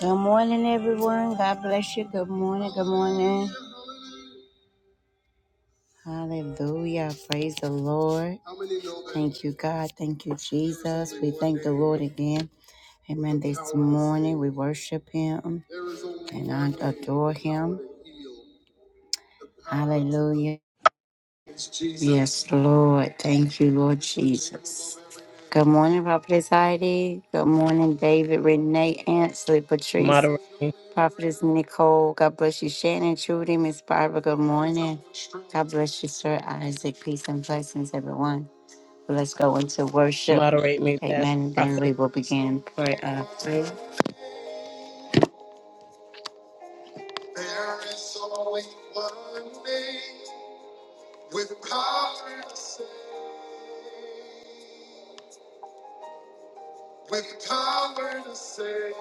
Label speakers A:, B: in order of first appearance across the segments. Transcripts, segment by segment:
A: Good morning, everyone. God bless you. Good morning. Good morning. Hallelujah. Praise the Lord. Thank you, God. Thank you, Jesus. We thank the Lord again. Amen. This morning we worship Him and I adore Him. Hallelujah. Yes, Lord. Thank you, Lord Jesus. Good morning, Prophet Heidi. Good morning, David, Renee, Ansley, Patrice.
B: Moderate me,
A: Prophetess Nicole, God bless you. Shannon, Trudy, Miss Barbara, good morning. God bless you, Sir Isaac. Peace and blessings, everyone. Let's go into worship.
B: moderate me, past
A: Amen. Then
B: prophet.
A: we will begin prayer. Uh, prayer. There is only one name with power to save. With power to save.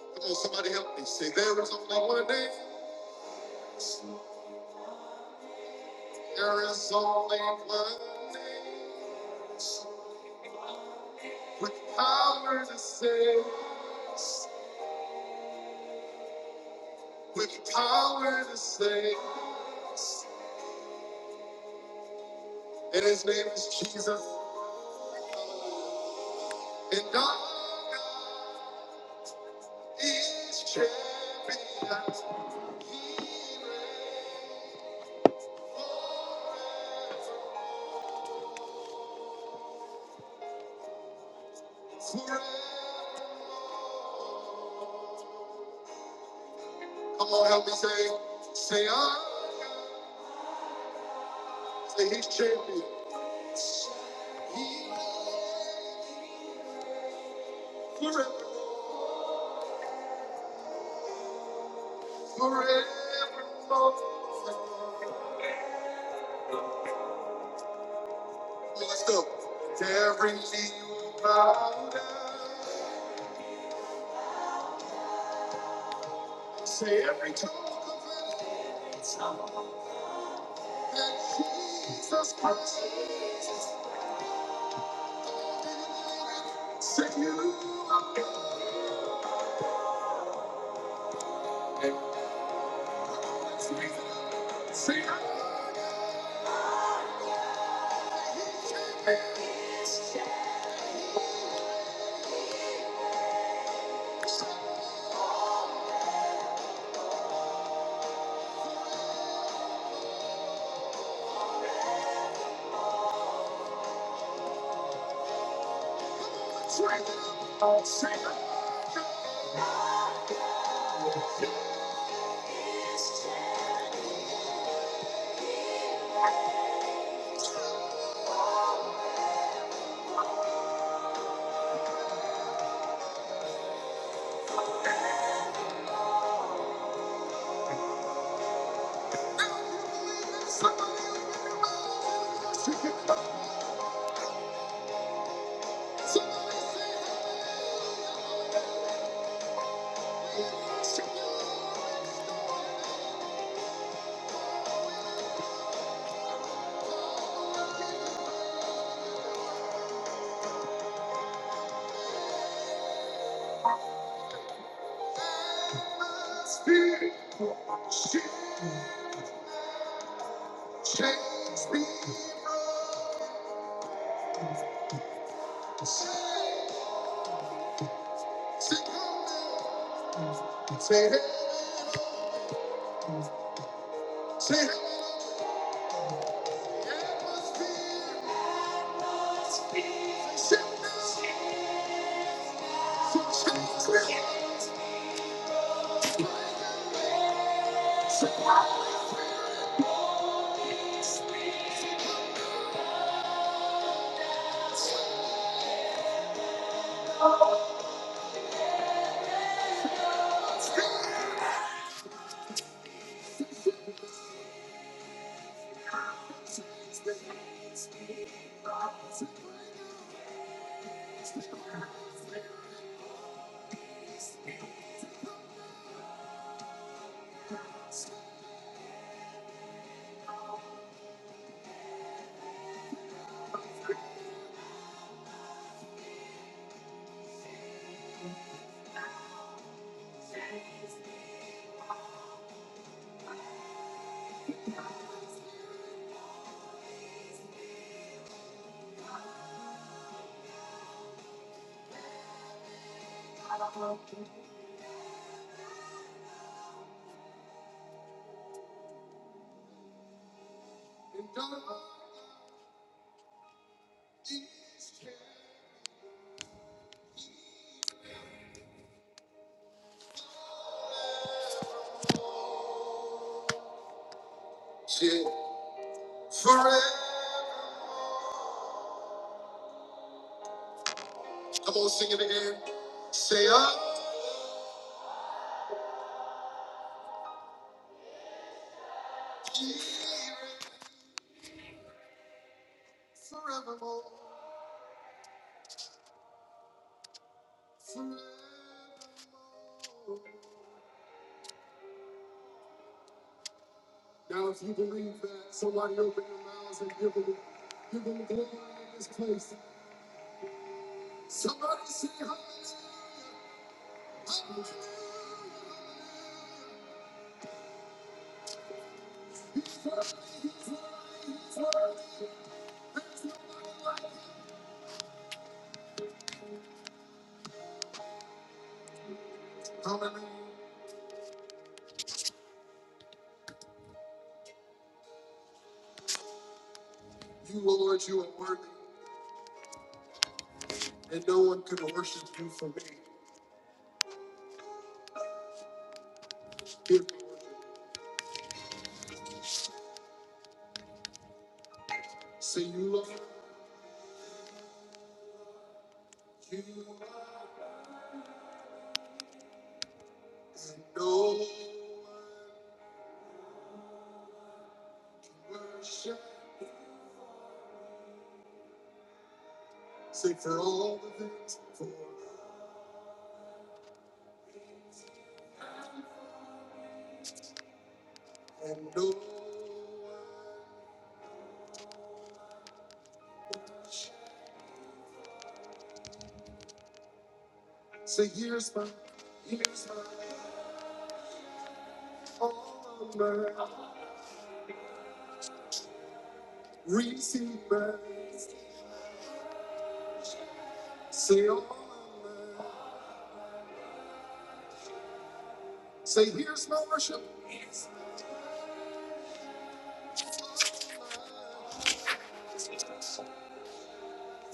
A: Come on, somebody help me. Say, there is only one name. There is only one name with power to save. with power to save. And his name is Jesus. And all God is champion. He reigns Forever. Come on, help me say, say I. Say he's champion. He reigns forever, forevermore. Let's go. To every knee will bow down. Say every tongue confess that Jesus Christ. Say you are God. Let's raise it up. Say I Let's raise it up. Say I Somebody lift your voice and worship Him. Somebody say, Say you are God. She changed me. Say, Say it. Say it. Forever. Come on, sing it again. Say, I'm here forevermore. forever." Now, if you believe that, somebody open your mouths and give them, give them glory in this place. Somebody say hallelujah. Hallelujah. You, Lord, you are worthy, and no one can worship you for me. Give me worship. Say, you, Lord, you, and no worship. Say for all the things for and all. Say here's my, here's my all of my receive my. Say all of my. Say here's my worship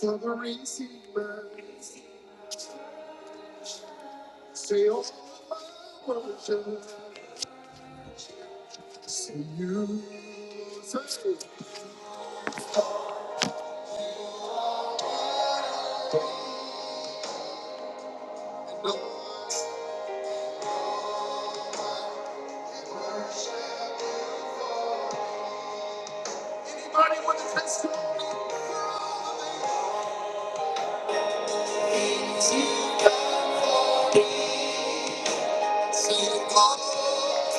A: for the receive my. Say all of my worship. Say anybody with a testimony. Say all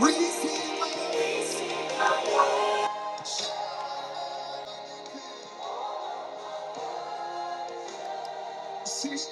A: receive my. Jesus.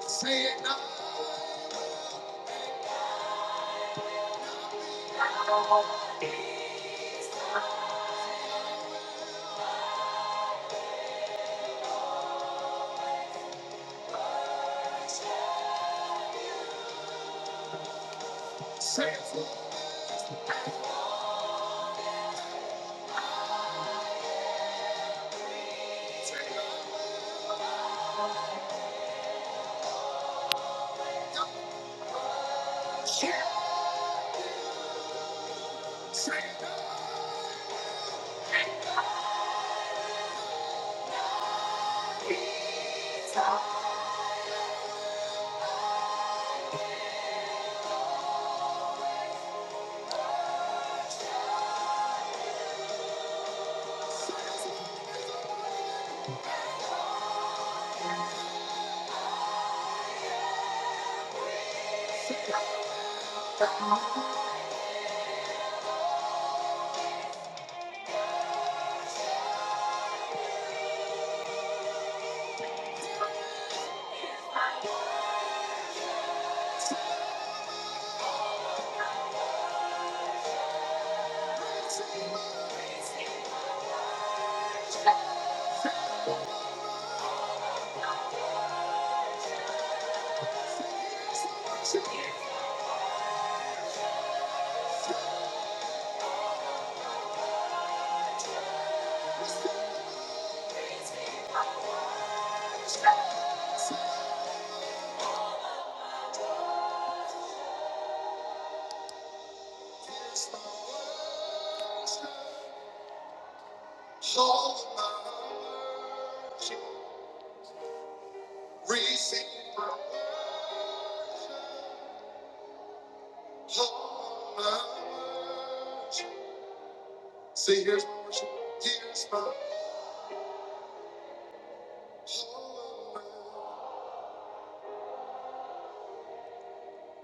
A: Say it now. Say it. Say it. Here's my worship. All my worship, receive my worship. All my worship. Say, here's my worship, here's my all my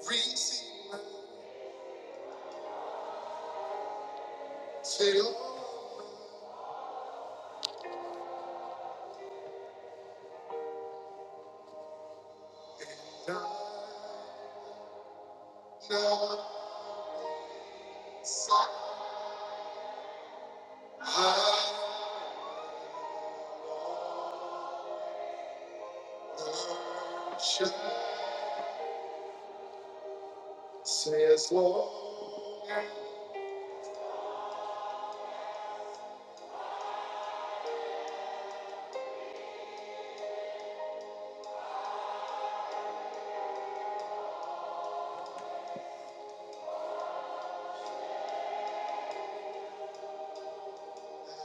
A: receive my say, Lord, now, now, say, I shall say, as long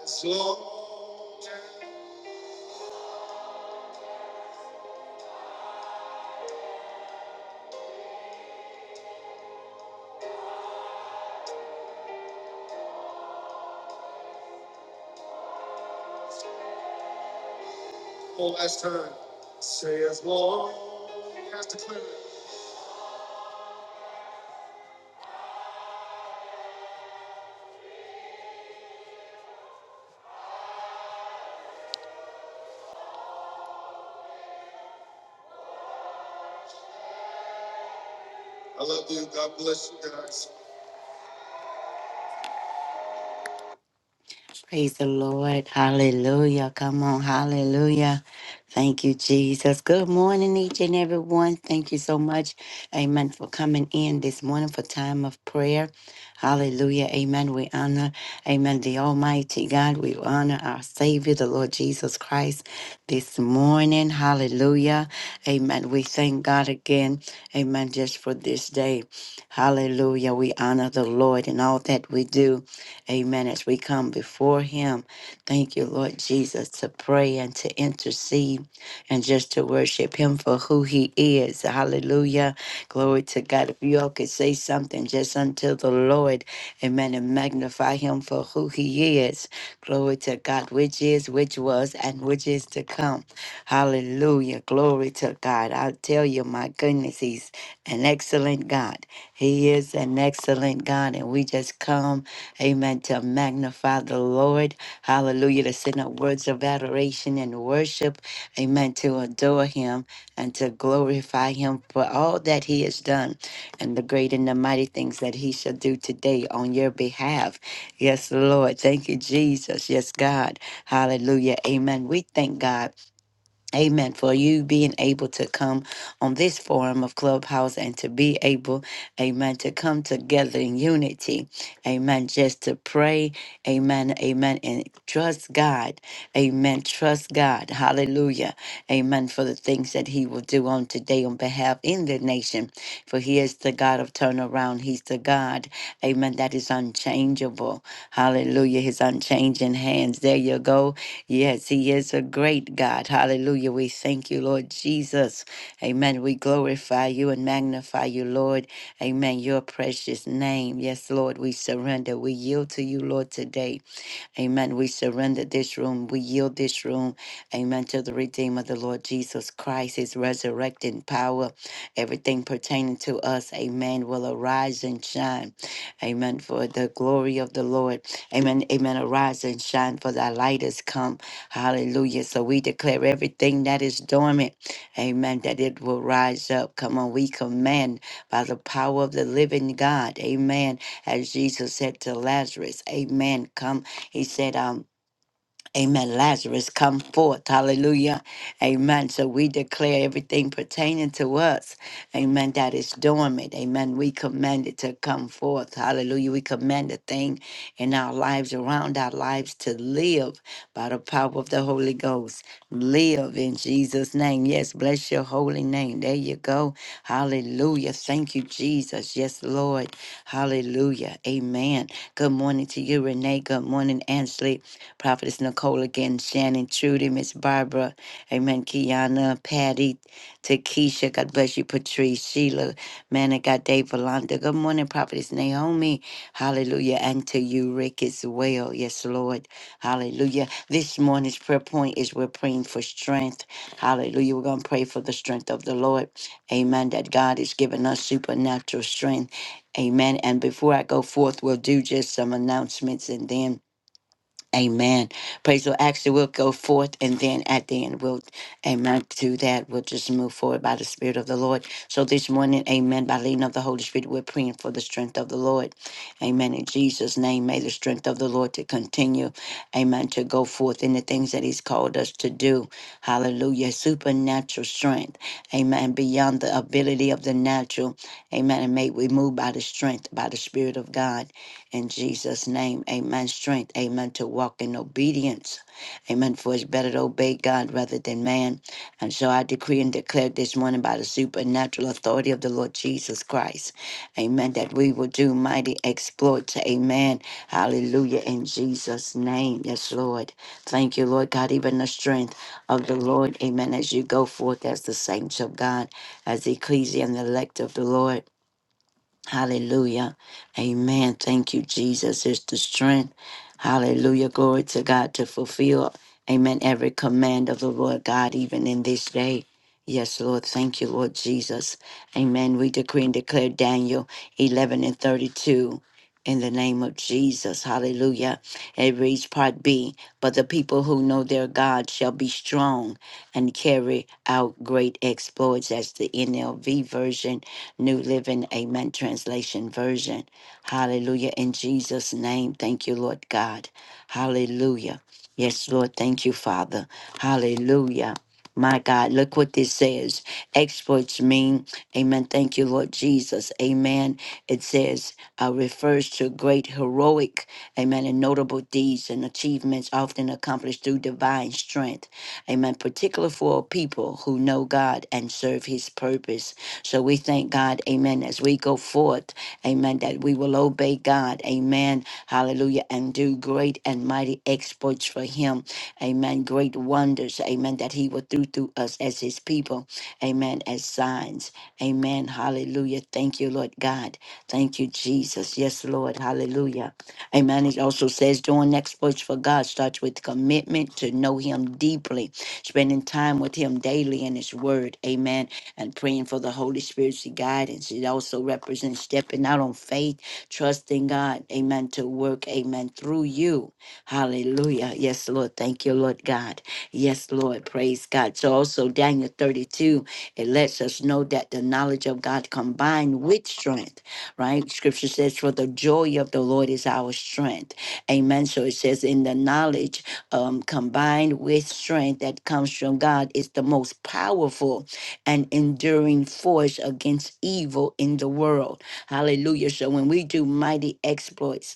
A: as long. One last time, say, as long as declare it. I love you. God bless you guys. Praise the Lord. Hallelujah. Come on. Hallelujah. Thank you, Jesus. Good morning, each and every one. Thank you so much. Amen. For coming in this morning for time of prayer. Hallelujah. Amen. We honor, amen, the Almighty God. We honor our Savior, the Lord Jesus Christ, this morning. Hallelujah. Amen. We thank God again. Amen. Just for this day. Hallelujah. We honor the Lord in all that we do. Amen. As we come before Him, thank you, Lord Jesus, to pray and to intercede and just to worship Him for who He is. Hallelujah. Glory to God. If you all could say something just unto the Lord, Amen, and magnify Him for who He is. Glory to God, which is, which was, and which is to come. Hallelujah. Glory to God. I tell you, my goodness, He's an excellent God. He is an excellent God, and we just come. Amen. To magnify the Lord. Hallelujah. To send up words of adoration and worship. Amen. To adore him and to glorify him for all that he has done and the great and the mighty things that he shall do today on your behalf. Yes, Lord. Thank you, Jesus. Yes, God. Hallelujah. Amen. We thank God. Amen. For you being able to come on this forum of Clubhouse and to be able, amen, to come together in unity. Amen. Just to pray. Amen. Amen. And trust God. Amen. Trust God. Hallelujah. Amen. For the things that He will do on today on behalf in the nation. For He is the God of turnaround. He's the God. Amen. That is unchangeable. Hallelujah. His unchanging hands. There you go. Yes, He is a great God. Hallelujah. We thank you, Lord Jesus. Amen. We glorify you and magnify you, Lord. Amen. Your precious name. Yes, Lord, we surrender. We yield to you, Lord, today. Amen. We surrender this room. We yield this room. Amen. To the Redeemer, the Lord Jesus Christ, his resurrecting power, everything pertaining to us. Amen. Will arise and shine. Amen. For the glory of the Lord. Amen. Amen. Arise and shine, for thy light is come. Hallelujah. So we declare everything that is dormant. Amen. That it will rise up. Come on. We command by the power of the living God. Amen. As Jesus said to Lazarus, Amen. Come he said, um, Amen. Lazarus, come forth. Hallelujah. Amen. So we declare everything pertaining to us. Amen. That is dormant. Amen. We command it to come forth. Hallelujah. We command a thing in our lives, around our lives, to live by the power of the Holy Ghost. Live in Jesus' name. Yes. Bless your holy name. There you go. Hallelujah. Thank you, Jesus. Yes, Lord. Hallelujah. Amen. Good morning to you, Renee. Good morning, Ansley. Prophetess Nicole again, Shannon, Trudy, Miss Barbara, Amen, Kiana, Patty, Takesha, God bless you, Patrice, Sheila, man of God, Dave Valanda. Good morning, Prophetess Naomi. Hallelujah. And to you, Rick, as well. Yes, Lord. Hallelujah. This morning's prayer point is we're praying for strength. Hallelujah. We're going to pray for the strength of the Lord. Amen. That God is giving us supernatural strength. Amen. And before I go forth, we'll do just some announcements and then Amen. Praise the Lord. Actually, we'll go forth and then at the end, we'll, amen, do that. We'll just move forward by the Spirit of the Lord. So this morning, amen, by leading of the Holy Spirit, we're praying for the strength of the Lord. Amen. In Jesus' name, may the strength of the Lord to continue, amen, to go forth in the things that He's called us to do. Hallelujah. Supernatural strength, amen, beyond the ability of the natural, amen. And may we move by the strength, by the Spirit of God. In Jesus' name, amen. Strength, amen, to walk in obedience. Amen. For it's better to obey God rather than man. And so I decree and declare this morning by the supernatural authority of the Lord Jesus Christ. Amen. That we will do mighty exploits. Amen. Hallelujah. In Jesus' name. Yes, Lord. Thank you, Lord God. Even the strength of the Lord. Amen. As you go forth as the saints of God, as the ecclesia and the elect of the Lord. Hallelujah. Amen. Thank you, Jesus. It's the strength. Hallelujah. Glory to God to fulfill, amen, every command of the Lord God, even in this day. Yes, Lord. Thank you, Lord Jesus. Amen. We decree and declare Daniel 11 and 32. In the name of Jesus, hallelujah. It reads part B. But the people who know their God shall be strong and carry out great exploits. That's the NLV version New Living Amen Translation Version. Hallelujah. In Jesus' name, thank you, Lord God. Hallelujah. Yes, Lord, thank you, Father. Hallelujah. My God, look what this says. Exports mean, amen. Thank you, Lord Jesus. Amen. It says, uh, refers to great heroic, amen, and notable deeds and achievements often accomplished through divine strength. Amen. Particular for a people who know God and serve his purpose. So we thank God, amen, as we go forth, amen, that we will obey God, amen, hallelujah, and do great and mighty exploits for Him, amen, great wonders, amen, that He will do through us as His people, amen, as signs, amen, hallelujah. Thank you, Lord God. Thank you, Jesus. Yes, Lord, hallelujah. Amen. It also says doing exploits for God starts with commitment to know Him deeply, spending time with Him daily in His Word, amen and praying for the Holy Spirit's guidance. It also represents stepping out on faith, trusting God, amen, to work, amen, through you. Hallelujah. Yes, Lord. Thank you, Lord God. Yes, Lord. Praise God. So also Daniel 32, it lets us know that the knowledge of God combined with strength, right? Scripture says, for the joy of the Lord is our strength. Amen. So it says in the knowledge um, combined with strength that comes from God is the most powerful and enduring force against evil in the world. Hallelujah. So when we do mighty exploits,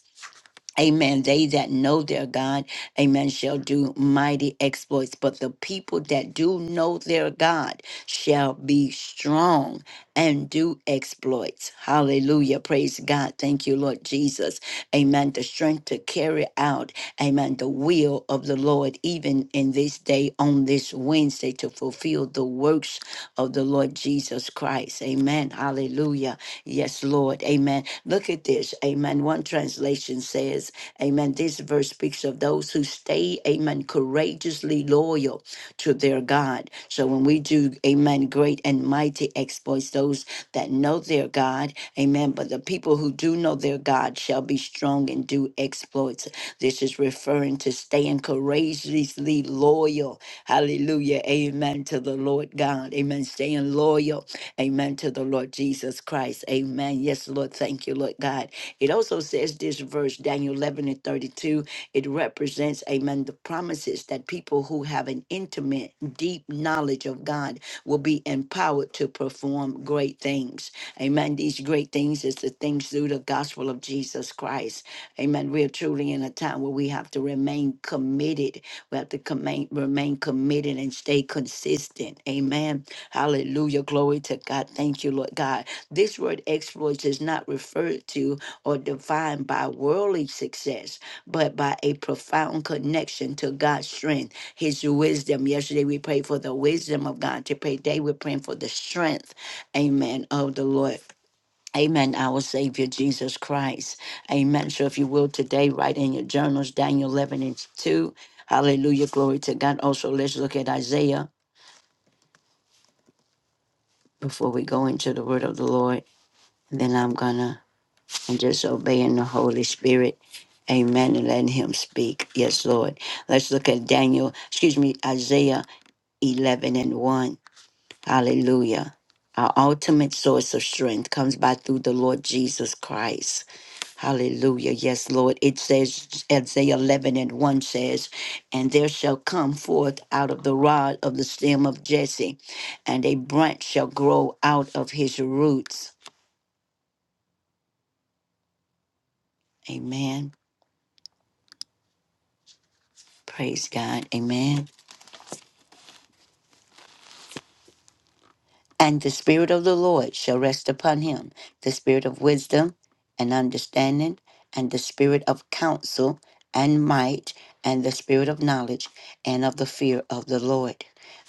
A: Amen. They that know their God, amen, shall do mighty exploits. But the people that do know their God shall be strong and do exploits. Hallelujah. Praise God. Thank you, Lord Jesus. Amen. The strength to carry out, amen, the will of the Lord, even in this day, on this Wednesday, to fulfill the works of the Lord Jesus Christ. Amen. Hallelujah. Yes, Lord. Amen. Look at this. Amen. One translation says, Amen. This verse speaks of those who stay, Amen, courageously loyal to their God. So when we do, Amen, great and mighty exploits, those that know their God, Amen. But the people who do know their God shall be strong and do exploits. This is referring to staying courageously loyal. Hallelujah. Amen. To the Lord God. Amen. Staying loyal. Amen to the Lord Jesus Christ. Amen. Yes, Lord. Thank you, Lord God. It also says this verse, Daniel 11 and 32, it represents, amen, the promises that people who have an intimate, deep knowledge of God will be empowered to perform great things. Amen. These great things is the things through the gospel of Jesus Christ. Amen. We are truly in a time where we have to remain committed. We have to command, remain committed and stay consistent. Amen. Hallelujah. Glory to God. Thank you, Lord God. This word exploits is not referred to or defined by worldly success, but by a profound connection to God's strength, His wisdom. Yesterday we prayed for the wisdom of God. Today we're praying for the strength, amen, of the Lord. Amen, our Savior Jesus Christ. Amen. So, if you will, today, write in your journals Daniel 11 and 2. Hallelujah. Glory to God. Also, let's look at Isaiah. before we go into the word of the Lord. And Then I'm gonna and just obeying the Holy Spirit. Amen. And letting him speak. Yes, Lord. Let's look at Daniel, excuse me, Isaiah 11 and 1. Hallelujah. Our ultimate source of strength comes by through the Lord Jesus Christ. Hallelujah. Yes, Lord. It says, Isaiah 11 and 1 says, And there shall come forth out of the rod of the stem of Jesse, and a branch shall grow out of his roots. Amen. Praise God. Amen. And the Spirit of the Lord shall rest upon him the Spirit of wisdom and understanding, and the Spirit of counsel and might, and the Spirit of knowledge and of the fear of the Lord.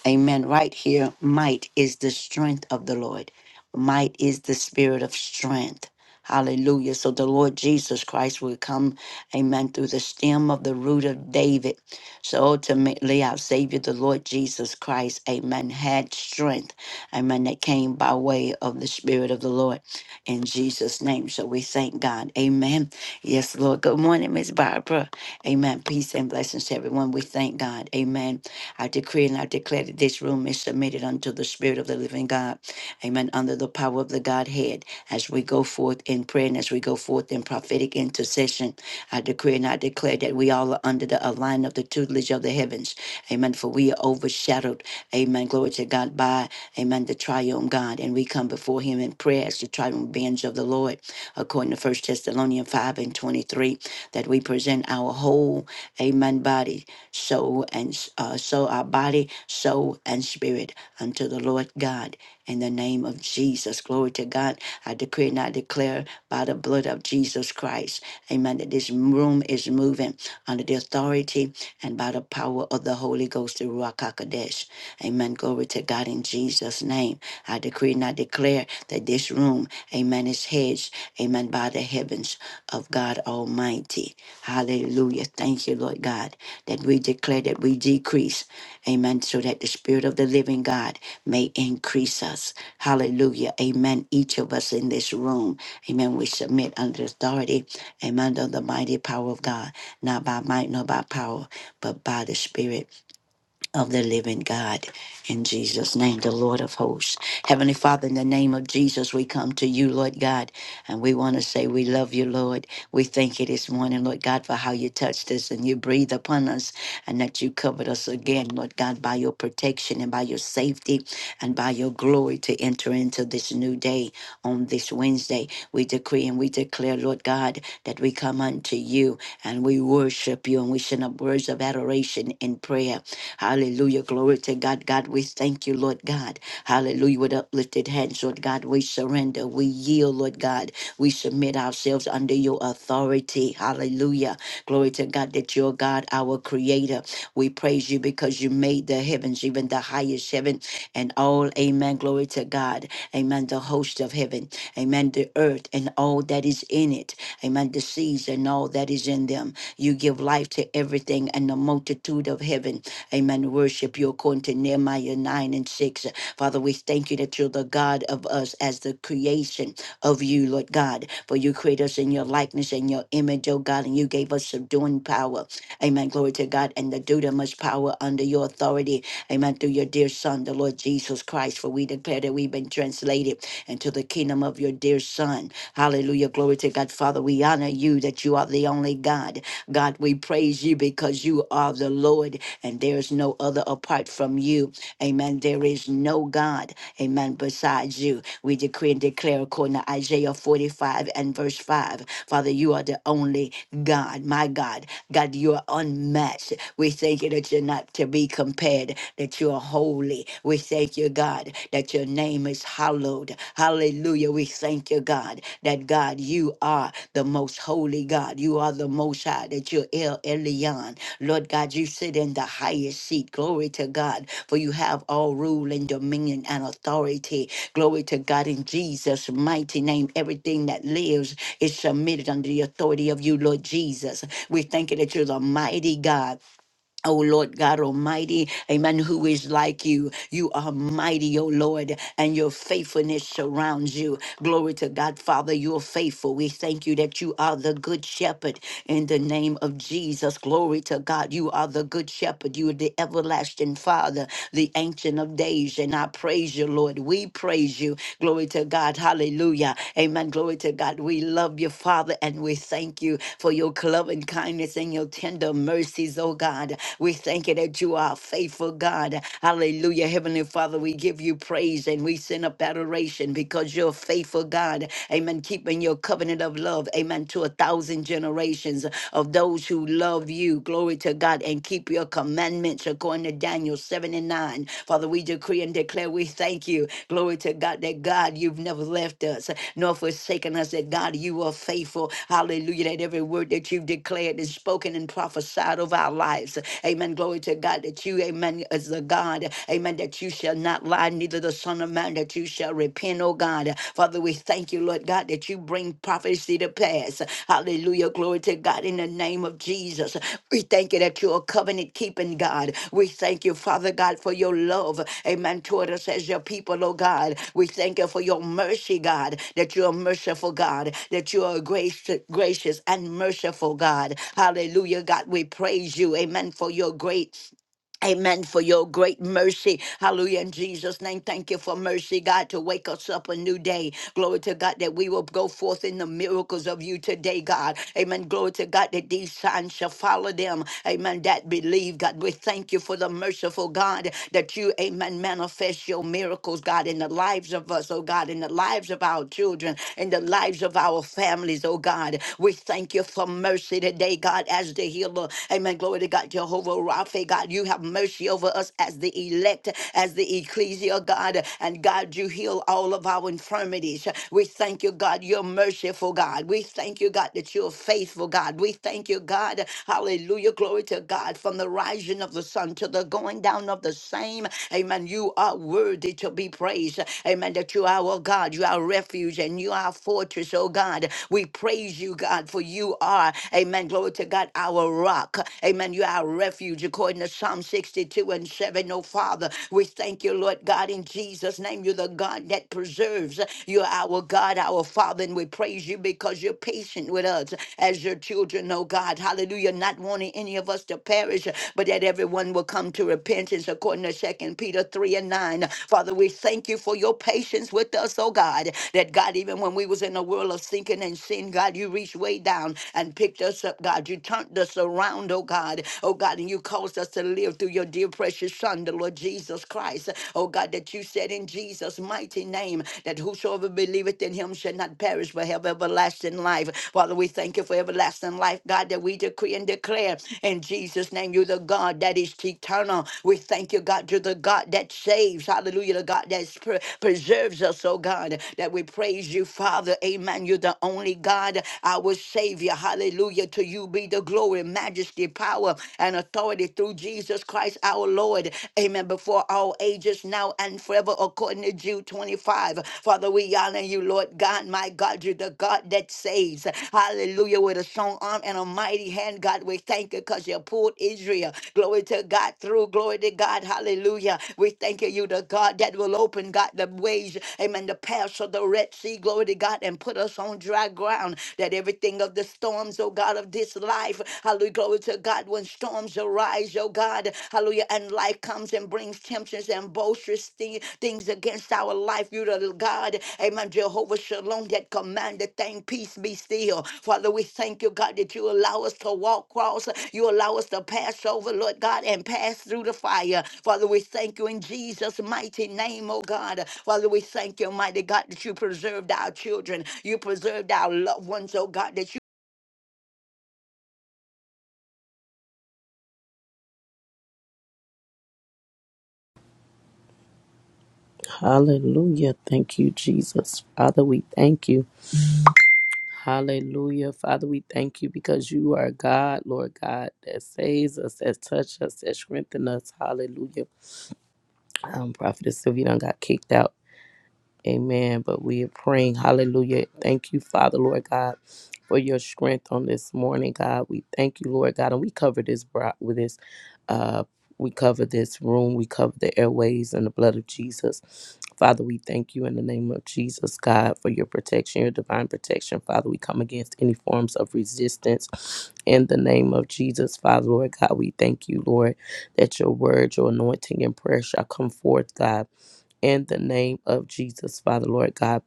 A: Amen. Right here, might is the strength of the Lord, might is the Spirit of strength. Hallelujah. So the Lord Jesus Christ will come, amen, through the stem of the root of David. So ultimately, our Savior, the Lord Jesus Christ, amen, had strength Amen. That came by way of the Spirit of the Lord in Jesus' name. So we thank God. Amen. Yes, Lord. Good morning, Miss Barbara. Amen. Peace and blessings to everyone. We thank God. Amen. I decree and I declare that this room is submitted unto the Spirit of the living God. Amen. Under the power of the Godhead as we go forth in prayer and as we go forth in prophetic intercession. I decree and I declare that we all are under the align of the tutelage of the heavens. Amen. For we are overshadowed. Amen. Glory to God by Amen. The triumph God. And we come before him in prayer as the triumph bench of the Lord, according to First Thessalonians 5 and 23, that we present our whole, amen, body, soul, and uh, so our body, soul, and spirit unto the Lord God. In the name of Jesus, glory to God. I decree and I declare by the blood of Jesus Christ, amen, that this room is moving under the authority and by the power of the Holy Ghost, the Ruach HaKodesh. Amen. Glory to God in Jesus' name. I decree and I declare that this room, amen, is hedged, amen, by the heavens of God Almighty. Hallelujah. Thank you, Lord God, that we declare that we decrease, amen, so that the Spirit of the living God may increase us. Hallelujah. Amen. Each of us in this room, amen, we submit under the authority, amen, of the mighty power of God, not by might nor by power, but by the Spirit of the living God. In Jesus' name, the Lord of hosts. Heavenly Father, in the name of Jesus, we come to you, Lord God, and we want to say we love you, Lord. We thank you this morning, Lord God, for how you touched us and you breathed upon us and that you covered us again, Lord God, by your protection and by your safety and by your glory to enter into this new day on this Wednesday. We decree and we declare, Lord God, that we come unto you and we worship you and we send up words of adoration in prayer Hallelujah. Glory to God. God, we thank you, Lord God. Hallelujah. With uplifted hands, Lord God, we surrender. We yield, Lord God. We submit ourselves under your authority. Hallelujah. Glory to God that you're God, our creator. We praise you because you made the heavens, even the highest heaven, and all. Amen. Glory to God. Amen. The host of heaven. Amen. The earth and all that is in it. Amen. The seas and all that is in them. You give life to everything and the multitude of heaven. Amen. Worship you according to Nehemiah 9 and 6. Father, we thank you that you're the God of us as the creation of you, Lord God. For you create us in your likeness and your image, oh God, and you gave us subduing power. Amen. Glory to God. And the dudamus power under your authority. Amen. Through your dear Son, the Lord Jesus Christ. For we declare that we've been translated into the kingdom of your dear Son. Hallelujah. Glory to God. Father, we honor you that you are the only God. God, we praise you because you are the Lord and there is no other apart from you. Amen. There is no God, amen, besides you. We decree and declare according to Isaiah 45 and verse 5. Father, you are the only God, my God. God, you are unmatched. We thank you that you're not to be compared, that you are holy. We thank you, God, that your name is hallowed. Hallelujah. We thank you, God, that that God, you are the most holy God. You are the most high, that you're El Elyon. Lord God, you sit in the highest seat. Glory to God, for you have all rule and dominion and authority. Glory to God in Jesus' mighty name. Everything that lives is submitted under the authority of you, Lord Jesus. We thank you that you're the mighty God. Oh Lord God Almighty, amen. Who is like you? You are mighty, oh Lord, and your faithfulness surrounds you. Glory to God, Father, you are faithful. We thank you that you are the good shepherd in the name of Jesus. Glory to God, you are the good shepherd. You are the everlasting Father, the ancient of days. And I praise you, Lord. We praise you. Glory to God. Hallelujah. Hallelujah. Amen. Glory to God. We love you, Father, and we thank you for your loving kindness and your tender mercies, oh God. We thank you that you are a faithful God. Hallelujah. Heavenly Father, we give you praise and we send up adoration because you're a faithful God. Amen. Keeping your covenant of love. Amen. To a thousand generations of those who love you. Glory to God and keep your commandments commandments according to Daniel 7 and 9. Father, we decree and declare we thank you. Glory to God that God, you've never left us nor forsaken us, that God, you are faithful. Hallelujah. That every word that you've declared is spoken and prophesied over our lives. Amen. Glory to God that you, amen, is the God, amen, that you shall not lie, neither the Son of Man, that you shall repent, oh God. Father, we thank you, Lord. Lord God, that you bring prophecy to pass. Hallelujah. Glory to God in the name of Jesus. We thank you that you're a covenant keeping God. We thank you, Father God, for your love. Amen. Toward us as your people, oh God. We thank you for your mercy, God, that you're a merciful God, that you are a grace, gracious and merciful God. Hallelujah, God. We praise you. Amen. For your great Amen for your great mercy. Hallelujah. In Jesus' name, thank you for mercy, God, to wake us up a new day. Glory to God that we will go forth in the miracles of you today, God. Amen. Glory to God that these signs shall follow them. Amen. That believe, God. We thank you for the merciful God that you, amen, manifest your miracles, God, in the lives of us, oh God, in the lives of our children, in the lives of our families, oh God. We thank you for mercy today, God, as the healer. Amen. Glory to God, Jehovah our faith, God. You have mercy over us as the elect, as the ecclesia, God. And God, you heal all of our infirmities. We thank you, God. You're merciful, God. We thank you, God, that you're faithful, God. We thank you, God. Hallelujah. Glory to God. From the rising of the sun to the going down of the same. Amen. You are worthy to be praised. Amen. That you are our God. You are our refuge and you are our fortress, oh God. We praise you, God, for you are, amen. Glory to God, our rock. Amen. You you our refuge, according to Psalm 62 and 7. Oh, Father, we thank you, Lord God, in Jesus' name. You're the God that preserves. You're our God, our Father, and we praise you because you're patient with us as your children, oh God. Hallelujah. Not wanting any of us to perish, but that everyone will come to repentance, according to Second Peter 3 and 9. Father, we thank you for your patience with us, oh God, that God, even when we was in a world of sinking and sin, God, you reached way down and picked us up, God. You turned us around around, oh God. Oh God, and you caused us to live through your dear precious Son, the Lord Jesus Christ. Oh God, that you said in Jesus' mighty name that whosoever believeth in him shall not perish but have everlasting life. Father, we thank you for everlasting life, God, that we decree and declare in Jesus' name, you're the God that is eternal. We thank you, God, you're the God that saves. Hallelujah, the God that pre- preserves us, oh God, that we praise you, Father. Amen. You're the only God, our Savior. Hallelujah. To you be the be the glory, majesty, power, and authority through Jesus Christ our Lord. Amen. Before all ages, now and forever, according to Jude 25. Father, we honor you, Lord God, my God. You're the God that saves. Hallelujah. With a strong arm and a mighty hand, God, we thank you because you pulled Israel. Glory to God through. Glory to God. Hallelujah. We thank you, you the God that will open, God, the ways. Amen. The paths of the Red Sea. Glory to God. And put us on dry ground that everything of the storms, oh. God, of this life. Hallelujah. Glory to God. When storms arise, oh God, hallelujah, and life comes and brings temptations and boisterous thi- things against our life, you the God, amen. Jehovah Shalom, that command the thing, peace be still. Father, we thank you, God, that you allow us to walk cross, you allow us to pass over, Lord God, and pass through the fire. Father, we thank you in Jesus' mighty name, oh God. Father, we thank you, mighty God, that you preserved our children, you preserved our loved ones, oh God, that you
B: Hallelujah. Thank you, Jesus. Father, we thank you. Hallelujah. Father, we thank you because you are God, Lord God, that saves us, that touch us, that strengthen us. Hallelujah. Um, Prophetess Sylvia done got kicked out. Amen. But we are praying. Hallelujah. Thank you, Father, Lord God, for your strength on this morning, God. We thank you, Lord God. And we cover this bro- with this uh we cover this room. We cover the airways and the blood of Jesus. Father, we thank you in the name of Jesus, God, for your protection, your divine protection. Father, we come against any forms of resistance in the name of Jesus. Father, Lord God, we thank you, Lord, that your word, your anointing and prayer shall come forth, God in the name of Jesus, Father, Lord God.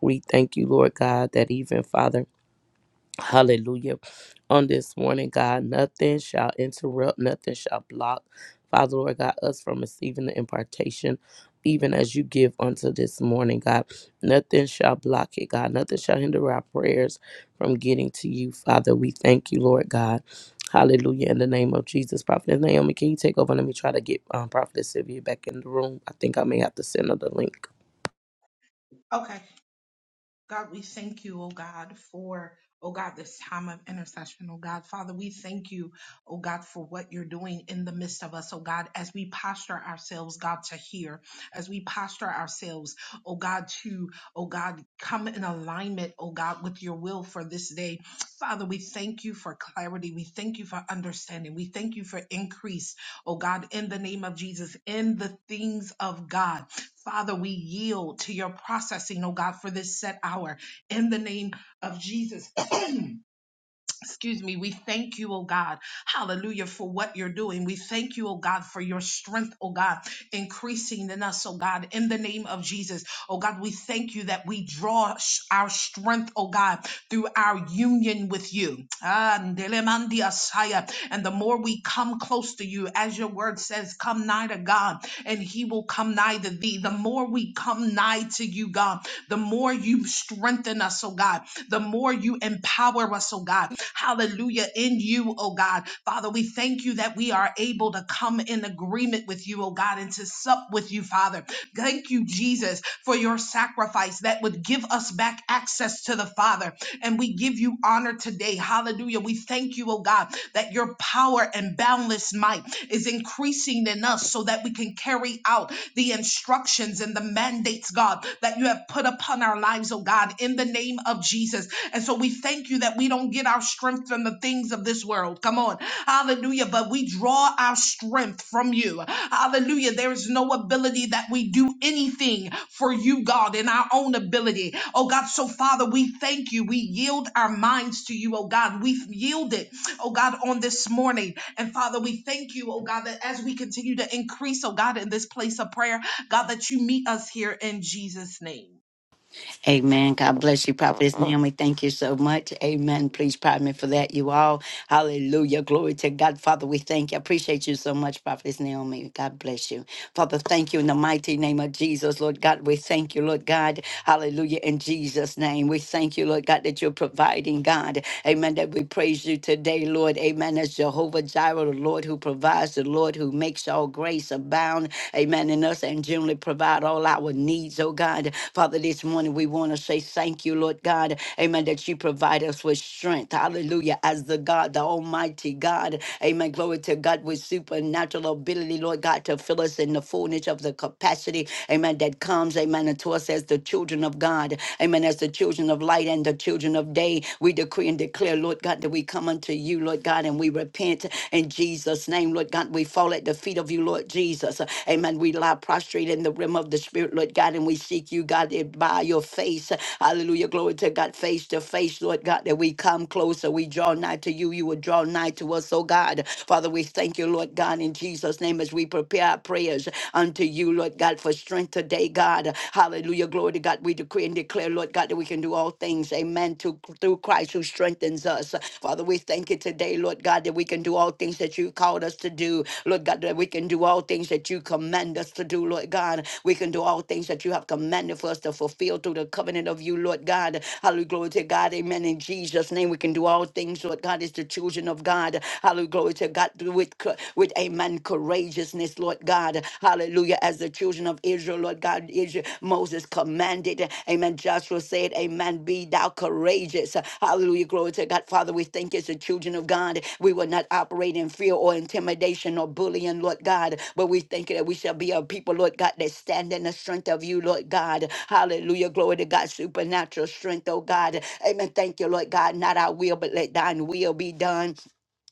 B: We thank you, Lord God, that even, Father, hallelujah, on this morning, God, nothing shall interrupt, nothing shall block, Father, Lord God, us from receiving the impartation, even as you give unto this morning, God. Nothing shall block it, God. Nothing shall hinder our prayers from getting to you, Father. We thank you, Lord God. Hallelujah. In the name of Jesus. Prophetess Naomi, can you take over? Let me try to get um, Prophet Sylvia back in the room. I think I may have to send her the link.
C: Okay. God, we thank you, oh God, for, oh God, this time of intercession, oh God. Father, we thank you, oh God, for what you're doing in the midst of us, oh God, as we posture ourselves, God, to hear, as we posture ourselves, oh God, to, oh God, come in alignment, oh God, with your will for this day. Father, we thank you for clarity. We thank you for understanding. We thank you for increase oh God, in the name of Jesus, in the things of God. Father, we yield to your processing, oh God, for this set hour. In the name of Jesus, excuse me, we thank you, oh God, hallelujah, for what you're doing. We thank you, oh God, for your strength, oh God, increasing in us, oh God, in the name of Jesus. Oh God, we thank you that we draw sh- our strength, oh God, through our union with you. Ah, ndelemandi asaya. And the more we come close to you, as your word says, come nigh to God, and he will come nigh to thee. The more we come nigh to you, God, the more you strengthen us, oh God, the more you empower us, oh God. Hallelujah. In you, oh God. Father, we thank you that we are able able to come in agreement with you, oh God, and to sup with you, Father. Thank you, Jesus, for your sacrifice that would give us back access to the Father. And we give you honor today. Hallelujah. We thank you, oh God, that your power and boundless might is increasing in us so that we can carry out the instructions and the mandates, God, that you have have put upon our lives, oh God, in the name of Jesus. And so we thank you that we don't get our strength from the things of this world. Come on. Hallelujah. But we draw our strength from you. Hallelujah. There is no ability that we do anything for you, God, in our own ability. Oh God, so Father, we thank you. We yield our minds to you, oh God. We yield it, oh God, on this morning. And Father, we thank you, oh God, that as we continue to increase, oh God, in this place of prayer, God, that you meet us here in Jesus' name.
A: Amen. God bless you, Prophetess Naomi. Thank you so much. Amen. Please pardon me for that, you all. Hallelujah. Glory to God. Father, we thank you. I appreciate you so much, Prophetess Naomi. God bless you. Father, thank you in the mighty name of Jesus, Lord God. We thank you, Lord God. Hallelujah. In Jesus' name, we thank you, Lord God, that you're providing, God. Amen. That we praise you today, Lord. Amen. As Jehovah Jireh, the Lord who provides, the Lord who makes all grace abound. Amen. In us and generally provide all our needs, oh God. Father, this morning we want to say thank you, Lord God. Amen. That you provide us with strength. Hallelujah. As the God, the Almighty God. Amen. Glory to God with supernatural ability, mightily, Lord God, to fill us in the fullness of the capacity, amen, that comes, amen, unto us as the children of God, amen, as the children of light and the children of day. We decree and declare, Lord God, that we come unto you, Lord God, and we repent in Jesus' name, Lord God. We fall at the feet of you, Lord Jesus, amen. We lie prostrate in the realm of the Spirit, Lord God, and we seek you, God, it- by your face, hallelujah, glory to God, face to face, Lord God, that we come closer, we draw nigh to you, you will draw nigh to us, oh God. Father, we thank you, Lord. Lord God, in Jesus' name, as we prepare our prayers unto you, Lord God, for strength today, God. Hallelujah. Glory to God. We decree and declare, Lord God, that we can do all things. Amen. To, through Christ who strengthens us. Father, we thank you today, Lord God, that we can do all things that you called us to do. Lord God, that we can do all things that you command us to do, Lord God. We can do all things that you have commanded for us to fulfill through the covenant of you, Lord God. Hallelujah. Glory to God. Amen. In Jesus' name, we can do all things, Lord God, as the children of God. Hallelujah. glory to glory to God, with, co- with amen, courageousness, Lord God. Hallelujah. As the children of Israel, Lord God, Israel, Moses commanded, amen. Joshua said, Amen, be thou courageous. Hallelujah. Glory to God. Father, we thank you as the children of God. We will not operate in fear or intimidation or bullying, Lord God, but we thank you that we shall be a people, Lord God, that stand in the strength of you, Lord God. Hallelujah. Glory to God. Supernatural strength, oh God. Amen. Thank you, Lord God. Not our will, but let thine will be done.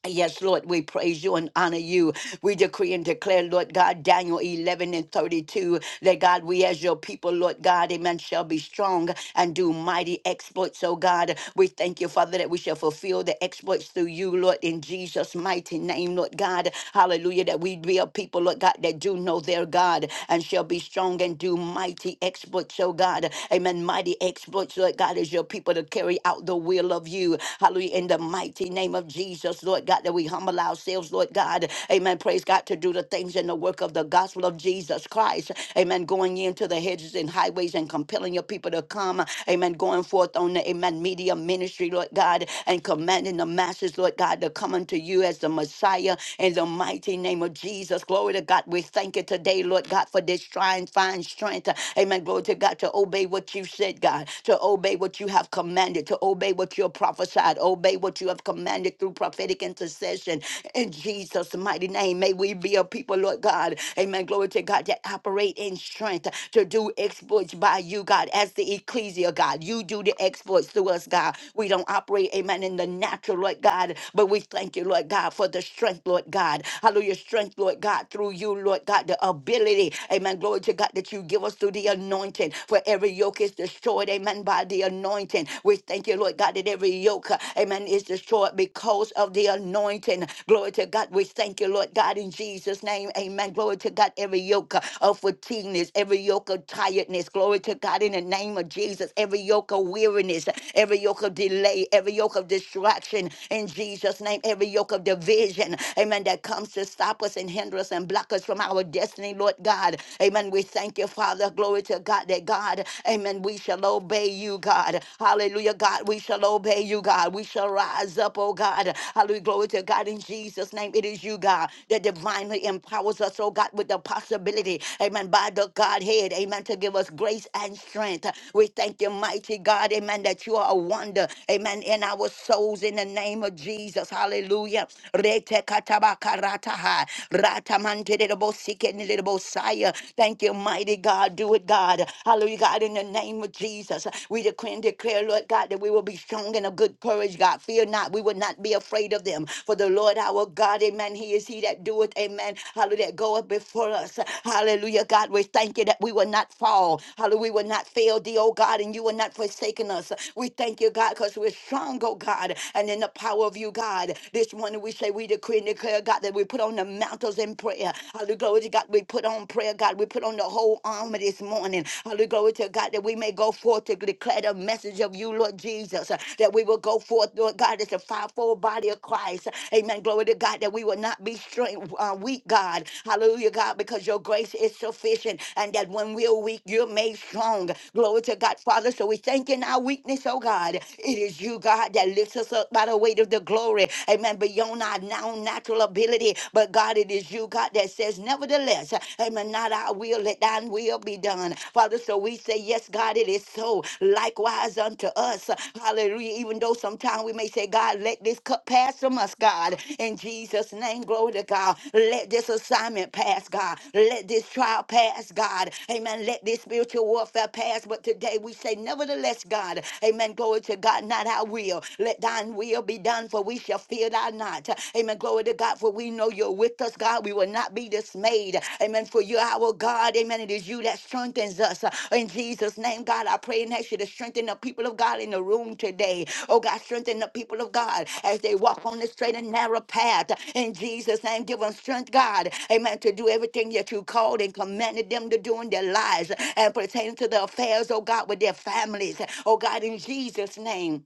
A: Yes, Lord, we praise you and honor you. We decree and declare, Lord God, Daniel 11 and 32, that God, we as your people, Lord God, amen, shall be strong and do mighty exploits. Oh God, we thank you, Father, that we shall fulfill the exploits through you, Lord, in Jesus' mighty name, Lord God. Hallelujah, that we be a people, Lord God, that do know their God and shall be strong and do mighty exploits, oh God. Amen, mighty exploits, Lord God, as your people to carry out the will of you. Hallelujah in the mighty name of Jesus, Lord God, that we humble ourselves, Lord God. Amen. Praise God to do the things in the work of the gospel of Jesus Christ. Amen. Going into the hedges and highways and compelling your people to come. Amen. Going forth on the Amen media ministry, Lord God, and commanding the masses, Lord God, to come unto you as the Messiah in the mighty name of Jesus. Glory to God. We thank you today, Lord God, for this trying, fine strength. Amen. Glory to God to obey what you said, God, to obey what you have commanded commanded, to obey what you have prophesied, obey what you have commanded through prophetic intercession. In Jesus' mighty name, may we be a people, Lord God. Amen. Glory to God that operate in strength to do exploits by you, God, as the ecclesia, God. You do the exploits through us, God. We don't operate, amen, in the natural, Lord God, but we thank you, Lord God, for the strength, Lord God. Hallelujah. Strength, Lord God, through you, Lord God, the ability, amen. Glory to God that you give us through the anointing. For every yoke is destroyed destroyed, amen, by the anointing. We thank you, Lord God, that every yoke, uh, amen, is destroyed because of the anointing. Glory to God. We thank you, Lord God, in Jesus' name, amen. Glory to God, every yoke uh, of fatigueness, every yoke of tiredness. Glory to God, in the name of Jesus, every yoke of weariness, every yoke of delay, every yoke of distraction, in Jesus' name, every yoke of division, amen, that comes to stop us and hinder us and block us from our destiny, Lord God. Amen. We thank you, Father. Hallelujah. Glory to God that God, amen, we shall obey you, God. Hallelujah, God, we shall obey you, God. We shall rise up, oh God. Hallelujah, glory to God in Jesus' name. It is you, God, that divinely empowers us, oh God, with the possibility, amen, by the Godhead, amen, to give us grace and strength. We thank you, mighty God, amen, that you are a wonder, amen, in our souls in the name of Jesus. Hallelujah. Rete katabaka rataha, ratamante de Josiah. Thank you, mighty God. Do it, God. Hallelujah, God, in the name of Jesus. We decree and declare, Lord God, that we will be strong and of good courage, God. Fear not. We will not be afraid of them. For the Lord our God, amen. He is he that doeth, amen. Hallelujah, that goeth before us. Hallelujah, God. We thank you that we will not fall. Hallelujah, we will not fail thee, oh God, and you will not forsaken us. We thank you, God, because we're strong, oh God, and in the power of you, God. This morning we say we decree and declare, God, that we put on the mantles miracles in prayer. Hallelujah, glory to God. We put on prayer, God. We put on the whole armor this morning. Hallelujah, glory to God that we may go forth to declare the message of you, Lord Jesus. uh, That we will go forth, Lord God, as a fivefold body of Christ. Amen. Glory to God that we will not be strength, uh, weak, God. Hallelujah, God, because your grace is sufficient and that when we're weak, you're made strong. Glory to God, Father. So we thank you in our weakness, oh God. It is you, God, that lifts us up by the weight of the glory. Amen. Beyond our now sound natural ability. But God, it is you, God, that says, nevertheless, amen, not our will, let thine will be done. Father, so we say, yes, God, it is so. Likewise unto us. Hallelujah. Even though sometimes we may say, God, let this cup pass from us, God. In Jesus' name, glory to God. Let this assignment pass, God. Let this trial pass, God. Amen. Let this spiritual warfare pass. But today we say, nevertheless, God, amen. Glory to God, not our will. Let thine will be done done, for we shall fear thou not. Amen. Glory to God, for we know you're with us, God. We will not be dismayed. Amen. For you're our God. Amen. It is you that strengthens us. In Jesus' name, God, I pray and ask you to strengthen the people of God in the room today. Oh, God, strengthen the people of God as they walk on the straight and narrow path. In Jesus' name, give them strength, God. Amen. To do everything that you called and commanded them to do in their lives and pertaining to the affairs, oh God, with their families. Oh, God, in Jesus' name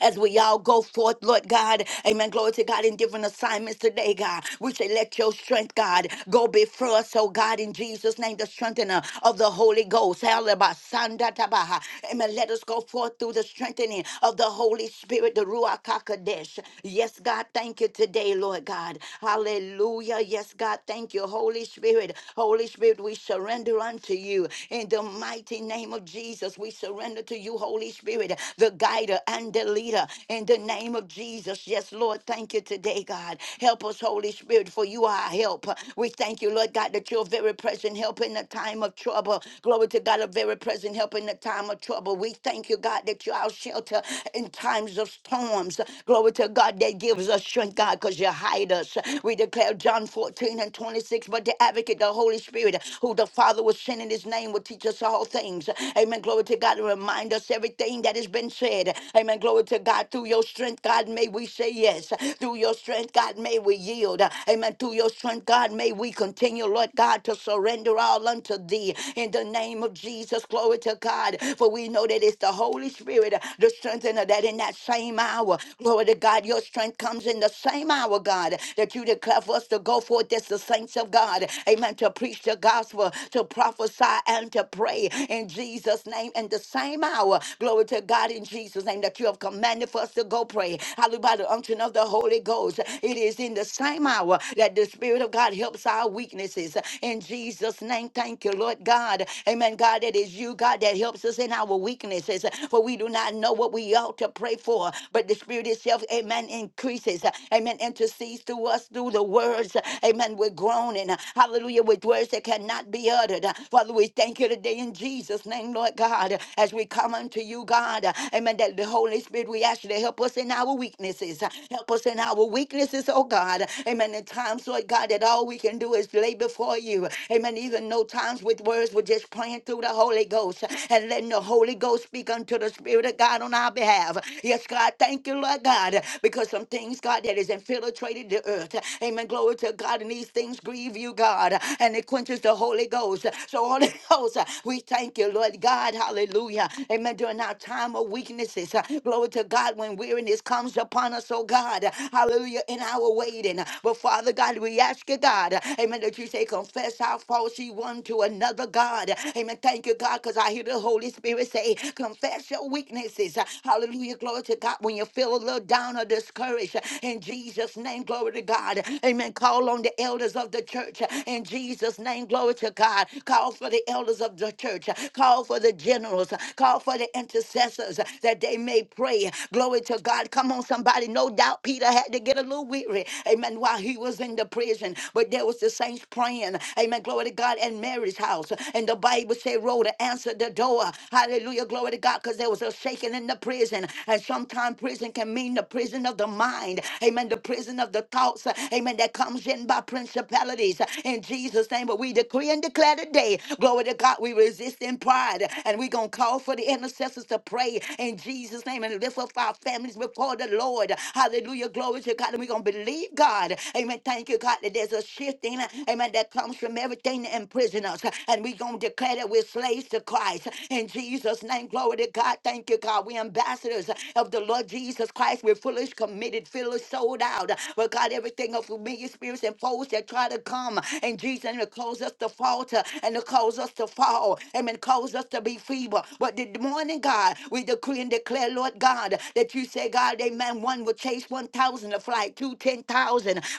A: as we all go forth, Lord God. Amen. Glory to God in different assignments today, God. We say, let your strength, God, go before us, oh God, in Jesus' name, the strengthener of the Holy Ghost. Hallelujah. Tabaha. Amen. Let us go forth through the strengthening of the Holy Spirit, the Ruach HaKodesh. Yes, God, thank you today, Lord God. Hallelujah. Yes, God, thank you, Holy Spirit. Holy Spirit, we surrender unto you. In the mighty name of Jesus, we surrender to you, Holy Spirit, the guider and the leader. In the name of Jesus, yes, Lord, thank you today, God. Help us, Holy Spirit, for you are our help. We thank you, Lord God, that you're very present help in the time of trouble. Glory to God, a very present help in the time of trouble. We thank you, God, that you're our shelter in times of storms. Glory to God, that gives us strength, God, because you hide us. We declare John 14 and 26, but the advocate, the Holy Spirit, who the Father will send in his name, will teach us all all things. Amen. Glory to God. Remind us everything that has been said. Amen. Glory to God. Through your strength, God, may we say yes. Through your strength, God, may we yield. Amen. Through your strength, God, may we continue, Lord God, to surrender all unto thee. In the name of Jesus, glory to God. For we know that it's the Holy Spirit, the strengthener, that in that same hour, glory to God, your strength comes in the same hour, God, that you declare for us to go forth as the saints of God. Amen. To preach the gospel prosper, to prophesy, and to pray in Jesus' name. In the same hour, glory to God in Jesus' name that you have commanded for us to go pray. Hallelujah. By the unction of the Holy Ghost, it is in the same hour that the Spirit of God helps our weaknesses. In Jesus' name, thank you, Lord God. Amen. God, that is you, God, that helps us in our weaknesses. For we do not know what we ought to pray for, but the Spirit itself, amen, increases. Amen. Intercedes to us through the words. Amen with groaning. Hallelujah. With words that cannot be uttered. Father, we thank you today in Jesus' name, Lord God, as we come unto you, God. Amen. That the Holy Spirit, we ask you to help us in our weaknesses. Help us in our weaknesses, oh God. Amen. In times, Lord God, that all we can do is lay before you. Amen. Even no times with words, we're just praying through the Holy Ghost and letting the Holy Ghost speak unto the Spirit of God on our behalf. Yes, God, thank you, Lord God, because some things, God, that is infiltrated created the earth. Amen. Glory to God. And these things grieve you, God, and it quenches the Holy Ghost. So, Holy Ghost, we thank you, Lord God. Hallelujah. Amen. During our time of weaknesses, glory to God, when weariness comes upon us, oh God. Hallelujah. In our waiting. But, Father God, we ask you, God, amen, that you say, confess our faults ye one to another, God. Amen. Thank you, God, because I hear the Holy Spirit say, confess your weaknesses. Hallelujah. Glory to God. When you feel a little down, down or discouraged in Jesus' name. Glory to God. Amen. Call on the elders of the church in Jesus' name. Glory to God. Call for the elders of the church. Call for the generals. Call for the intercessors that they may pray. Glory to God. Come on, somebody. No doubt Peter had to get a little weary. Amen. While he was in the prison, but there was the saints praying. Amen. Glory to God at Mary's house. And the Bible said, Rhoda answered the door. Hallelujah. Glory to God. Because there was a shaking in the prison prison. And sometimes prison can mean the prison of the mind. Amen. The prison of the thoughts. Amen. That comes in by principalities. In Jesus' name. But we decree and declare today. Glory to God. We resist in pride. And we're going to call for the intercessors to pray in Jesus' name and lift up our families before the Lord. Hallelujah. Glory to God. And we're going to believe God. Amen. Thank you, God, that there's a shifting. Amen. That comes from everything that imprison us. And we're going to declare that we're slaves to Christ. In Jesus' Jesus' name. Glory to God. Thank you, God. We ambassadors of the Lord Jesus Christ. We're foolish, committed, fearless, sold out. But God, everything of familiar spirits and foes that try to come and Jesus and to cause us to falter and to cause us to fall. Amen. Cause us to be feeble. But this morning, God, we decree and declare, Lord God, that you say, God, amen. One will chase 1,000 to fly, two ten thousand.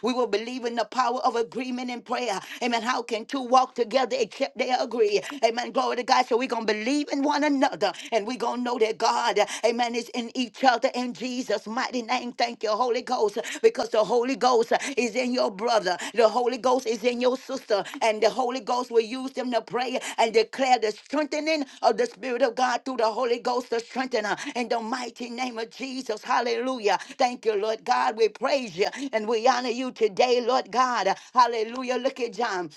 A: We will believe in the power of agreement and prayer. Amen. How can two walk together except they agree? victory. Amen. Glory to God. So we're going to believe in one another and we're going to know that God, amen, is in each other in Jesus' mighty name. Thank you, Holy Ghost, because the Holy Ghost is in your brother, the Holy Ghost is in your sister, and the Holy Ghost will use them to pray and declare the strengthening of the Spirit of God through the Holy Ghost, the strengthener in the mighty name of Jesus. Hallelujah. Thank you, Lord God. We praise you and we honor you today, Lord God. Hallelujah. Look at John.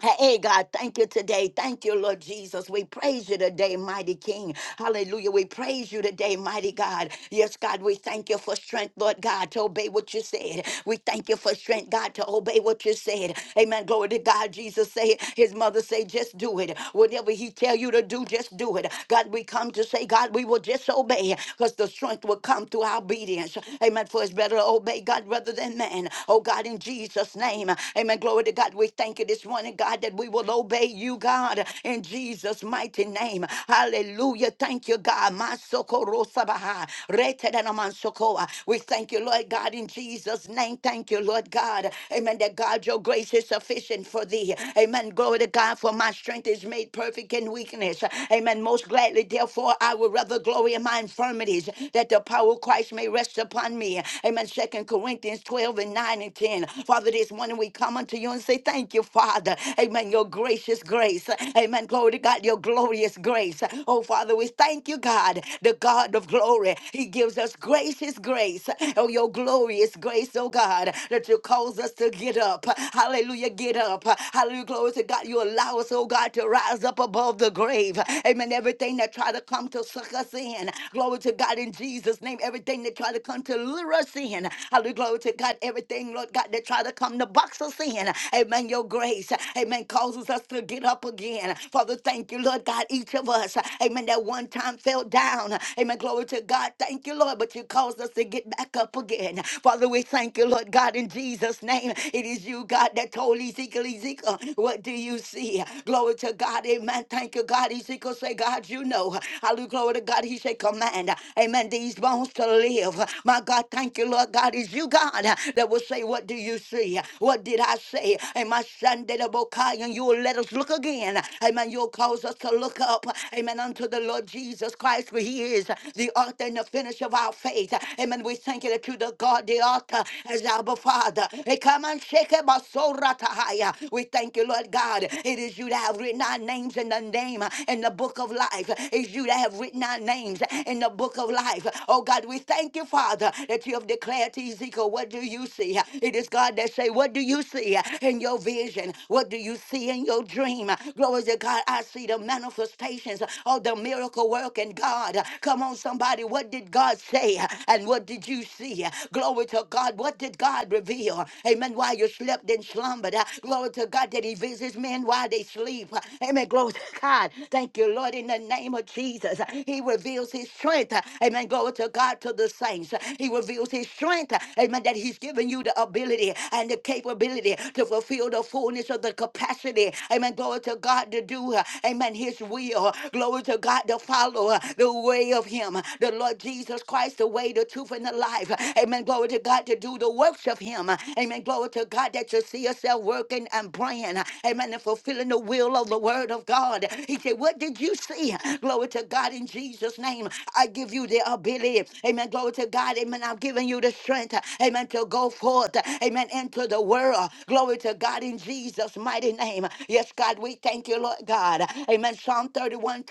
A: Hey, God, thank you today. Thank you, Lord Jesus. We praise you today, mighty King. Hallelujah. We praise you today, mighty God. Yes, God, we thank you for strength, Lord God, to obey what you said. We thank you for strength, God, to obey what you said. Amen. Glory to God. Jesus say, his mother say, just do it. Whatever he tell you to do, just do it. God, we come to say, God, we will just obey because the strength will come through our obedience. Amen. For it's better to obey God rather than man. Oh, God, in Jesus' name. Amen morning. Glory to God. We thank you this morning, God, that we will obey you, God, in Jesus' mighty name. Hallelujah. Thank you, God. Masokorosabaha. Retedenamansokoa. We thank you, Lord God, in Jesus' name. Thank you, Lord God. Amen. That God, your grace is sufficient for thee. Amen. Glory to God, for my strength is made perfect in weakness. Amen. Most gladly, therefore, I will rather glory in my infirmities, that the power of Christ may rest upon me. Amen. Second Corinthians 12 and 9 and 10 sin. Father, this morning we come unto you and say, Thank you, Father. Amen. Your gracious grace. Amen. Glory to God, your glorious grace. Oh, Father, we thank you, God, the God of glory. He gives us gracious grace. Oh, your glorious grace, oh God, that you cause us to get up. Hallelujah, get up. Hallelujah, glory to God. You allow us, oh God, to rise up above the grave. Amen. Everything that try to come to suck us in. Glory to God in Jesus' name. Everything that try to come to lure us in. Hallelujah, glory to God. Everything, Lord God, that try to come to box us in. Amen. Your grace, amen, causes us to get up again. Father, thank you, Lord God, each of us. Amen. That one time fell down. Amen. Glory to God. Thank you, Lord, but you caused us to get back up again. Father, we thank you, Lord God, in Jesus' name. It is you, God, that told Ezekiel, Ezekiel, what do you see? Glory to God. Amen. Thank you, God. Ezekiel say, God, you know. Hallelujah. Glory to God. He said, command. Amen. These bones to live love. My God, thank you, Lord God. Is you, God, that will say, What do you see? What did I say? And my son did a bokai, and you will let us look again. Amen. You'll cause us to look up. Amen. Unto the Lord Jesus Christ, for he is the author and the finisher of our faith. Amen. We thank you that you the God, the author, as our Father. Hey, come and shake it, my soul, ratahaya. We thank you, Lord God. It is you that have written our names in the name in the book of life. It's you that have written our names in the book of life of life. Oh God, we thank you, Father, that you have declared to Ezekiel, what do you see? It is God that say, what do you see in your vision? What do you see in your dream? Glory to God, I see the manifestations of the miracle work in God. Come on, somebody, what did God say? And what did you see? Glory to God, what did God reveal? Amen, while you slept and slumbered. Glory to God that he visits men while they sleep. Amen, glory to God. Thank you, Lord, in the name of Jesus. He reveals his strength. Amen. Glory to God to the saints. He reveals his strength. Amen. That he's given you the ability and the capability to fulfill the fullness of the capacity. Amen. Glory to God to do. uh, Amen. His will. Glory to God to follow uh, the way of him. The Lord Jesus Christ, the way, the truth, and the life. Amen. Glory to God to do the works of him. Amen. Glory to God that you see yourself working and praying. Amen. And fulfilling the will of the word of God. He said, What did you? think you see. Glory to God in Jesus' name. I give you the ability. Amen. Glory to God. Amen. I'm giving you the strength. Amen. To go forth. Amen. Into the world. Glory to God in Jesus' mighty name. Yes, God, we thank you, Lord God. Amen. Psalm 31:24,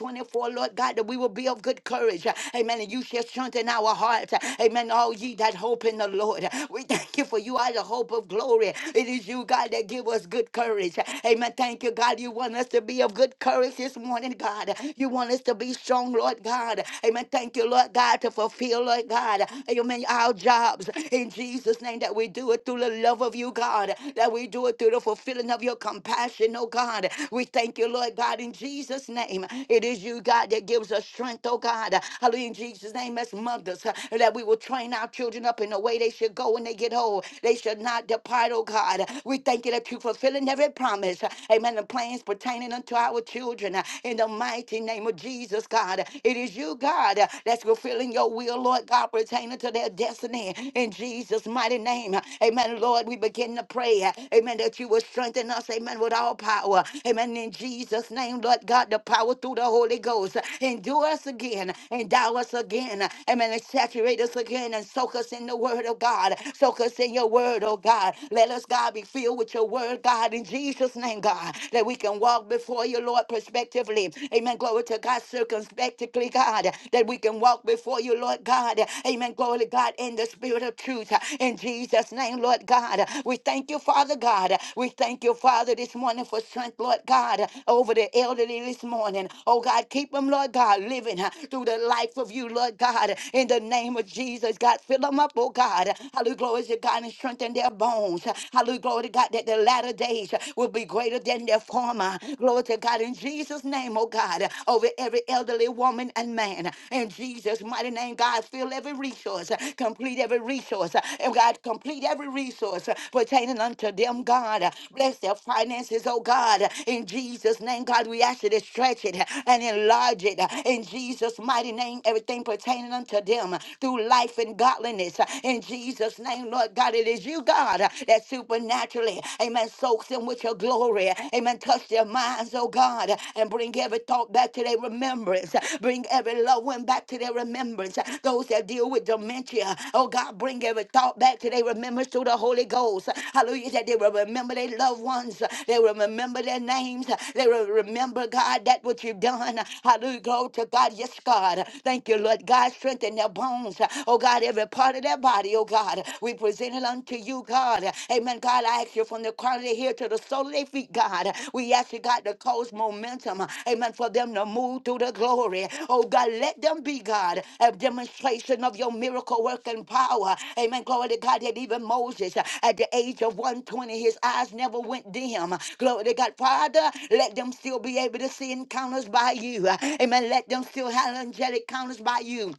A: Lord God, that we will be of good courage. Amen. And you shall strengthen our hearts. Amen. All ye that hope in the Lord. We thank you for you are the hope of glory. It is you, God, that give us good courage. Amen. Thank you, God. You want us to be be of good courage this morning, God. You want us to be strong, Lord God. Amen. Thank you, Lord God, to fulfill, Lord God. Amen. Our jobs in Jesus' name that we do it through the love of you, God. That we do it through the fulfilling of your compassion, oh God. We thank you, Lord God, in Jesus' name. It is you, God, that gives us strength, oh God. Hallelujah. In Jesus' name, as mothers, that we will train our children up in the way they should go when they get old. They should not depart, oh God. We thank you that you're fulfilling every promise uh, amen, The plans pertaining unto our children. uh, In the mighty name of Jesus, God, it is you, God, uh, that's fulfilling your will, Lord God, pertaining to their destiny. In Jesus' mighty name, uh, amen, Lord, we begin to pray, uh, amen, that you will strengthen us, amen, with all power. Amen, in Jesus' name, Lord God, the power through the Holy Ghost. uh, Endure us again, endow us again, uh, amen, and saturate us again, and soak us in the word of God. Soak us in your word, oh God. Let us, God, be filled with with your word, God, in Jesus' name, God, that we can walk before you, Lord, prospectively. Amen. Glory to God, circumspectly, God, that we can walk before you, Lord God. Amen. Glory to God, in the spirit of truth. In Jesus' name, Lord God, we thank you, Father God. We thank you, Father, this morning for strength, Lord God, over the elderly this morning. Oh, God, keep them, Lord God, living uh, through the life of you, Lord God, in the name of Jesus. God, fill them up, oh God. Hallelujah, glory to God, and strengthen their bones. Hallelujah. Glory to God that the latter days will be greater than their former. Glory to God in Jesus' name, oh God, over every elderly woman and man. In Jesus' mighty name, God, fill every resource, complete every resource, and God, complete every resource pertaining unto them, God. Bless their finances, oh God. In Jesus' name, God, we ask you to stretch it and enlarge it. In Jesus' mighty name, everything pertaining unto them through life and godliness. In Jesus' Jesus' name, Lord God, it is you, God, uh, that supernaturally, amen, soaks them with your glory. Amen. Touch their minds, oh God, uh, and bring every thought back to their remembrance. uh, Bring every loved one back to their remembrance. uh, Those that deal with dementia, oh God, bring every thought back to their remembrance through the Holy Ghost. Uh, Hallelujah. That they will remember their loved ones. uh, They will remember their names. uh, They will remember, God, that what you've done. Uh, Hallelujah. Glory to God. Yes, God. Thank you, Lord God. Strengthen their bones. Oh God. God, every part of their body, oh God. We present it unto you, God. Amen. God, I ask you from the crown of their head to the sole of their feet, God. We ask you, God, to cause momentum, amen, for them to move through the glory. Oh God, let them be, God, a demonstration of your miracle working power. Amen. Glory to God that even Moses, at the age of 120, his eyes never went dim. Glory to God. Father, let them still be able to see encounters by you. Amen. Let them still have angelic encounters by you.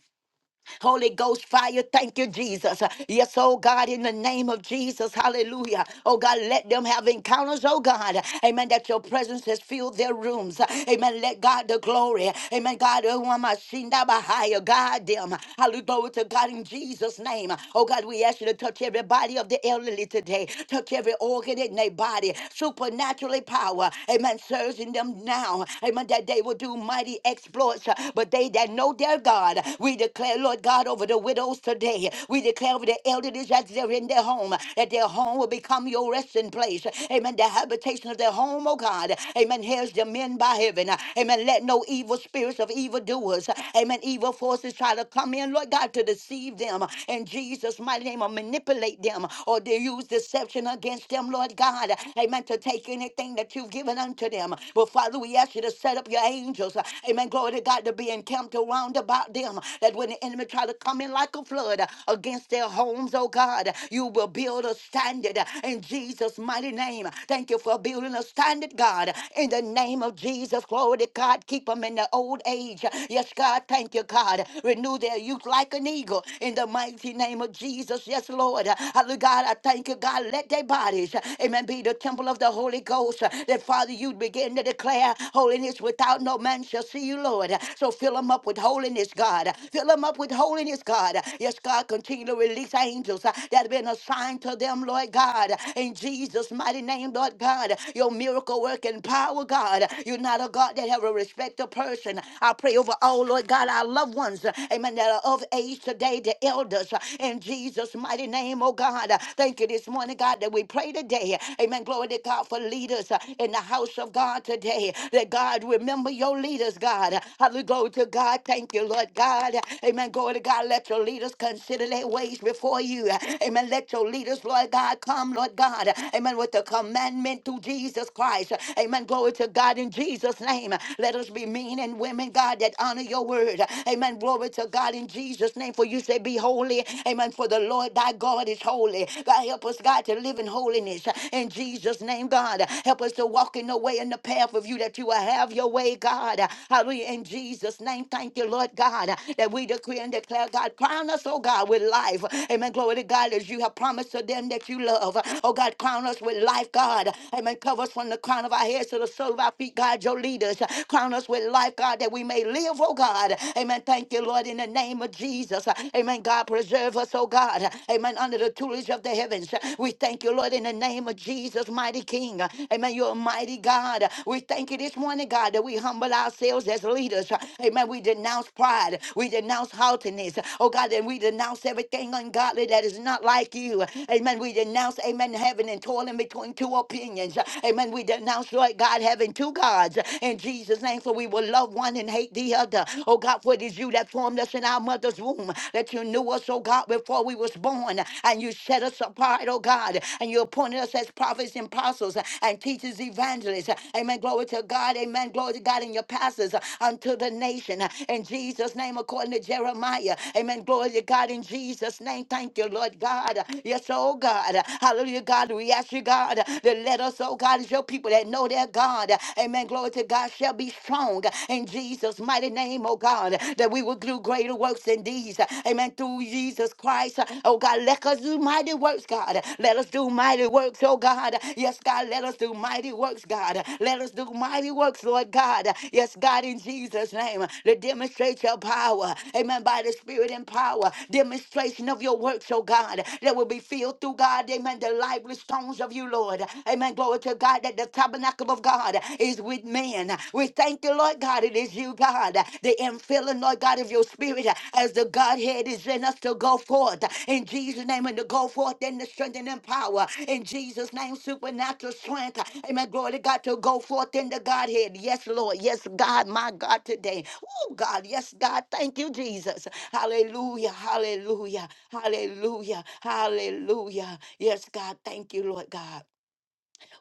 A: Holy Ghost fire, thank you, Jesus. Yes, oh God, in the name of Jesus, hallelujah. Oh God, let them have encounters, oh God. Amen, that your presence has filled their rooms. Amen, let God the glory. Amen, God, oh, I'm a shinda bahaya. guide them. Hallelujah, glory to God in Jesus' name. Oh God, we ask you to touch every body of the elderly today. Touch every organ in their body. Supernaturally power. Amen, surge in them now. Amen, that they will do mighty exploits, but but they that know their God, we declare, Lord God, over the widows today. We declare over the elderly that they're in their home, that their home will become your resting place. Amen. The habitation of their home, oh God. Amen. Here's the men by heaven. Amen. Let no evil spirits of evildoers, amen, evil forces try to come in, Lord God, to deceive them. In Jesus' mighty name, or manipulate them, or they use deception against them, Lord God. Amen. To take anything that you've given unto them. But Father, we ask you to set up your angels. uh, Amen. Glory to God to be encamped around about them. That when the enemy try to come in like a flood uh, against their homes, oh God, you will build a standard uh, in Jesus' mighty name. Thank you for building a standard, God. In the name of Jesus, glory to God. Keep them in the old age. Yes, God. Thank you, God. Renew their youth like an eagle. In the mighty name of Jesus. Yes, Lord. Hallelujah, God. I thank you, God. Let their bodies, amen, be the temple of the Holy Ghost uh, that Father, you begin to declare holiness without no man shall see you, Lord. Uh, So fill them up with holiness, God. Uh, Fill them up with holiness, God. Uh, Yes, God, continue to release angels uh, that have been assigned to them, Lord God. Uh, In Jesus' mighty name, Lord God, uh, your miracle work and power, God. Uh, You're not a God that have a respect of person. I pray over all, Lord God, our loved ones, uh, amen, that are of age today, the elders, uh, in Jesus' mighty name, oh God. Uh, Thank you this morning, God, that we pray pray today. Amen. Glory to God for leaders uh, in the house of God today. That God remember your leaders, God. Hallelujah. Glory to God. Thank you, Lord God. Amen. Glory to God. Let your leaders consider their ways before you. Amen. Let your leaders, Lord God, come, Lord God. Amen. With the commandment through Jesus Christ. Amen. Glory to God in Jesus' name. Let us be men and women, God, that honor your word. Amen. Glory to God in Jesus' name. For you say, Be holy. Amen. For the Lord thy God. God is holy. God, help us, God, to live in holiness. In Jesus' name, God, help us to walk in the way and the path of you that you will have your way, God. Hallelujah. In Jesus' name, thank you, Lord God, that we decree and declare, God, crown us, oh God, with life. Amen. Glory to God, as you have promised to them that you love. Oh God, crown us with life, God. Amen. Cover us from the crown of our heads to the sole of our feet, God, your leaders. Crown us with life, God, that we may live, oh God. Amen. Thank you, Lord, in the name of Jesus. Amen. God preserve us, oh God. Amen. Under the tutelage of the heavens. We thank you, Lord, in the name of Jesus, mighty King. Amen. You're a mighty God. We thank you this morning, God, that we humble ourselves as leaders. Amen. We denounce pride. We denounce haughtiness. Oh God, and we denounce everything ungodly that is not like you. Amen. We denounce, amen, heaven and toiling between two opinions. Amen. We denounce, Lord God, having two gods in Jesus' name, for we will love one and hate the other. Oh God, for it is you that formed us in our mother's womb, that you knew us, oh God, before we was born, and you set us apart, oh God, and you appointed us as prophets and apostles and teachers, evangelists. Amen. Glory to God. Amen. Glory to God in your pastors unto the nation. In Jesus' name, according to Jeremiah. Amen. Glory to God in Jesus' name. Thank you, Lord God. Yes, oh God. Hallelujah, God. We ask you, God, to let us, oh God, as your people that know their God. Amen. Glory to God shall be strong strong in Jesus' mighty name, oh God, that we will do greater works than these. Amen. Through Jesus Christ, oh God, let us do mighty works, God. Let us do mighty works, oh God. Yes, God, let us do mighty works, God. Let us do mighty works, Lord God. Yes, God, in Jesus' name, to demonstrate your power. Amen. By the Spirit and power, demonstration of your works, oh God, that will be filled through God. Amen. The lively stones of you, Lord. Amen. Glory to God that the tabernacle impossible of God is with man. We thank you, Lord God. It is you, God, the infilling, Lord God, of your spirit as the Godhead is in us to go forth in Jesus' name and to go forth in the strength and in power. In Jesus' name, supernatural strength. Amen. Glory to God to go forth in the Godhead. Yes, Lord. Yes, God, my God, today. Oh, God. Yes, God. Thank you, Jesus. Hallelujah. Hallelujah. Hallelujah. Hallelujah. Yes, God. Thank you, Lord God.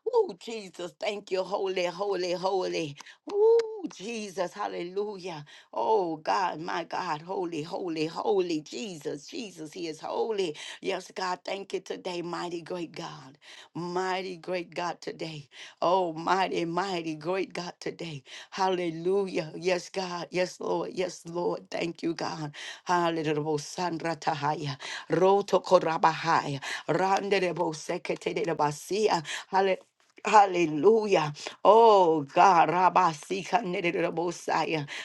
A: Oh, Jesus, thank you. Holy, holy, holy. Oh, Jesus, hallelujah. Oh, God, my God, holy, holy, holy. Jesus, Jesus, He is holy. Yes, God, thank you today, mighty great God. Mighty great God today. Oh, mighty, mighty, great God today. Hallelujah. Yes, God. Yes, Lord. Yes, Lord. Thank you, God. Hallelujah. Sandra Tahaya. Roto Korabahaya. Randerebo Sekete de Basia. Hallelujah. Hallelujah. Oh God, Rabbi Sika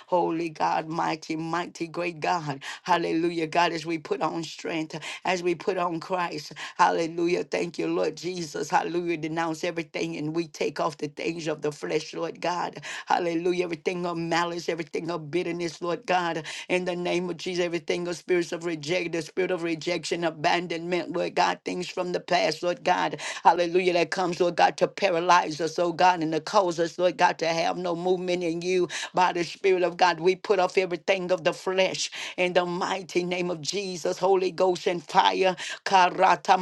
A: Holy God, mighty, mighty, great God. Hallelujah. God, as we put on strength, as we put on Christ. Hallelujah. Thank you, Lord Jesus. Hallelujah. Denounce everything morning and we take off the things of the flesh, Lord God. Hallelujah. Everything of malice, everything of bitterness, Lord God. In the name of Jesus, everything of spirits of rejection, the spirit of rejection, abandonment, Lord God, things from the past, Lord God. Hallelujah. That comes, Lord God, to paralyze us, oh God, and to cause us, Lord God, to have no movement in you by the Spirit of God. We put off everything of the flesh in the mighty name of Jesus, Holy Ghost and fire. Karata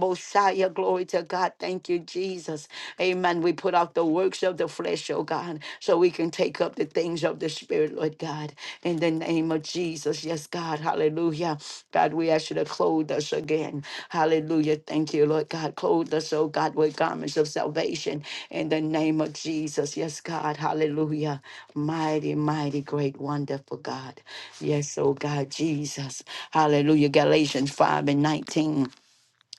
A: Messiah. Glory to God. Thank you, Jesus. Amen. We put off the works of the flesh, oh God, so we can take up the things of the Spirit, Lord God. In the name of Jesus. Yes, God. Hallelujah. God, we ask you to clothe us again. Hallelujah. Thank you, Lord God. Clothe us, oh God, with garments of salvation. In the name of Jesus. Yes, God. Hallelujah. Mighty, mighty, great, wonderful God. Yes, oh God, Jesus. Hallelujah. Galatians 5 and 19.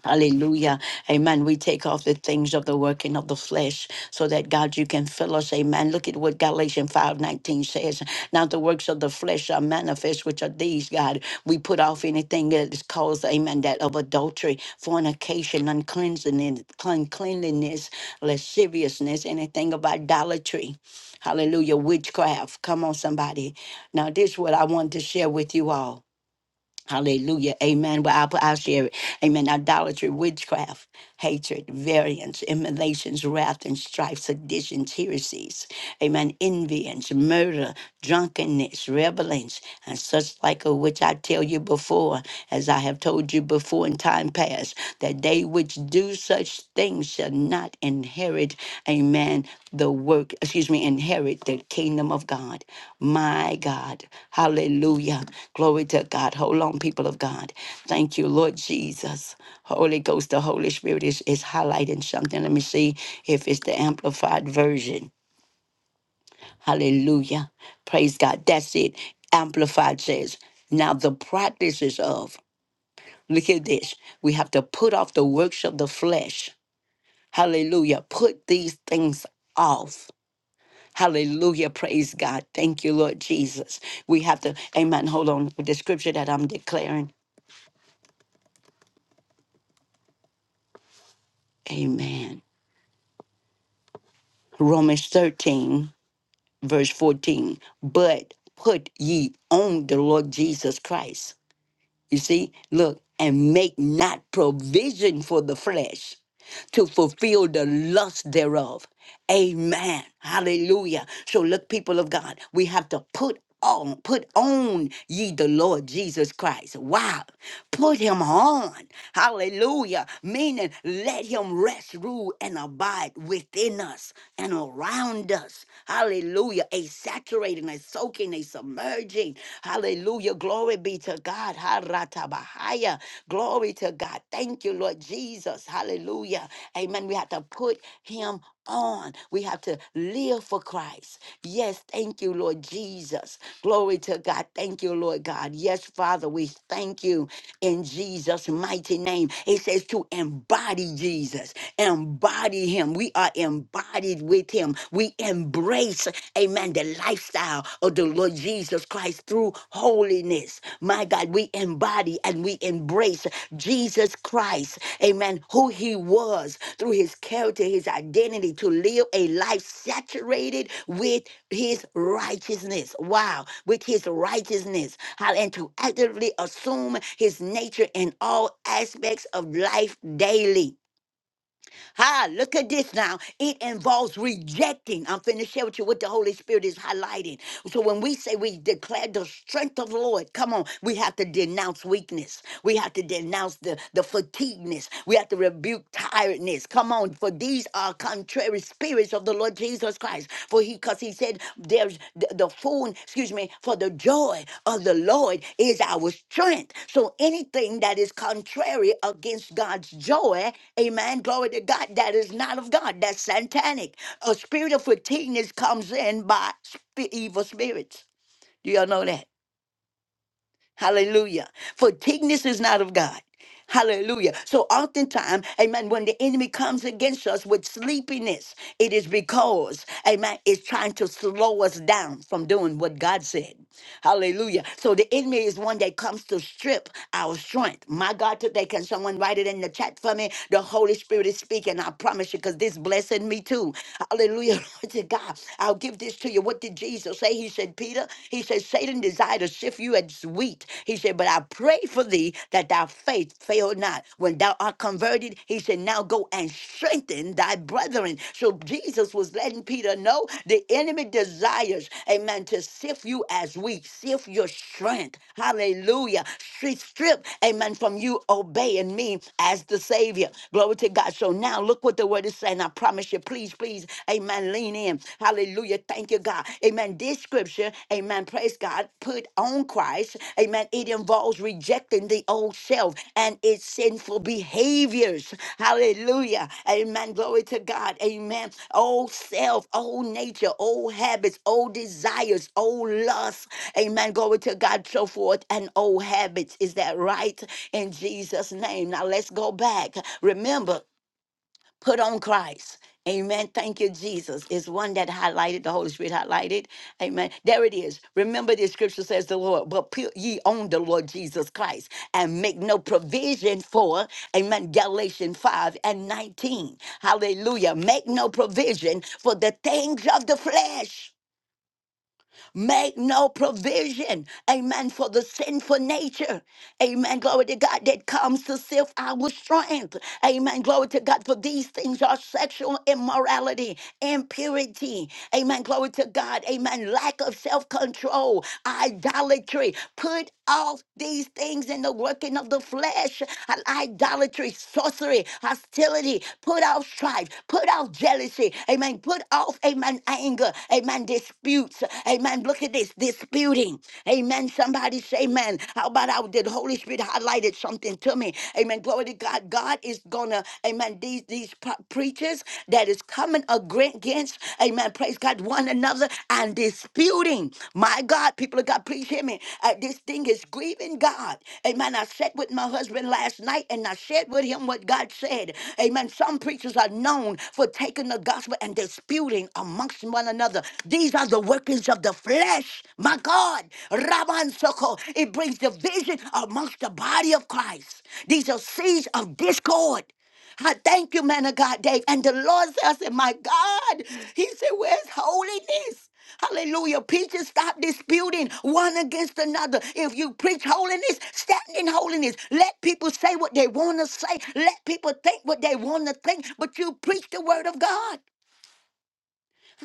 A: Hallelujah. Amen. We take off the things of the working of the flesh so that God, you can fill us. Amen. Look at what Galatians five nineteen says. Now the works of the flesh are manifest, which are these, God. We put off anything that is caused, amen, that of adultery, fornication, uncleanliness, uncleanliness, lasciviousness, anything of idolatry. Hallelujah. Witchcraft. Come on, somebody. Now, this is what I want to share with you all. Hallelujah. Amen. Well, I'll, I'll share it. Amen. Idolatry, witchcraft, hatred, variance, immolations, wrath and strife, seditions, heresies. Amen. Envyings, murder, drunkenness, revelings, and such like of which I tell you before, as I have told you before in time past, that they which do such things shall not inherit, amen, the work, excuse me, inherit the kingdom of God. My God. Hallelujah. Glory to God. Hold on, people of God. Thank you, Lord Jesus. Holy Ghost, the Holy Spirit is, is highlighting something. Let me see if it's the amplified version. Hallelujah. Praise God. That's it. Amplified says, now the practices of, look at this. We have to put off the works of the flesh. Hallelujah. Put these things off Hallelujah. Praise God. Thank you, Lord Jesus. We have to, amen. Hold on with the scripture that I'm declaring. Amen. Romans 13, verse 14. But put ye on the Lord Jesus Christ You see, look, and make not provision for the flesh to fulfill the lust thereof. Amen. Hallelujah. So look, people of God, we have to put on, put on ye the Lord Jesus Christ. Wow. Put him on. Hallelujah. Meaning let him rest, rule, and abide within us and around us. Hallelujah. A saturating, a soaking, a submerging. Hallelujah. Glory be to God. God. Haratabahaya. Glory to God. Thank you, Lord Jesus. Hallelujah. Amen. We have to put him on. We have to live for Christ. Yes, thank you, Lord Jesus. Glory to God. Thank you, Lord God. Yes, Father, we thank you in Jesus' mighty name. It says to embody Jesus, embody him. We are embodied with him. We embrace embrace, amen, the lifestyle of the Lord Jesus Christ through holiness. My God, we embody and we embrace Jesus Christ, amen, who he was through his character, his identity, to live a life saturated with his righteousness. Wow, with his righteousness, how and to actively assume his nature in all aspects of life daily. Ha, look at this now. It involves rejecting. I'm finna share with you what the Holy Spirit is highlighting. So when we say we declare the strength of the Lord, come on, we have to denounce weakness. We have to denounce the, the fatigueness. We have to rebuke tiredness. Come on, for these are contrary spirits of the Lord Jesus Christ. Christ. For he, because he said, there's the, the full, excuse me, for the joy of the Lord is our strength. So anything that is contrary against God's joy, amen, glory to God, that is not of God, that's satanic. A spirit of fatigueness comes in by sp- evil spirits. Do y'all know that? Hallelujah. For meekness is not of God. Hallelujah. So oftentimes, amen, when the enemy comes against us with sleepiness, it is because, amen, it's trying to slow us down from doing what God said. Hallelujah. So the enemy is one that comes to strip our strength. My God, today, can someone write it in the chat for me? The Holy Spirit is speaking. I promise you, because this blessing me too. Hallelujah. Lord to God. I'll give this to you. What did Jesus say? He said, Peter, he said, Satan desired to sift you as wheat. He said, But I pray for thee that thy faith fail not. When thou art converted, he said, Now go go and strengthen thy brethren. So Jesus was letting Peter know the enemy desires, amen, to sift you as weak, sift your strength. Hallelujah. Strip, strip, amen, from you obeying me as the Savior. Glory to God. So now look what the word is saying. I promise you, please, please, amen, lean in. Hallelujah. Thank you, God. Amen. This scripture, amen. Praise is God put on Christ, amen, it involves rejecting the old self and its sinful behaviors. Hallelujah. Amen. Glory to God. Amen. Old self, old nature, old habits, old desires, old lusts. Amen. Glory to God, so forth, and old habits. Is that right? In Jesus' name. Now let's go back. Remember. Put on Christ. Amen. Thank you, Jesus. Is one that highlighted, the Holy Spirit highlighted. Amen. There it is. Remember, the scripture says the Lord, but put ye on the Lord Jesus Christ and make no provision for, amen, Galatians 5 and 19. Hallelujah. Make no provision for the things of the flesh. Make no provision, amen, for the sinful nature, amen. Glory to God that comes to self our strength, amen. Glory to God for these things are sexual immorality, impurity, amen. Glory to God, amen. Lack of self control, idolatry. Put off these things in the working of the flesh, idolatry, sorcery, hostility. Put off strife, put off jealousy, amen. Put off, amen, anger, amen Amen. Disputes. Amen. Look at this. Disputing. Amen. Somebody say, Amen. How about how did Holy Spirit highlighted something to me? Amen. Glory to God. God is gonna, Amen. These these pro- preachers that is coming agre- against, Amen. Praise God, one another and disputing. My God, people of God, please hear me. Uh, this thing is grieving God. Amen. I sat with my husband last night and I shared with him what God said. Amen. Some preachers are known for taking the gospel and disputing amongst one another. These are the workings of the flesh. My God, Raman Soko, it brings division amongst the body of Christ. These are seeds of discord. I thank you, man of God, Dave. And the Lord says, I said, My God, He said, Where's holiness? Hallelujah. Preachers, stop disputing one against another. If you preach holiness, stand in holiness. Let people say what they want to say. Let people think what they want to think. But you preach the word of God.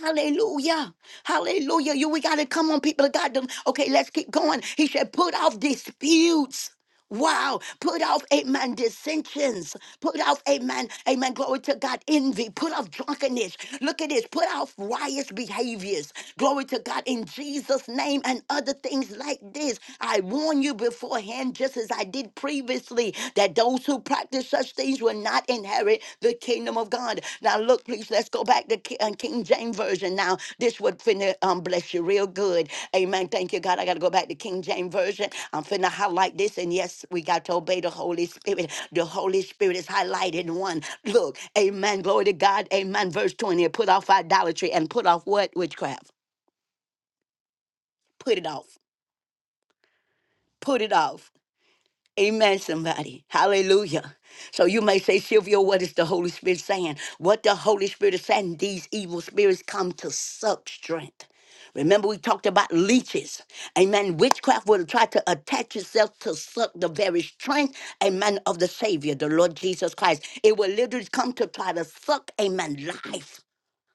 A: Hallelujah. Hallelujah. You we gotta come on, people of God. Don't- Okay, let's keep going. He said, put off disputes. Wow, put off amen dissensions, put off amen, amen, glory to God, envy, put off drunkenness. Look at this, put off riotous behaviors, glory to God, in Jesus' name, and other things like this. I warn you beforehand, just as I did previously that those who practice such things will not inherit the kingdom of God. Now, look, please, let's go back to Ki- uh, King James Version now. This would finna um, bless you real good. Amen. Thank you, God. I got to go back to King James Version. I'm finna highlight this. And yes, we got to obey the Holy Spirit. The Holy Spirit is highlighted in one. Look, amen. Glory to God. Amen. Verse 20. Put off idolatry and put off what? Witchcraft. Put it off. Put it off Amen, somebody. Hallelujah. So you may say, Sylvia, what is the Holy Spirit saying? What the Holy Spirit is saying, these evil spirits come to suck strength. Remember, we talked about leeches. Amen. Witchcraft will try to attach itself to suck the very strength, amen, of the Savior, the Lord Jesus Christ. It will literally come to try to suck, amen, life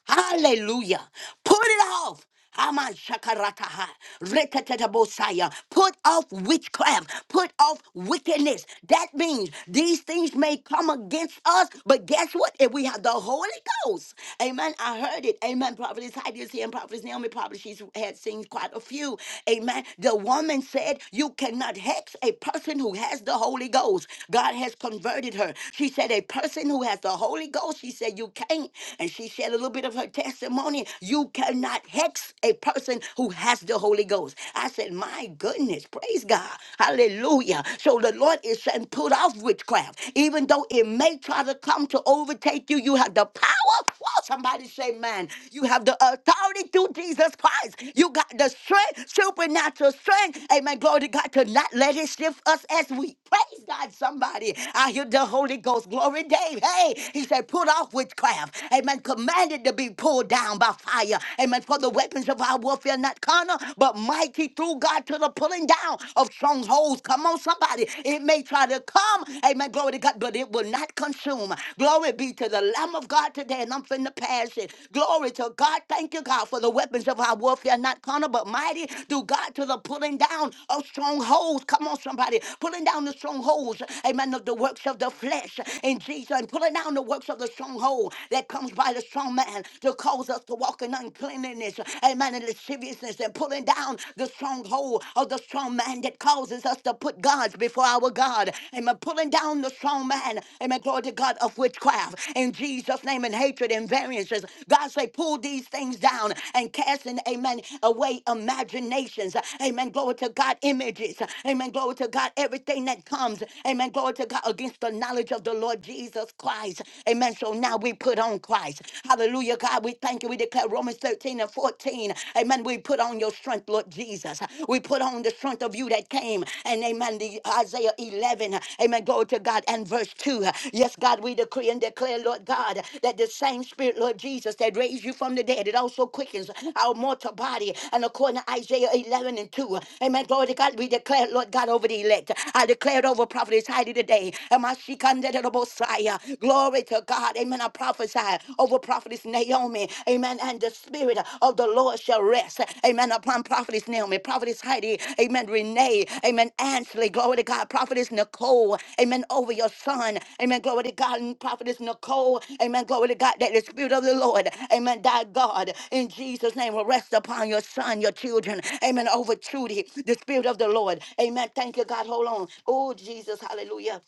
A: Hallelujah. Put it off. Aman shakarataha. Rekatetabosaya. Put off witchcraft. Put off wickedness. That means these things may come against us, but guess what? If we have the Holy Ghost, amen. I heard it. Amen. Prophetess Heidi is here and Prophetess Naomi probably she's had seen quite a few. Amen. The woman said, You cannot hex a person who has the Holy Ghost. God has converted her. She said, A person who has the Holy Ghost, she said, You can't and she shared a little bit of her testimony. You cannot hex a person who has the Holy Ghost. I said, My goodness, praise God. Hallelujah. So the Lord is saying, put off witchcraft. Even though it may try to come to overtake you, you have the power. Whoa, somebody say, Man, you have the authority through Jesus Christ. You got the strength, supernatural strength. Amen. Glory to God to not let it shift us as we praise God. Somebody, I hear the Holy Ghost. Glory, Dave. Hey, he said, put off witchcraft witchcraft. Amen. Commanded to be pulled down by fire. Amen. For the weapons of our warfare, not carnal, but mighty through God to the pulling down of strongholds. Come on, somebody. It may try to come. Amen. Glory to God, but it will not consume. Glory be to the Lamb of God today. And I'm finna pass it. Glory to God. Thank you, God, for the weapons of our warfare, not carnal, but mighty through God to the pulling down of strongholds. Come on, somebody. Pulling down the strongholds. Amen. Of the works of the flesh in Jesus. And pulling down the works of the stronghold that comes by the strong man to cause us to walk in uncleanliness, amen, and lasciviousness, and pulling down the stronghold of the strong man that causes us to put gods before our God, amen, pulling down the strong man, amen, glory to God of witchcraft in Jesus' name and hatred and variances. God say, pull these things down and casting, amen, away imaginations, amen, glory to God, images, amen, glory to God, everything that comes, amen, glory to God against the knowledge of the Lord Jesus. Jesus Christ. Amen. So now we put on Christ. Hallelujah, God. We thank you. We declare Romans 13 and 14. Amen. We put on your strength, Lord Jesus. We put on the strength of you that came. And amen. The Isaiah 11. Amen. Go to God and verse 2. Yes, God, we decree and declare, Lord God, that the same spirit, Lord Jesus, that raised you from the dead, it also quickens our mortal body. And according to Isaiah 11 and 2. Amen. Glory to God. We declare, Lord God, over the elect. I declare it over prophetess Heidi today. Am I she? Ikandedobosaya. Glory to God. Amen. I prophesy over prophetess Naomi. Amen. And the spirit of the Lord shall rest. Amen. Upon prophetess Naomi, prophetess Heidi. Amen. Renee. Amen. Ansley. Glory to God. Prophetess Nicole. Amen. Over your son. Amen. Glory to God. And prophetess Nicole. Amen. Glory to God. That the spirit of the Lord. Amen. Thy God. In Jesus' name will rest upon your son, your children. Amen. Over Trudy. The spirit of the Lord. Amen. Thank you, God. Hold on. Oh, Jesus. Hallelujah.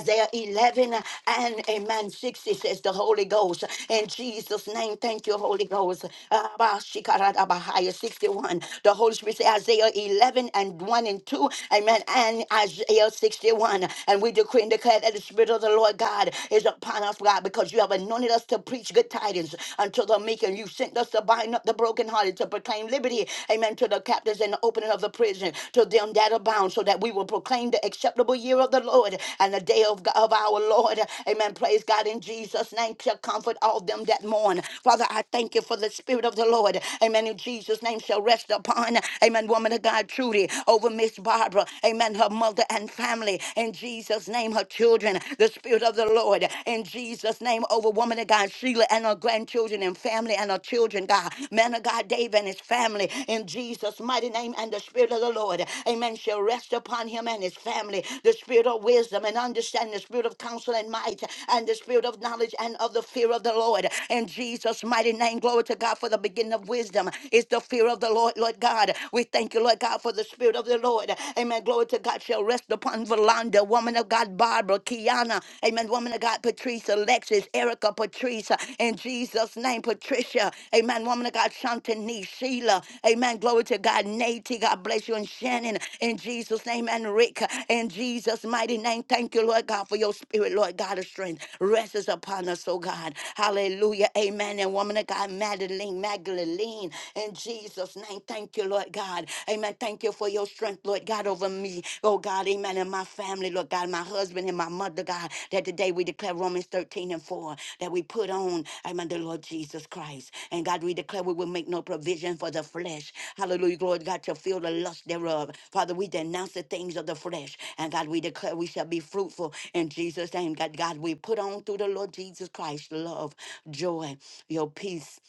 A: Isaiah 11 uh, and amen 60 says the Holy Ghost. In Jesus' name, thank you, Holy Ghost. Abashikarabahaya, 61. The Holy Spirit says Isaiah 11 and 1 and 2. Amen. And Isaiah 61. And we decree and declare that the Spirit of the Lord God is upon us, God, because you have anointed us to preach good tidings unto the meek. And you sent us to bind up the brokenhearted, to proclaim liberty. Amen. To the captives and open jailer of the prison to them that abound, so that we will proclaim the acceptable year of the Lord and the day of, God, of our Lord. Amen. Praise God in Jesus' name. Shall comfort all them that mourn. Father, I thank you for the Spirit of the Lord. Amen. In Jesus' name shall rest upon. Amen. Woman of God, Trudy, over Miss Barbara. Amen. Her mother and family. In Jesus' name, her children. The Spirit of the Lord. In Jesus' name, over woman of God, Sheila and her grandchildren and family and our children, God. Man of God, David and his family, in Jesus' mighty name, and the Spirit of the Lord, amen, shall rest upon him and his family. The Spirit of wisdom and understanding, the Spirit of counsel and might, and the Spirit of knowledge and of the fear of the Lord. In Jesus' mighty name, glory to God for the beginning of wisdom is the fear of the Lord, Lord God. We thank you, Lord God, for the Spirit of the Lord. Amen. Glory to God shall rest upon Valanda, woman of God, Barbara, Kiana. Kiana, amen, woman of God, Patrice, Alexis, Erica, Patrice, in Jesus' name, Patricia, amen, woman of God, Shantanique, Sheila, amen, glory to God, Nate, God bless you, and Shannon, in Jesus' name, and Rick, in Jesus' mighty name, thank you, Lord God, for your spirit, Lord God of strength, rests upon us, oh God, hallelujah, amen, and woman of God, Madeline, Magdalene, in Jesus' name, thank you, Lord God, amen, thank you you for your strength, Lord God, over me. Oh God, amen. And my family, Lord God, my husband and my mother, God, that today we declare Romans 13 and 4 that we put on, amen, the Lord Jesus Christ. And God, we declare we will make no provision for the flesh. Hallelujah, Lord God, to feel the lust thereof. Father, we denounce the things of the flesh. And God, we declare we shall be fruitful in Jesus' name. God, God, we put on through the Lord Jesus Christ love, joy, your peace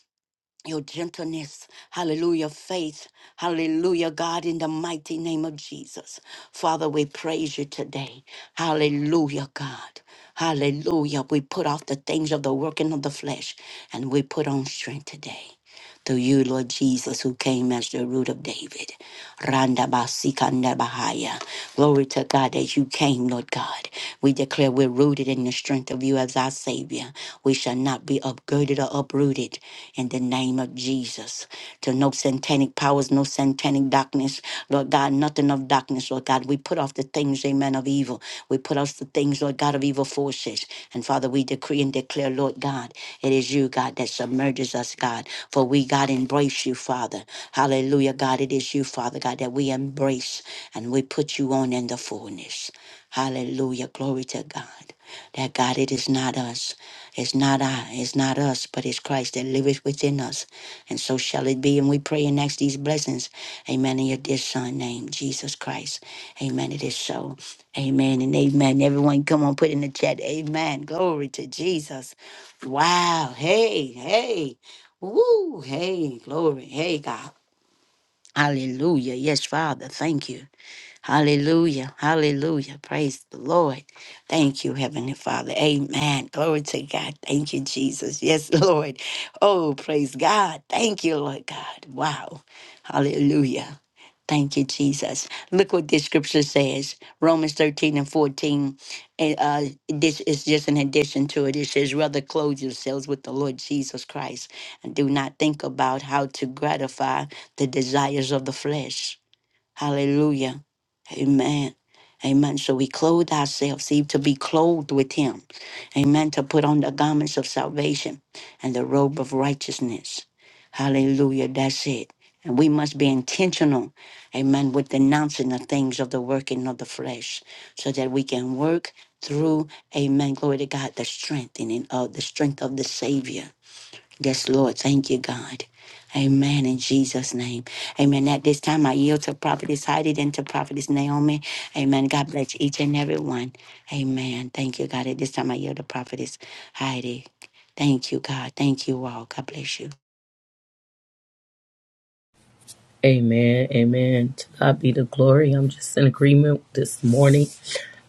A: your gentleness, hallelujah, faith, hallelujah, God, in the mighty name of Jesus. Father, we praise you today. Hallelujah, God. Hallelujah. We put off the things of the working of the flesh and we put on strength today through you, Lord Jesus, who came as the root of David. Randa basikanda bahaya. Glory to God that you came, Lord God. We declare we're rooted in the strength of you as our Savior. We shall not be upgirded or uprooted in the name of Jesus. To no satanic powers, no satanic darkness, Lord God, nothing of darkness, Lord God. We put off the things, amen, of evil. We put off the things, Lord God, of evil forces. And Father, we decree and declare, Lord God, it is you, God. that that submerges us, God. For we, God, embrace you, Father. Hallelujah, God. It is you, Father, God, that we embrace and we put you on in the fullness. Hallelujah. Glory to God. That God, it is not us. It's not I. It's not us, but it's Christ that liveth within us. And so shall it be. And we pray and ask these blessings. Amen. In your dear son name, Jesus Christ. Amen. It is so. Amen and amen. Everyone, come on, put in the chat. Amen. Glory to Jesus. Wow. Hey, hey. Woo. Hey, glory. Hey, God. Hallelujah. Yes, Father. Thank you. Hallelujah. Hallelujah. Praise the Lord. Thank you, Heavenly Father. Amen. Glory to God. Thank you, Jesus. Yes, Lord. Oh, praise God. Thank you, Lord God. Wow. Hallelujah. Thank you, Jesus. Look what this scripture says Romans 13 and 14. And uh, this is just an addition to it. It says, Rather clothe yourselves with the Lord Jesus Christ and do not think about how to gratify the desires of the flesh. Hallelujah. Amen. Amen. So we clothe ourselves, see, to be clothed with him. Amen. To put on the garments of salvation and the robe of righteousness. Hallelujah. That's it. And we must be intentional, amen, with denouncing the things of the working of the flesh so that we can work through, amen, glory to God, the strengthening of the strength of the Savior. Yes, Lord. Thank you, God. Amen. In Jesus' name. Amen. At this time, I yield to Prophetess Heidi and to Prophetess Naomi. Amen. God bless each and every one. Amen. Thank you, God. At this time, I yield to Prophetess Heidi. Thank you, God. Thank you all. God bless you.
B: Amen. Amen. To God be the glory. I'm just in agreement this morning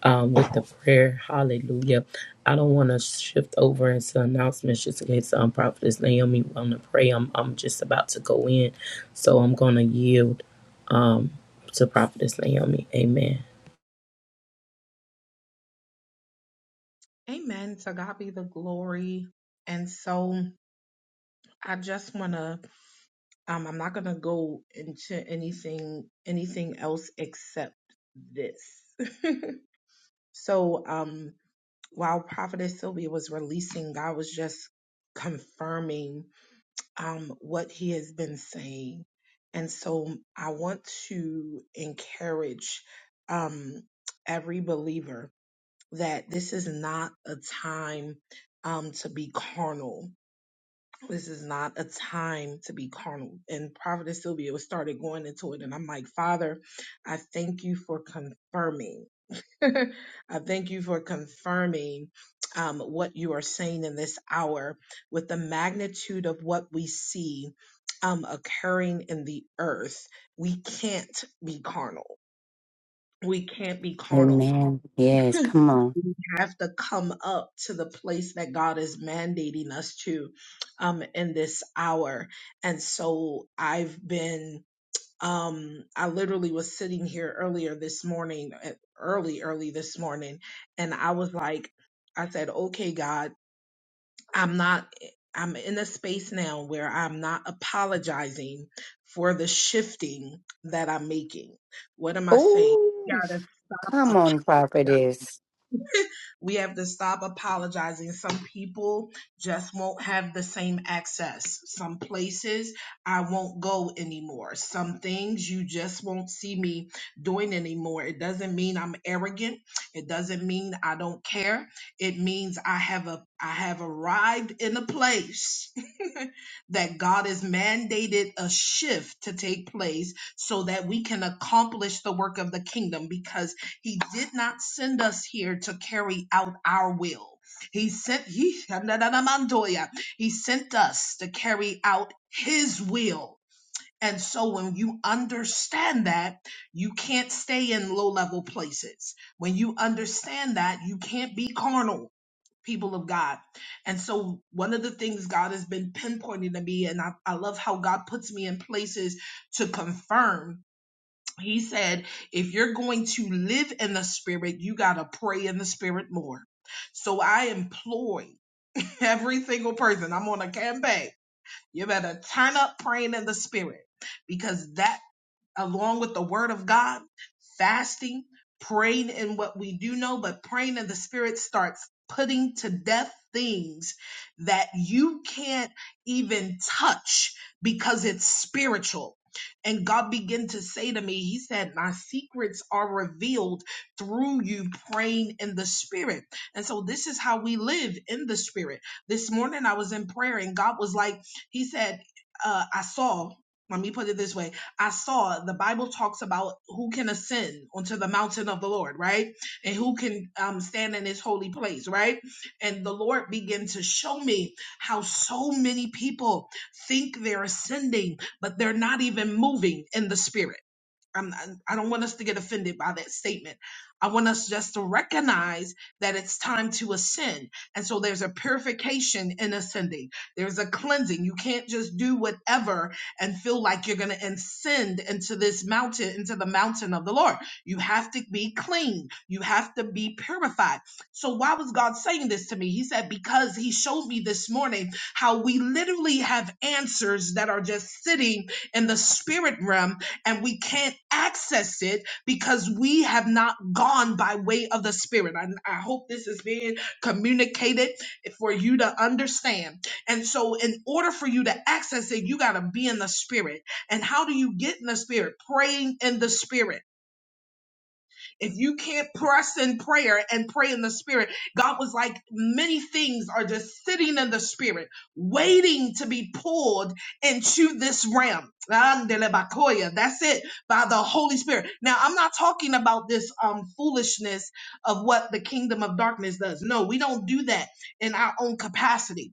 B: um, with the prayer. Hallelujah. I don't want to shift over into announcements just in case um, Prophetess Naomi want to pray. I'm, I'm just about to go in. So I'm going to yield um, to Prophetess Naomi. Amen.
C: Amen. To God be the glory. And so I just want to, um, I'm not going to go into anything, anything else except this. so, um, while Prophetess Sylvia was releasing, God was just confirming, um, what he has been saying. And so I want to encourage, um, every believer that this is not a time um, to be carnal. This is not a time to be carnal. And Prophetess Sylvia was started going into it, and I'm like, Father, I thank you for confirming. I thank you for confirming um, what you are saying in this hour with the magnitude of what we see um, occurring in the earth. We can't be carnal. We can't be carnal
A: Amen. Yes, come on.
C: we have to come up to the place that God is mandating us to um, in this hour. And so I've been, um, I literally was sitting here earlier this morning, uh, early, early this morning, and I was like, I said, okay, God, I'm not. I'm in a space now where I'm not apologizing for the shifting that I'm making. What am I saying? You
A: Ooh,
C: gotta stop
A: come
C: apologizing
A: on, prophetess.
C: we have to stop apologizing. Some people just won't have the same access. Some places I won't go anymore. Some things you just won't see me doing anymore. It doesn't mean I'm arrogant. It doesn't mean I don't care. It means I have a I have arrived in a place that God has mandated a shift to take place so that we can accomplish the work of the kingdom because he did not send us here to carry out our will. He sent he, he sent us to carry out his will. And so when you understand that, you can't stay in low level places. When you understand that, you can't be carnal people of God. And so one of the things God has been pinpointing to me, and I, I love how God puts me in places to confirm. He said, if you're going to live in the spirit, you got to pray in the spirit more. So I employ every single person. I'm on a campaign. You better turn up praying in the spirit because that along with the word of God, fasting, praying in what we do know, but praying in the spirit starts putting to death things that you can't even touch because it's spiritual. And God began to say to me, He said, My secrets are revealed through you praying in the spirit. And so this is how we live in the spirit. This morning I was in prayer and God was like, He said, uh, I saw, let me put it this way I saw the Bible talks about who can ascend onto the mountain of the Lord, right? And who can um, stand in his holy place, right? And the Lord began to show me how so many people think they're ascending, but they're not even moving in the spirit. I'm, I'm- I am i do not want us to get offended by that statement. I want us just to recognize that it's time to ascend. And so there's a purification in ascending, there's a cleansing. You can't just do whatever and feel like you're going to ascend into this mountain, into the mountain of the Lord. You have to be clean, you have to be purified. So, why was God saying this to me? He said, Because He showed me this morning how we literally have answers that are just sitting in the spirit realm and we can't access it because we have not gone by way of the Spirit. I, I hope this is being communicated for you to understand. And so, in order for you to access it, you got to be in the Spirit. And how do you get in the Spirit? Praying in the Spirit if you can't press in prayer and pray in the spirit, God was like, many things are just sitting in the spirit, waiting to be pulled into this realm. Andelebakoya. That's it by the Holy Spirit. Now, I'm not talking about this um, foolishness of what the kingdom of darkness does. No, we don't do that in our own capacity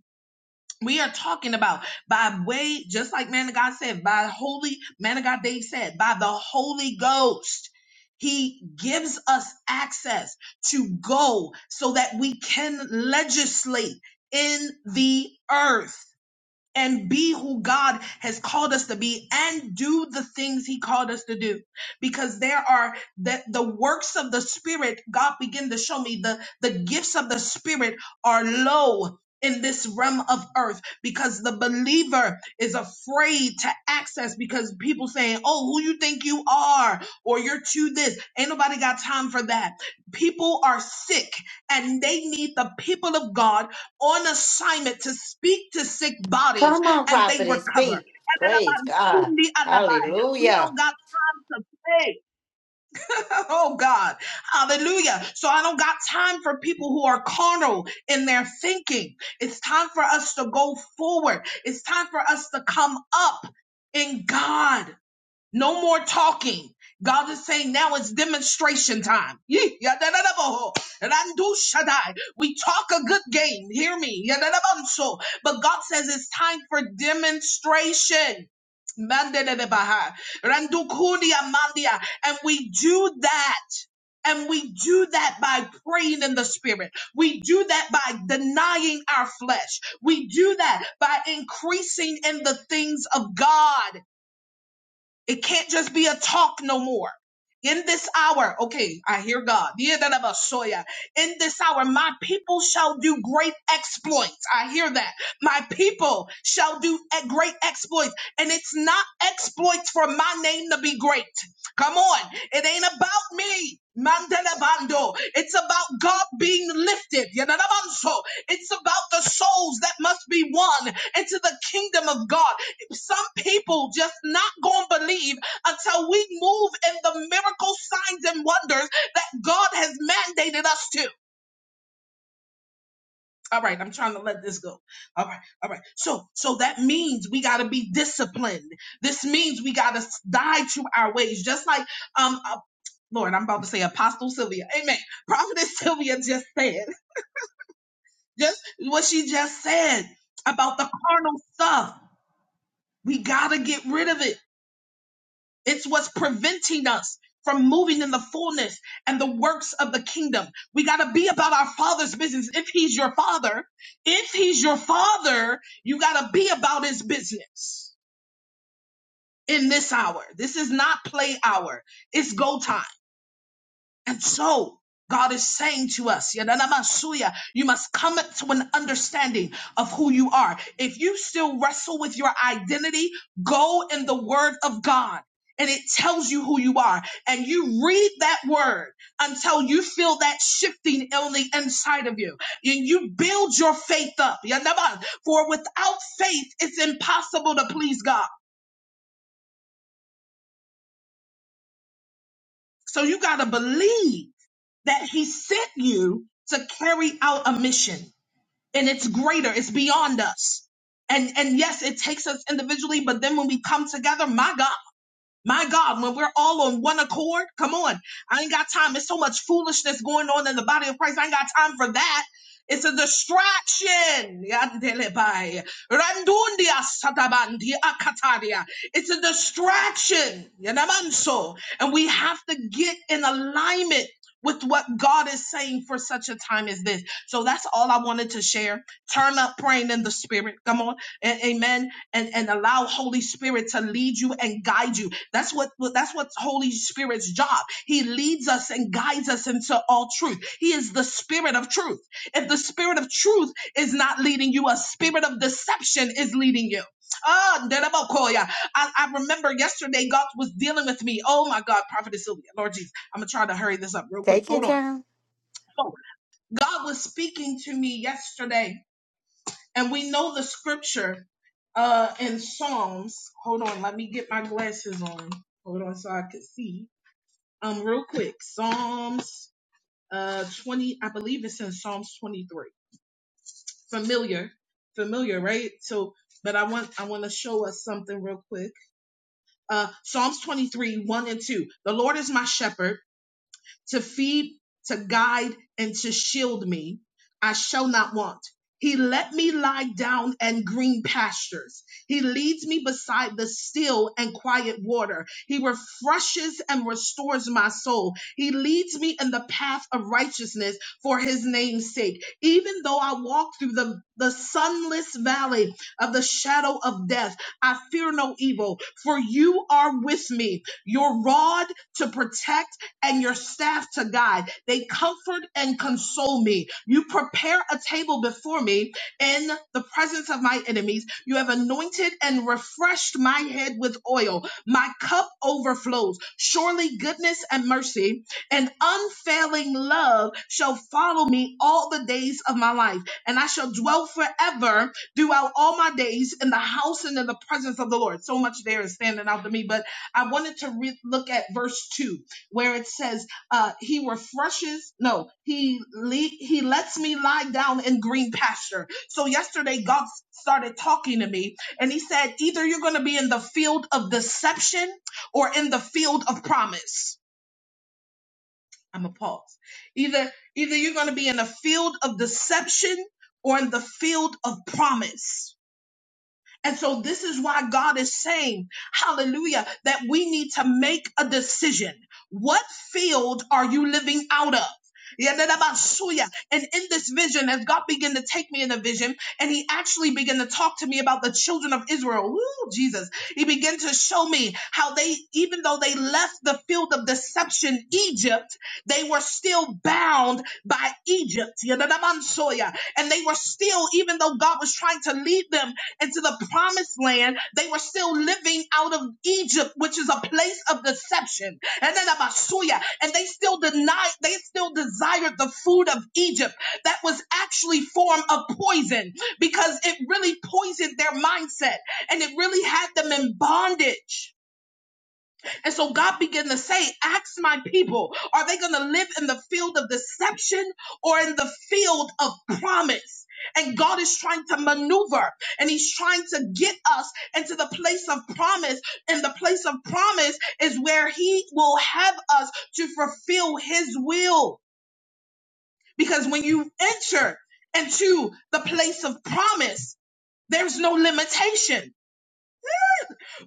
C: we are talking about by way, just like man of God said, by holy man of God Dave said, by the Holy Ghost. He gives us access to go so that we can legislate in the earth and be who God has called us to be and do the things he called us to do because there are the, the works of the spirit God began to show me the the gifts of the spirit are low in this realm of earth because the believer is afraid to access because people saying oh who you think you are or you're too this ain't nobody got time for that people are sick and they need the people of God on assignment to speak to sick bodies
A: Come on,
C: and they
A: prophetess,
C: recover.
A: speak. Praise God.
C: We
A: Hallelujah.
C: don't got time to play. Oh God. Hallelujah. So I don't got time for people who are carnal in their thinking. It's time for us to go forward. It's time for us to come up in God. No more talking. God is saying now it's demonstration time. Yee, yadadadabaho, randu shaddai. We talk a good game. Hear me. Yadadabanso. But God says it's time for demonstration. Mandadadabaha, randukudia mandia. And we do that. And we do that by praying in the spirit. We do that by denying our flesh. We do that by increasing in the things of God. It can't just be a talk no more. In this hour, okay, I hear God. Yedanabasoya. In this hour, my people shall do great exploits. I hear that. My people shall do e- great exploits. And it's not exploits for my name to be great. Come on. It ain't about me. Mandanabando. It's about God being lifted. Yedanabanso. It's about the souls that must be won into the kingdom of God. Some people just not gonna believe until we move in the miracle signs and wonders that God has mandated us to. All right, I'm trying to let this go. All right, all right. So, so that means we gotta be disciplined. This means we gotta die to our ways, just like um, uh, Lord, I'm about to say Apostle Sylvia, Amen. Prophetess Sylvia just said, just what she just said about the carnal stuff. We gotta get rid of it. It's what's preventing us from moving in the fullness and the works of the kingdom. We got to be about our father's business. If he's your father, if he's your father, you got to be about his business in this hour. This is not play hour. It's go time. And so God is saying to us, Yadanamasuya, you must come to an understanding of who you are. If you still wrestle with your identity, go in the word of God. And it tells you who you are. And you read that word until you feel that shifting on the inside of you. And you build your faith up. Yanaba, For without faith, it's impossible to please God. So you got to believe that He sent you to carry out a mission. and it's greater it's beyond us and and yes it takes us individually but then when we come together my god my god when we're all on one accord come on i ain't got time there's so much foolishness going on in the body of christ i ain't got time for that it's a distraction. Yandelebai. Randundia satabandi akataria. It's a distraction. Yanamanso. And we have to get in alignment with what God is saying for such a time as this. So that's all I wanted to share. Turn up praying in the spirit. Come on. A- amen. And and allow Holy Spirit to lead you and guide you. That's what what- that's what Holy Spirit's job. He leads us and guides us into all truth. He is the spirit of truth. If the spirit of truth is not leading you, a spirit of deception is leading you. Ah, Dedemokoya. I, I remember yesterday God was dealing with me. Oh my God, Prophet Sylvia, Lord Jesus. I'm gonna try to hurry this up real quick.
A: Take your
C: Hold on.
A: time.
C: So God was speaking to me yesterday, and we know the scripture uh in Psalms. Hold on, let me get my glasses on. Hold on, so I can see. Um, real quick, Psalms uh 20. I believe it's in Psalms 23. Familiar, familiar, right? So, but I want I want to show us something real quick. Uh, Psalms 23, 1 and 2. The Lord is my shepherd. to feed, to guide, and to shield me. I shall not want. He let me lie down in green pastures. He leads me beside the still and quiet water. He refreshes and restores my soul. He leads me in the path of righteousness for his name's sake. Even though I walk through the, the sunless valley of the shadow of death, I fear no evil, for you are with me. Your rod to protect and your staff to guide. They comfort and console me. You prepare a table before me in the presence of my enemies. You have anointed and refreshed my head with oil. My cup overflows. Surely goodness and mercy and unfailing love shall follow me all the days of my life, and I shall dwell forever throughout all my days in the house and in the presence of the Lord. So much there is standing out to me, but I wanted to re- look at verse two where it says, uh, "He refreshes." No, he le- he lets me lie down in green pasture. So yesterday, God started talking to me, and He said, "Either you're going to be in the field of deception or in the field of promise." I'm a pause. Either either you're going to be in a field of deception or in the field of promise. And so this is why God is saying, hallelujah, that we need to make a decision. What field are you living out of? Yadadabasuya. And in this vision, as God began to take me in a vision, and He actually began to talk to me about the children of Israel. Woo, Jesus. He began to show me how they, even though they left the field of deception, Egypt, they were still bound by Egypt. Yadadamansoya. And they were still, even though God was trying to lead them into the promised land, they were still living out of Egypt, which is a place of deception. And then Abasuya, and they still denied, they still desired the food of Egypt that was actually form of poison because it really poisoned their mindset and it really had them in bondage. And so God began to say, Ask my people, are they going to live in the field of deception or in the field of promise? And God is trying to maneuver and He's trying to get us into the place of promise. And the place of promise is where He will have us to fulfill His will. Because when you enter into the place of promise, there's no limitation.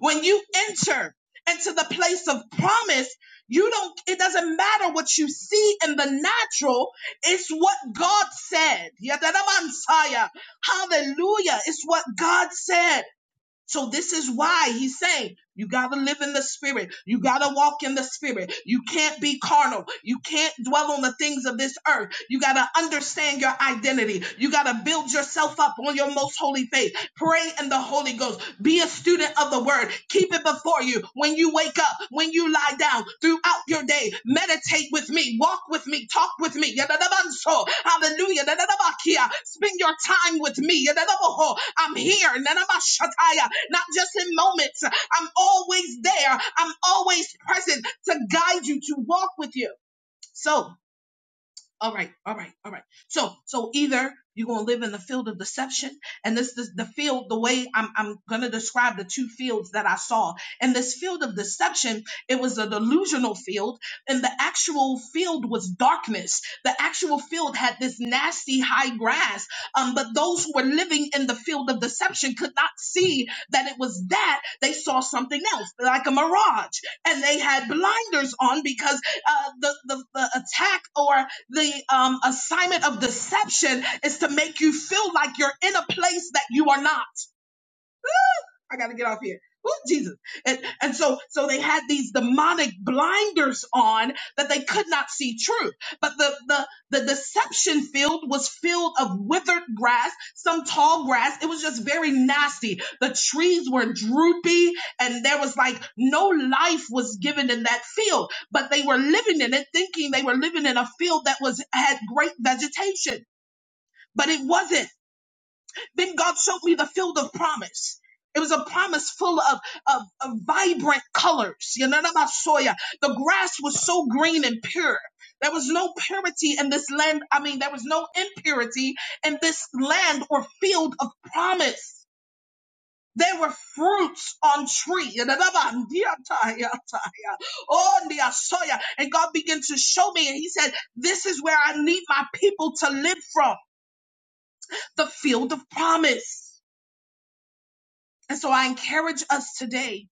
C: When you enter into the place of promise, you don't, it doesn't matter what you see in the natural, it's what God said. Yadadamansaya. Hallelujah. It's what God said. So this is why he's saying you gotta live in the spirit. You gotta walk in the spirit. You can't be carnal. You can't dwell on the things of this earth. You gotta understand your identity. You gotta build yourself up on your most holy faith. Pray in the Holy Ghost. Be a student of the word. Keep it before you when you wake up, when you lie down, throughout your day. Meditate with me. Walk with me. Talk with me. Hallelujah. Spend your time with me. I'm here not just in moments. I'm always there. I'm always present to guide you, to walk with you. So all right, all right, all right. So, so either you're gonna live in the field of deception, and this is the field. The way I'm, I'm gonna describe the two fields that I saw. And this field of deception, it was a delusional field, and the actual field was darkness. The actual field had this nasty high grass. Um, but those who were living in the field of deception could not see that it was that. They saw something else, like a mirage, and they had blinders on because uh, the, the the attack or the um, assignment of deception is to make you feel like you're in a place that you are not. I gotta get off here. Oh, Jesus. And, and so, so they had these demonic blinders on that they could not see truth. But the, the, the deception field was filled of withered grass, some tall grass. It was just very nasty. The trees were droopy and there was like no life was given in that field, but they were living in it thinking they were living in a field that was, had great vegetation, but it wasn't. Then God showed me the field of promise. It was a promise full of, of, of vibrant colors. You know, what about soya. The grass was so green and pure. There was no purity in this land. I mean, there was no impurity in this land or field of promise. There were fruits on tree. Oh, ndia soya. And God began to show me, and He said, This is where I need my people to live from the field of promise. And so I encourage us today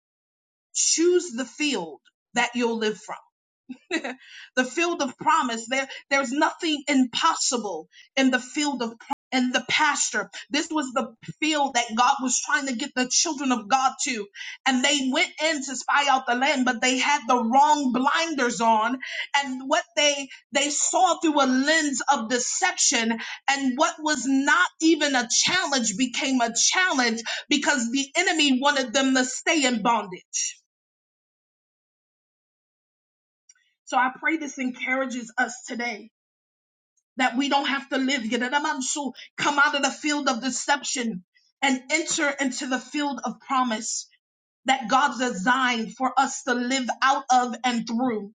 C: choose the field that you'll live from. the field of promise. There, there's nothing impossible in the field of promise. and the pastor. This was the field that God was trying to get the children of God to. And they went in to spy out the land, but they had the wrong blinders on. And what they they saw through a lens of deception and what was not even a challenge became a challenge because the enemy wanted them to stay in bondage. So I pray this encourages us today that we don't have to live. Yedadamansu, Come out of the field of deception and enter into the field of promise that God designed for us to live out of and through.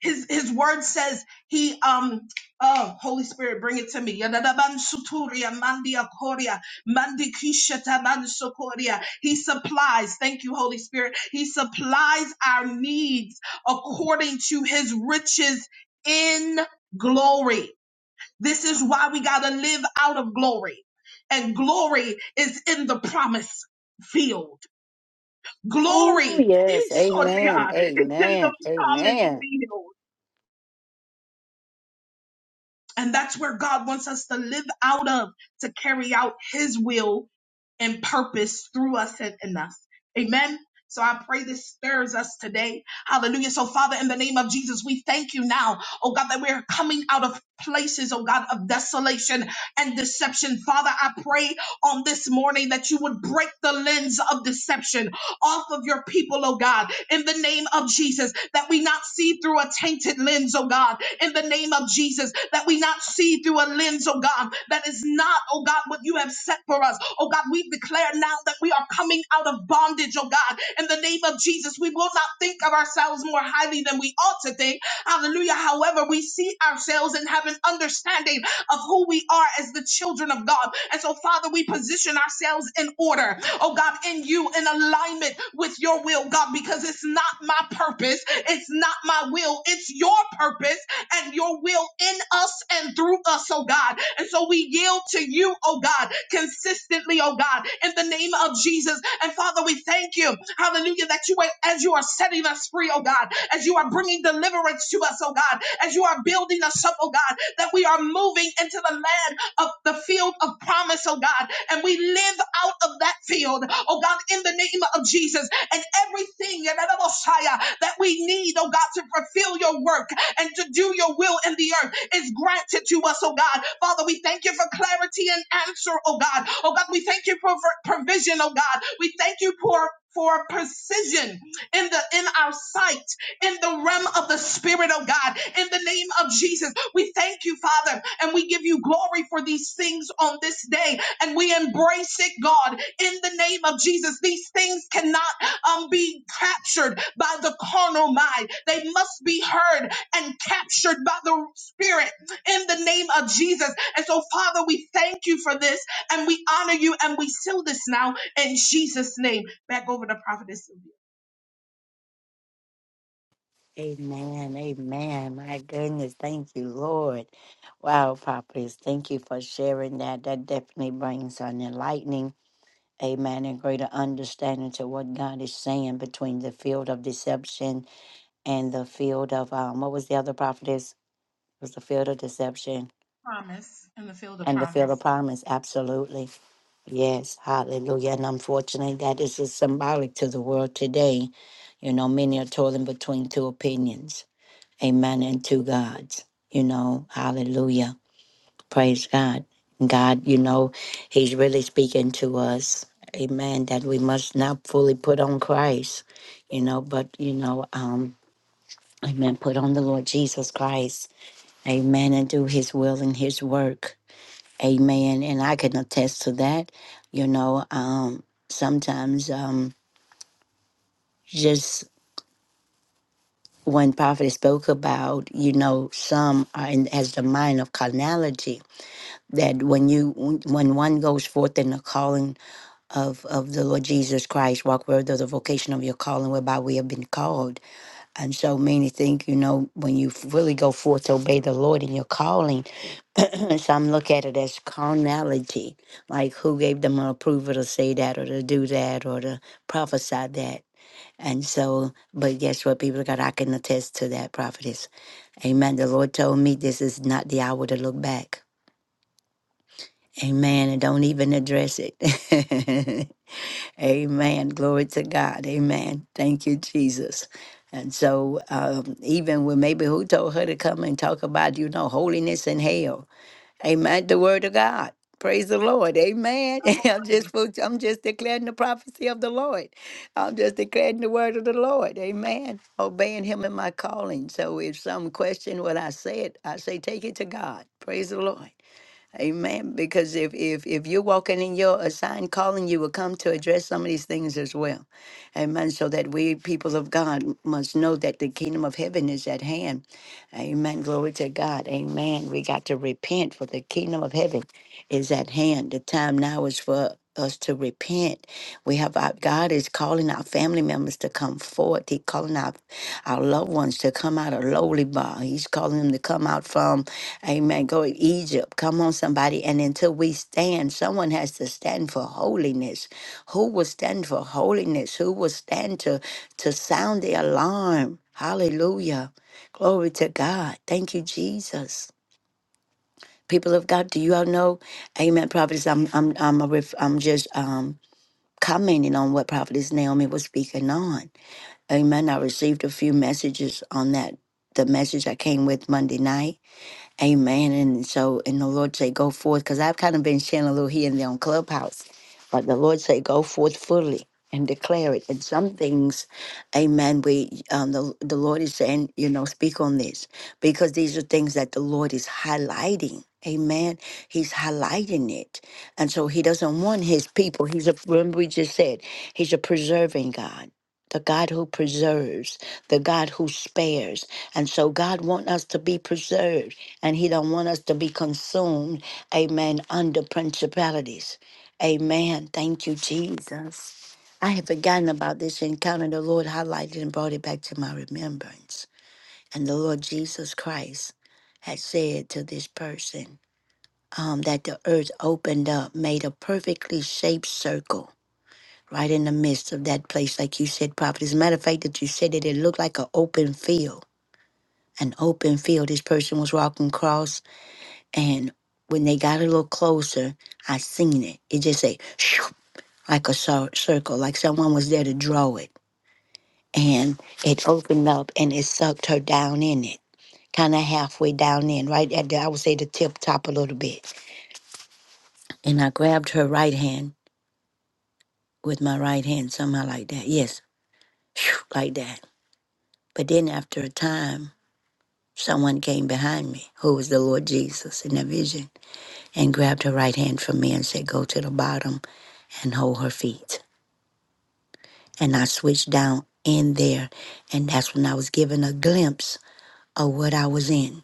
C: His, his word says he um oh Holy Spirit bring it to me Yedadabansu turia mandia koria, mandikishata mansukoria. he supplies thank you Holy Spirit he supplies our needs according to his riches in glory this is why we got to live out of glory. And glory is in the promise field.
A: Oh,
C: Glory
A: yes.
C: is on the-
A: Amen.
C: uh, is in
A: Amen.
C: the promise
A: Amen.
C: field. And that's where God wants us to live out of to carry out his will and purpose through us and in us. Amen. So I pray this stirs us today. Hallelujah. So Father, in the name of Jesus, we thank you now, oh God, that we're coming out of places, oh God, of desolation and deception. Father, I pray on this morning that you would break the lens of deception off of your people, oh God, in the name of Jesus, that we not see through a tainted lens, oh God, in the name of Jesus, that we not see through a lens, oh God, that is not, oh God, what you have set for us. Oh God, we declare now that we are coming out of bondage, oh God, in the name of Jesus. We will not think of ourselves more highly than we ought to think. Hallelujah. However, we see ourselves and have an understanding of who we are as the children of God. And so, Father, we position ourselves in order, oh God, in you, in alignment with your will, God, because it's not my purpose, it's not my will, it's your purpose and your will in us and through us, oh God. And so we yield to you, oh God, consistently, oh God, in the name of Jesus. And Father, we thank you, hallelujah, that you, are- as you are setting us free, oh God, as you are bringing deliverance to us, oh God, as you are building us up, oh God, that we are moving into the land of the field of promise, oh God, and we live out of that field, oh God, in the name of Jesus, and everything, and the Messiah, that we need, oh God, to fulfill your work, and to do your will in the earth is granted to us, oh God. Father, we thank you for clarity and answer, oh God. Oh God, we thank you for for provision, oh God. We thank you for for precision in the in our sight in the realm of the spirit of God in the name of Jesus we thank you father and we give you glory for these things on this day and we embrace it God in the name of Jesus these things cannot um, be captured by the carnal mind they must be heard and captured by the Spirit in the name of Jesus. And so, Father, we thank you for this and we honor you and we seal this now in Jesus' name. Back over to Prophetess Sylvia.
A: Amen. Amen. My goodness. Thank you, Lord. Wow, Papas. Thank you for sharing that. That definitely brings an enlightening, amen, and greater understanding to what God is saying between the field of deception and the field of, um, what was the other prophetess? It was the field of deception.
C: Promise in the field of
A: and to feel the
C: promise.
A: promise. Absolutely. Yes, hallelujah. And unfortunately, that is just symbolic to the world today. You know, many are toiling between two opinions, amen, and two gods. You know, hallelujah. Praise God. God, you know, He's really speaking to us, amen, that we must not fully put on Christ, you know, but, you know, um, amen, put on the Lord Jesus Christ, amen, and do His will and His work. Amen. And I can attest to that. You know, um, sometimes um, just when Prophet spoke about, you know, some are in, has the mind of carnality. That when you when one goes forth in the calling of of the Lord Jesus Christ, walk worthy of the vocation of your calling whereby we have been called. And so many think, you know, when you really go forth to obey the Lord in your calling Some look at it as carnality, like who gave them approval to say that or to do that or to prophesy that. And so, but guess what, people of God, I can attest to that, prophetess. Amen. The Lord told me this is not the hour to look back. Amen. And don't even address it. Amen. Glory to God. Amen. Thank you, Jesus. And so, um, even when maybe who told her to come and talk about, you know, holiness and hell? Amen. The word of God. Praise the Lord. Amen. I'm just fu- I'm just declaring the prophecy of the Lord. I'm just declaring the word of the Lord. Amen. Obeying him in my calling. So if some question what I said, I say take it to God. Praise the Lord. Amen. Because if if if you're walking in your assigned calling, you will come to address some of these things as well. Amen. So that we people of God must know that the kingdom of heaven is at hand. Amen. Glory to God. Amen. We got to repent for the kingdom of heaven is at hand. The time now is for us to repent. We have our God is calling our family members to come forth. He calling our our loved ones to come out of lowly bar. He's calling them to come out from Amen. Go to Egypt. Come on, somebody. And until we stand, someone has to stand for holiness. Who will stand for holiness? Who will stand to, to sound the alarm? Hallelujah. Glory to God. Thank you, Jesus. People of God, do you all know? Amen. Prophets, I'm I'm I'm a ref, I'm just um commenting on what Prophetess Naomi was speaking on. Amen. I received a few messages on that. The message I came with Monday night. Amen. And so, and the Lord say, go forth, because I've kind of been sharing a little here and there on Clubhouse, but the Lord say, go forth fully and declare it. And some things, amen, we, um, the, the Lord is saying, you know, speak on this, because these are things that the Lord is highlighting. Amen. He's highlighting it. And so he doesn't want his people. He's a, remember we just said, he's a preserving God. The God who preserves, the God who spares. And so God wants us to be preserved and he don't want us to be consumed amen under principalities amen thank you jesus i had forgotten about this encounter the lord highlighted and brought it back to my remembrance and the lord jesus christ had said to this person um, that the earth opened up made a perfectly shaped circle right in the midst of that place like you said prophet as a matter of fact that you said that it looked like an open field an open field this person was walking across and when they got a little closer, I seen it. It just said shoo, like a cir- circle, like someone was there to draw it. And it opened up and it sucked her down in it, kind of halfway down in, right at the, I would say the tip top a little bit. And I grabbed her right hand with my right hand, somehow like that. Yes, shoo, like that. But then after a time, someone came behind me, who was the Lord Jesus in the vision, and grabbed her right hand from me and said, Go to the bottom and hold her feet. and I switched down in there. And that's when I was given a glimpse of what I was in.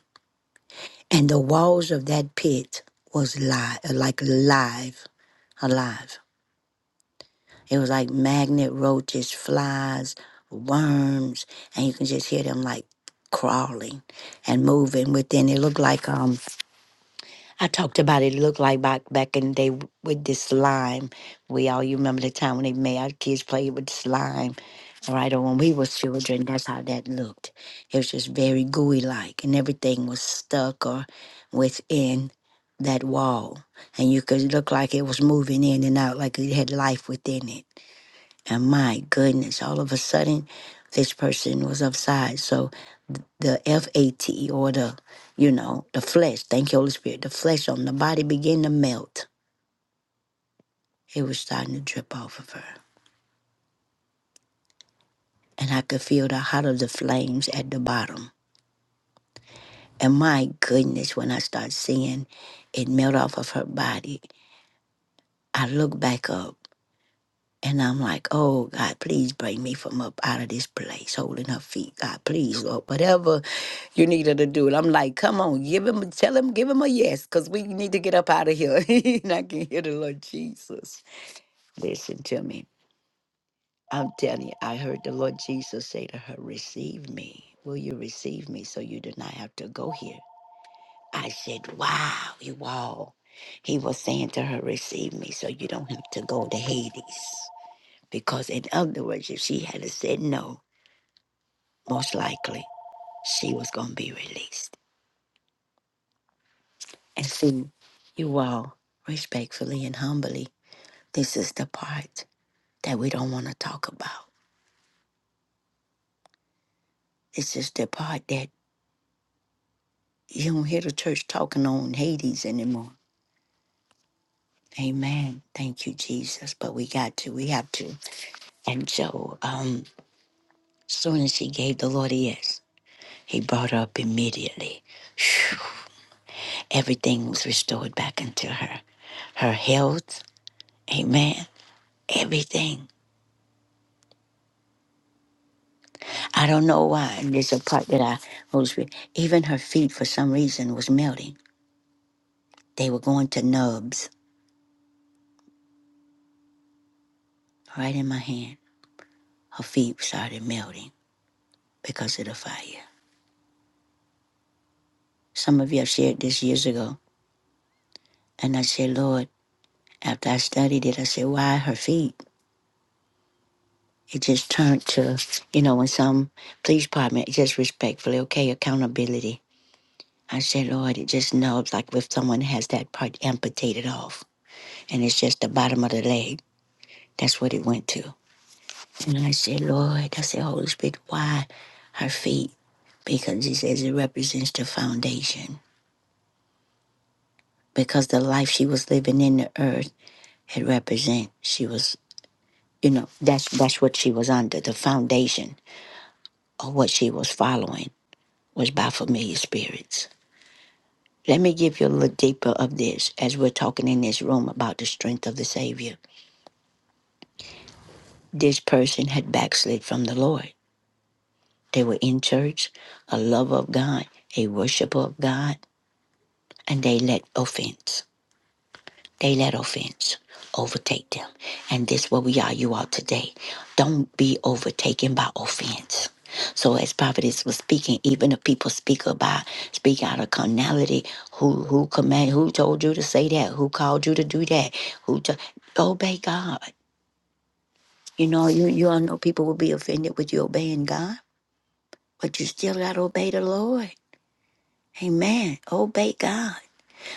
A: And the walls of that pit was live, like live, alive. It was like magnet roaches, flies, worms, and you can just hear them like crawling and moving within. It looked like um. I talked about it looked like back back in the day with this slime. We all you remember the time when they made our kids play with slime, right? Or when we was children, that's how that looked. It was just very gooey like, and everything was stuck or within that wall, and you could look like it was moving in and out, like it had life within it. And my goodness, all of a sudden, this person was upside. So the FAT or the, you know, the flesh. Thank you, Holy Spirit. The flesh on the body began to melt. It was starting to drip off of her. And I could feel the hot of the flames at the bottom. And my goodness, when I start seeing it melt off of her body, I look back up And I'm like, oh God, please bring me from up out of this place, holding her feet. God, please, Lord, whatever you need her to do. And I'm like, come on, give him, tell him, give him a yes, because we need to get up out of here. and I can hear the Lord Jesus. Listen to me. I'm telling you, I heard the Lord Jesus say to her, receive me. Will you receive me so you do not have to go here? I said, wow, you all. He was saying to her, receive me so you don't have to go to Hades. Because, in other words, if she had said no, most likely she was going to be released. And see, you all, respectfully and humbly, this is the part that we don't want to talk about. This is the part that you don't hear the church talking on Hades anymore. Amen. Thank you, Jesus. But we got to. We have to. And so, um, soon as she gave the Lord a yes, he brought her up immediately. Phew. everything was restored back into her. Her health, amen. Everything. I don't know why. And there's a part that I was, even her feet for some reason was melting. They were going to nubs right in my hand. Her feet started melting because of the fire. Some of you have shared this years ago. And I said, Lord, after I studied it, I said, why her feet? It just turned to, you know, when some police department, just respectfully, okay, accountability I said, Lord, it just knobs like if someone has that part amputated off and it's just the bottom of the leg. That's what it went to. And I said, Lord, I said, Holy Spirit, why her feet? Because he says it represents the foundation. Because the life she was living in the earth, it represents she was, you know, that's that's what she was under. The foundation of what she was following was by familiar spirits. Let me give you a little deeper of this as we're talking in this room about the strength of the Savior. This person had backslid from the Lord. They were in church, a lover of God, a worshiper of God, and they let offense. They let offense overtake them. And this where we are, you are today. Don't be overtaken by offense. So as prophetess was speaking, even if people speak about speak out of carnality, who who command who told you to say that? Who called you to do that? Who to obey God? You know, you you all know people will be offended with you obeying God But you still got to obey the Lord. Amen. Obey God.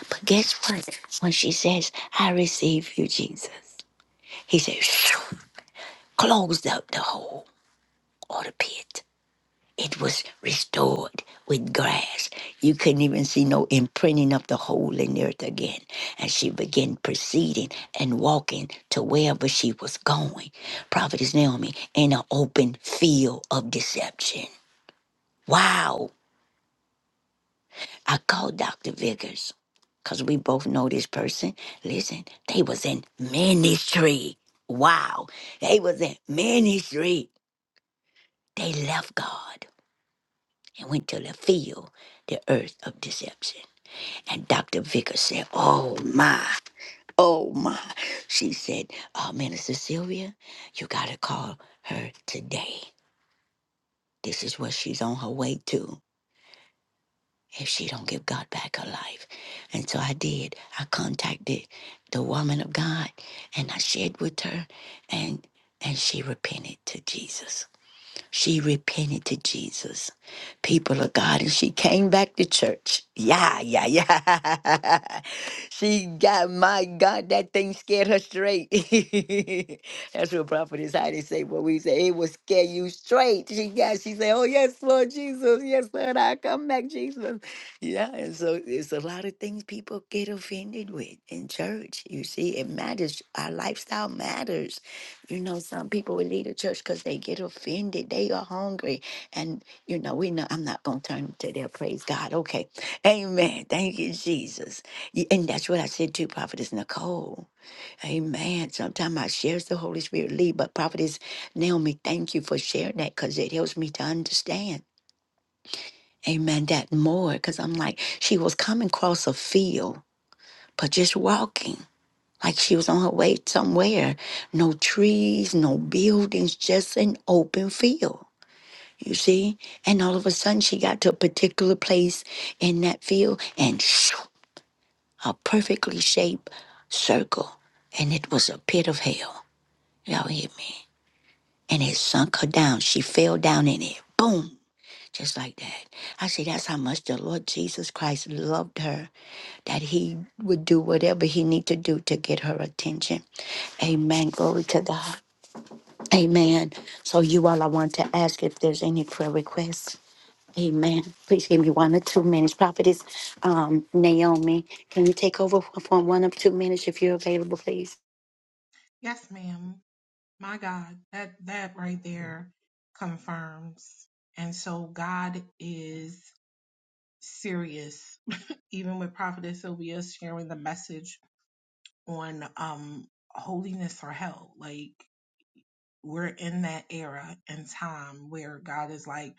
A: But guess what? When she says, I receive you, Jesus, he says, "Phew," closed up the hole or the pit. It was restored with grass. You couldn't even see no imprinting of the hole in the earth again. And she began proceeding and walking to wherever she was going. Prophetess Naomi in an open field of deception. Wow. I called Dr. Vickers because we both know this person. Listen, they was in ministry. Wow. They was in ministry. They left God and went to the field, the earth of deception. And Dr. Vickers said, Oh my, oh my. She said, uh, Minister Sylvia, you got to call her today. This is what she's on her way to. if she don't give God back her life. And so I did. I contacted the woman of God and I shared with her and and she repented to Jesus. She repented to Jesus, people of God, and she came back to church. Yeah, yeah, yeah. she got, my God, that thing scared her straight. That's what prophet is how they say what we say. It will scare you straight. She got, she said, Oh, yes, Lord Jesus. Yes, Lord, I come back, Jesus. Yeah, and so it's a lot of things people get offended with in church. You see, it matters. Our lifestyle matters. You know, some people will leave the church because they get offended. They are hungry. And, you know, we know I'm not going to turn to their praise God. Okay. Amen. Thank you, Jesus. Y- And that's what I said to Prophetess Nicole. Amen. Sometimes I share the Holy Spirit lead, but Prophetess Naomi, thank you for sharing that because it helps me to understand. Amen. That more because I'm like, she was coming across a field, but just walking like she was on her way somewhere. No trees, no buildings, just an open field. You see? And all of a sudden she got to a particular place in that field and shoo, a perfectly shaped circle. And it was a pit of hell. Y'all hear me? And it sunk her down. She fell down in it. Boom. Just like that. I say that's how much the Lord Jesus Christ loved her, that he would do whatever he need to do to get her attention. Amen. Glory to God. Amen. So you all, I want to ask if there's any prayer requests. Amen. Please give me one or two minutes. Prophetess um, Naomi, can you take over for for one or two minutes if you're available, please?
C: Yes, ma'am. My God, that that right there confirms. And so God is serious, even with Prophetess Sylvia sharing the message on um holiness or hell. Like we're in that era and time where God is like,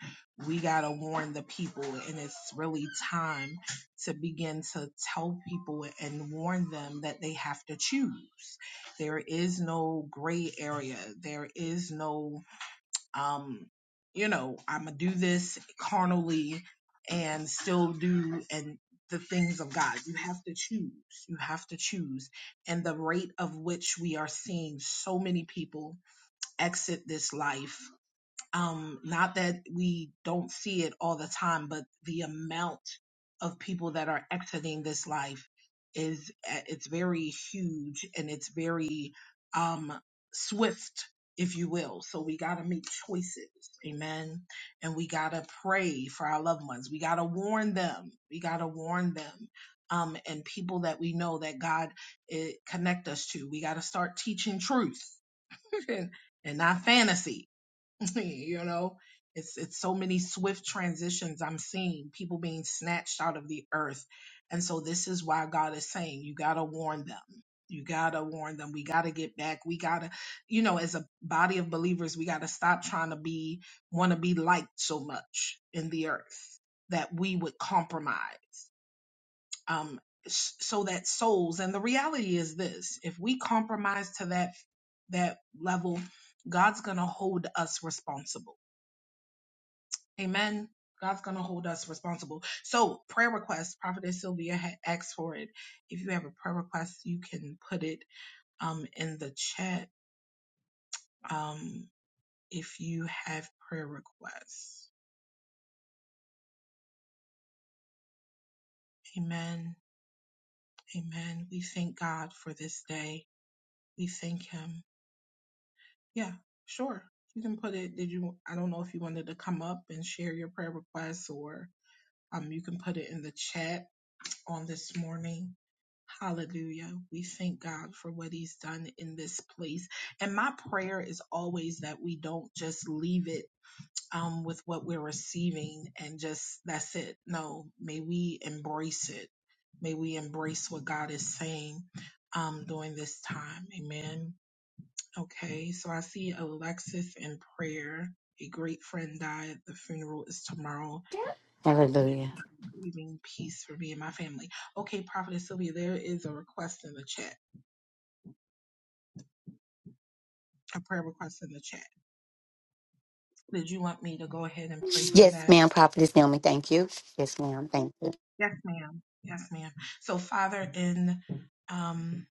C: we got to warn the people. And it's really time to begin to tell people and warn them that they have to choose. There is no gray area. There is no, um, you know, I'm going to do this carnally and still do and the things of God. You have to choose. You have to choose. And the rate of which we are seeing so many people exit this life. Um, not that we don't see it all the time, but the amount of people that are exiting this life is uh, it's very huge and it's very um, swift, if you will. So we got to make choices, amen. And we got to pray for our loved ones. We got to warn them. We got to warn them. Um, and people that we know that God eh, connect us to. We got to start teaching truth and and not fantasy. you know, it's it's so many swift transitions I'm seeing people being snatched out of the earth, and so this is why God is saying you gotta warn them. You gotta warn them. We gotta get back. We gotta, you know, as a body of believers, we gotta stop trying to be want to be liked so much in the earth that we would compromise um, s- so that souls and the reality is this if we compromise to that that level god's gonna hold us responsible amen god's gonna hold us responsible so prayer request prophetess sylvia had asked for it if you have a prayer request you can put it um, in the chat um, if you have prayer requests amen amen we thank god for this day we thank him Yeah, sure. You can put it. Did you? I don't know if you wanted to come up and share your prayer requests, or um, you can put it in the chat on this morning. Hallelujah. We thank God for what He's done in this place. And my prayer is always that we don't just leave it um, with what we're receiving and just that's it. No, may we embrace it. May we embrace what God is saying um, during this time. Amen. Okay, so I see Alexis in prayer. A great friend died. The funeral is tomorrow.
A: Hallelujah.
C: Grieving peace for me and my family. Okay, Prophetess Sylvia, there is a request in the chat, a prayer request in the chat. Did you want me to go ahead and pray for
A: Yes,
C: that?
A: ma'am. Prophetess Naomi, thank you. Yes, ma'am. Thank you.
C: Yes, ma'am. Yes, ma'am. So, Father, in um,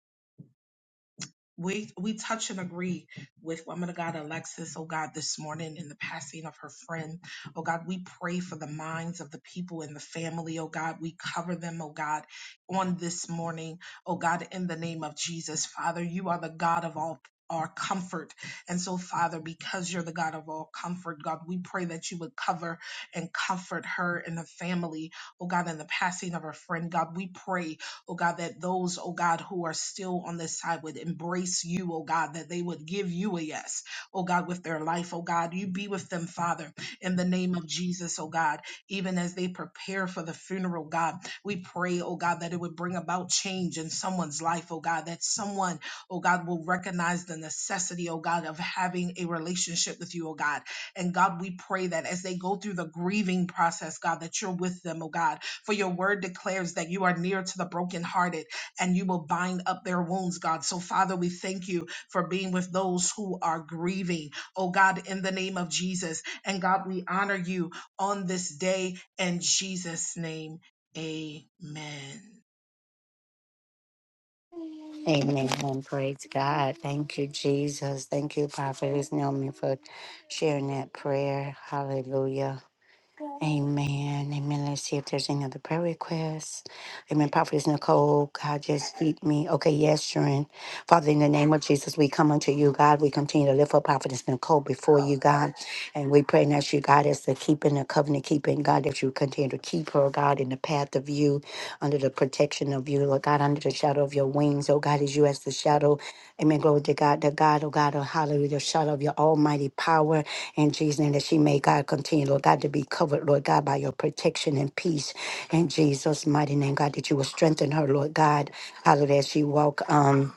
C: We we touch and agree with woman of God Alexis, oh God, this morning in the passing of her friend. Oh God, we pray for the minds of the people in the family, oh God. We cover them, oh God, on this morning, oh God, in the name of Jesus. Father, you are the God of all our comfort. And so, Father, because you're the God of all comfort, God, we pray that you would cover and comfort her and the family, oh God, in the passing of her friend. God, we pray oh God, that those, oh God, who are still on this side would embrace you, oh God, that they would give you a yes, oh God, with their life, oh God. You be with them, Father, in the name of Jesus, oh God, even as they prepare for the funeral, God. We pray, oh God, that it would bring about change in someone's life, oh God, that someone, oh God, will recognize the necessity, oh God, of having a relationship with you, oh God. And God, we pray that as they go through the grieving process, God, that you're with them, oh God for your word declares that you are near to the brokenhearted and you will bind up their wounds, God. So, Father, we thank you for being with those who are grieving, oh God, in the name of Jesus. And God, we honor you on this day in Jesus' name. Amen. Yes,
A: Amen. Praise God. Thank you, Jesus. Thank you, Prophetess Naomi, for sharing that prayer. Hallelujah. Amen. Amen. Let's see if there's any other prayer requests. Amen. Prophetess Nicole, God just keep me. Okay, yes, Sharon. Father, in the name of Jesus, we come unto you, God. We continue to lift up Prophetess Nicole before you, God. And we pray that you, God, as the keeping, the covenant keeping, God, that you continue to keep her, God, in the path of you, under the protection of you, Lord God, under the shadow of your wings. Oh, God, as you as the shadow. Amen. Glory to God, the God, oh God, oh hallelujah, the shadow of your almighty power in Jesus' name that she may, God, continue, Lord God, to be covered, Lord God, by your protection and peace in Jesus' mighty name, God, that you will strengthen her, Lord God, hallelujah, as she walk, um,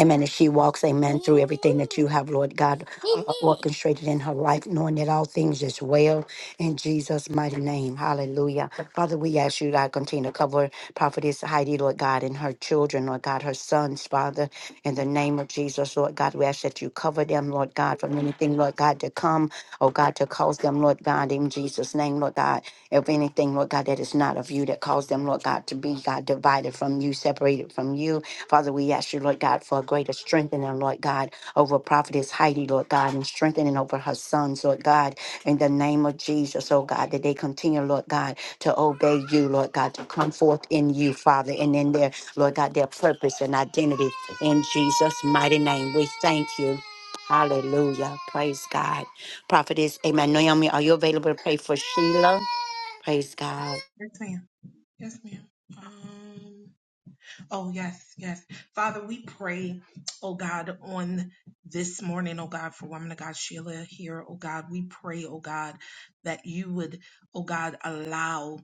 A: Amen. As she walks, amen, through everything that you have, Lord God, uh, orchestrated in her life, knowing that all things is well in Jesus' mighty name. Hallelujah. Father, we ask you, God, continue to cover Prophetess Heidi, Lord God, and her children, Lord God, her sons, Father, in the name of Jesus, Lord God. We ask that you cover them, Lord God, from anything, Lord God, to come, oh God, to cause them, Lord God, in Jesus' name, Lord God. If anything, Lord God, that is not of you that caused them, Lord God, to be, God, divided from you, separated from you. Father, we ask you, Lord God, for a greater strengthening, Lord God, over Prophetess Heidi, Lord God, and strengthening over her sons, Lord God, in the name of Jesus, oh God, that they continue, Lord God, to obey you, Lord God, to come forth in you, Father, and in their, Lord God, their purpose and identity. In Jesus' mighty name, we thank you. Hallelujah. Praise God. Prophetess, amen. Naomi, are you available to pray for Sheila? Praise God.
C: ma'am. Yes, ma'am. Um. Oh, yes, yes. Father, we pray, oh God, on this morning, oh God, for woman of God, Sheila here, oh God. We pray, oh God, that you would, oh God, allow,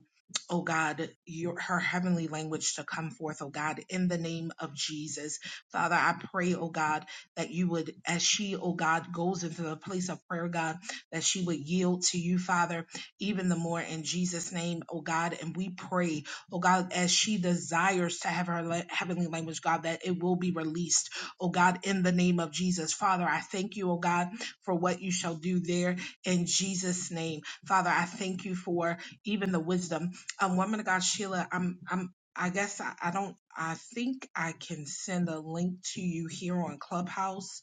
C: oh God, your her heavenly language to come forth, oh God, in the name of Jesus. Father, I pray, oh God, that you would, as she, oh God, goes into the place of prayer, God, that she would yield to you, Father, even the more in Jesus' name, oh God. And we pray, Oh God, as she desires to have her la- heavenly language, God, that it will be released. Oh God, in the name of Jesus. Father, I thank you, oh God, for what you shall do there in Jesus' name. Father, I thank you for even the wisdom. Um, woman of God, Sheila, I'm I'm I guess I, I don't I think I can send a link to you here on Clubhouse.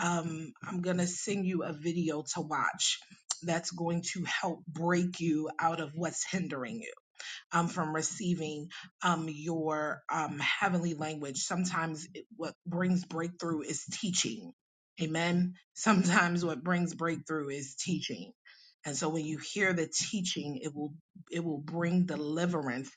C: Um, I'm gonna send you a video to watch that's going to help break you out of what's hindering you um, from receiving um, your um, heavenly language. Sometimes it, what brings breakthrough is teaching. Amen. Sometimes what brings breakthrough is teaching. And so when you hear the teaching, it will it will bring deliverance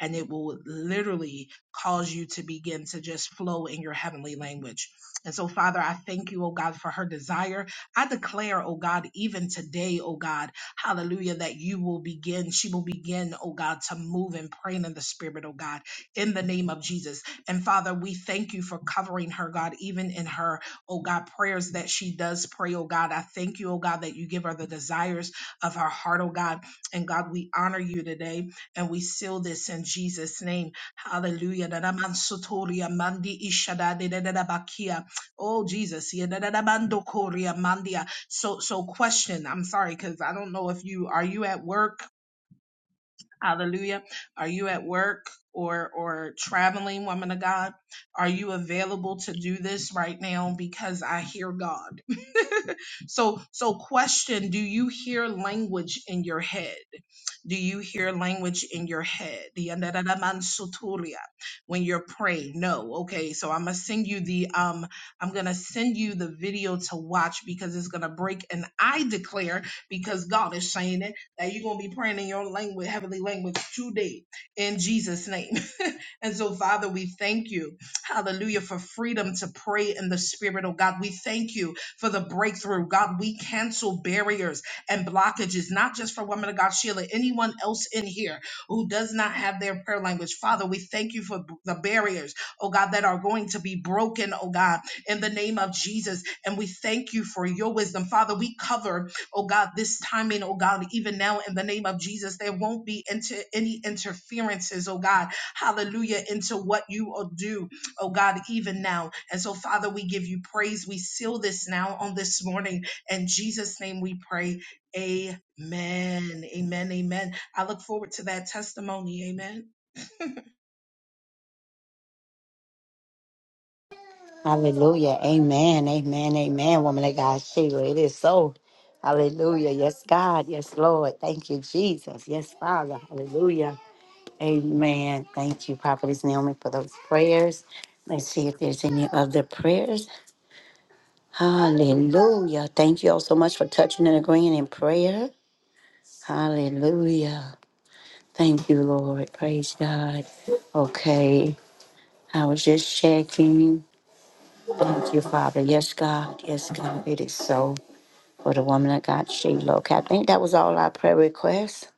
C: and it will literally cause you to begin to just flow in your heavenly language. And so Father, I thank you, oh God, for her desire. I declare, oh God, even today, oh God, Hallelujah. That you will begin, she will begin, oh God, to move and pray in the spirit, oh God, in the name of Jesus. And Father, we thank you for covering her, God, even in her, oh God, prayers that she does pray, oh God. I thank you, oh God, that you give her the desires of her heart, oh God. And God, we honor you today and we seal this in Jesus' name. Hallelujah. Dadamansotoria mandi ishadadidadabakia. Oh Jesus. Yadadabandokoria mandia. So so question, I'm sorry cuz I don't know if you are you at work Hallelujah. Are you at work or or traveling, woman of God? Are you available to do this right now because I hear God? so so question, do you hear language in your head? Do you hear language in your head? Yandadadamansutulia. When you're praying. No. Okay, so I'm going to send you the um I'm going to send you the video to watch because it's going to break and I declare because God is saying it that you're gonna be praying in your language, heavenly language today in Jesus' name. and so, Father, we thank you, hallelujah, for freedom to pray in the spirit, oh God. We thank you for the breakthrough. God, we cancel barriers and blockages, not just for women of God, Sheila, anyone else in here who does not have their prayer language. Father, we thank you for b- the barriers, oh God, that are going to be broken, oh God, in the name of Jesus. And we thank you for your wisdom. Father, we cover oh God, this timing, oh God, even now in the name of Jesus, there won't be into any interferences, oh God, hallelujah, into what you will do, oh God, even now. And so, Father, we give you praise. We seal this now on this morning. In Jesus' name we pray. Amen. Amen. Amen. I look forward to that testimony. Amen.
A: Hallelujah. Amen. Amen. Amen. Woman of God, Sheila, it is so. Hallelujah. Yes, God. Yes, Lord. Thank you, Jesus. Yes, Father. Hallelujah. Amen. Thank you, Prophetess Naomi, for those prayers. Let's see if there's any other prayers. Hallelujah. Thank you all so much for touching and agreeing in prayer. Hallelujah. Thank you, Lord. Praise God. Okay. I was just checking. Thank you, Father. Yes, God. Yes, God. It is so. for the woman of God, Sheila. Okay, I think that was all our prayer requests.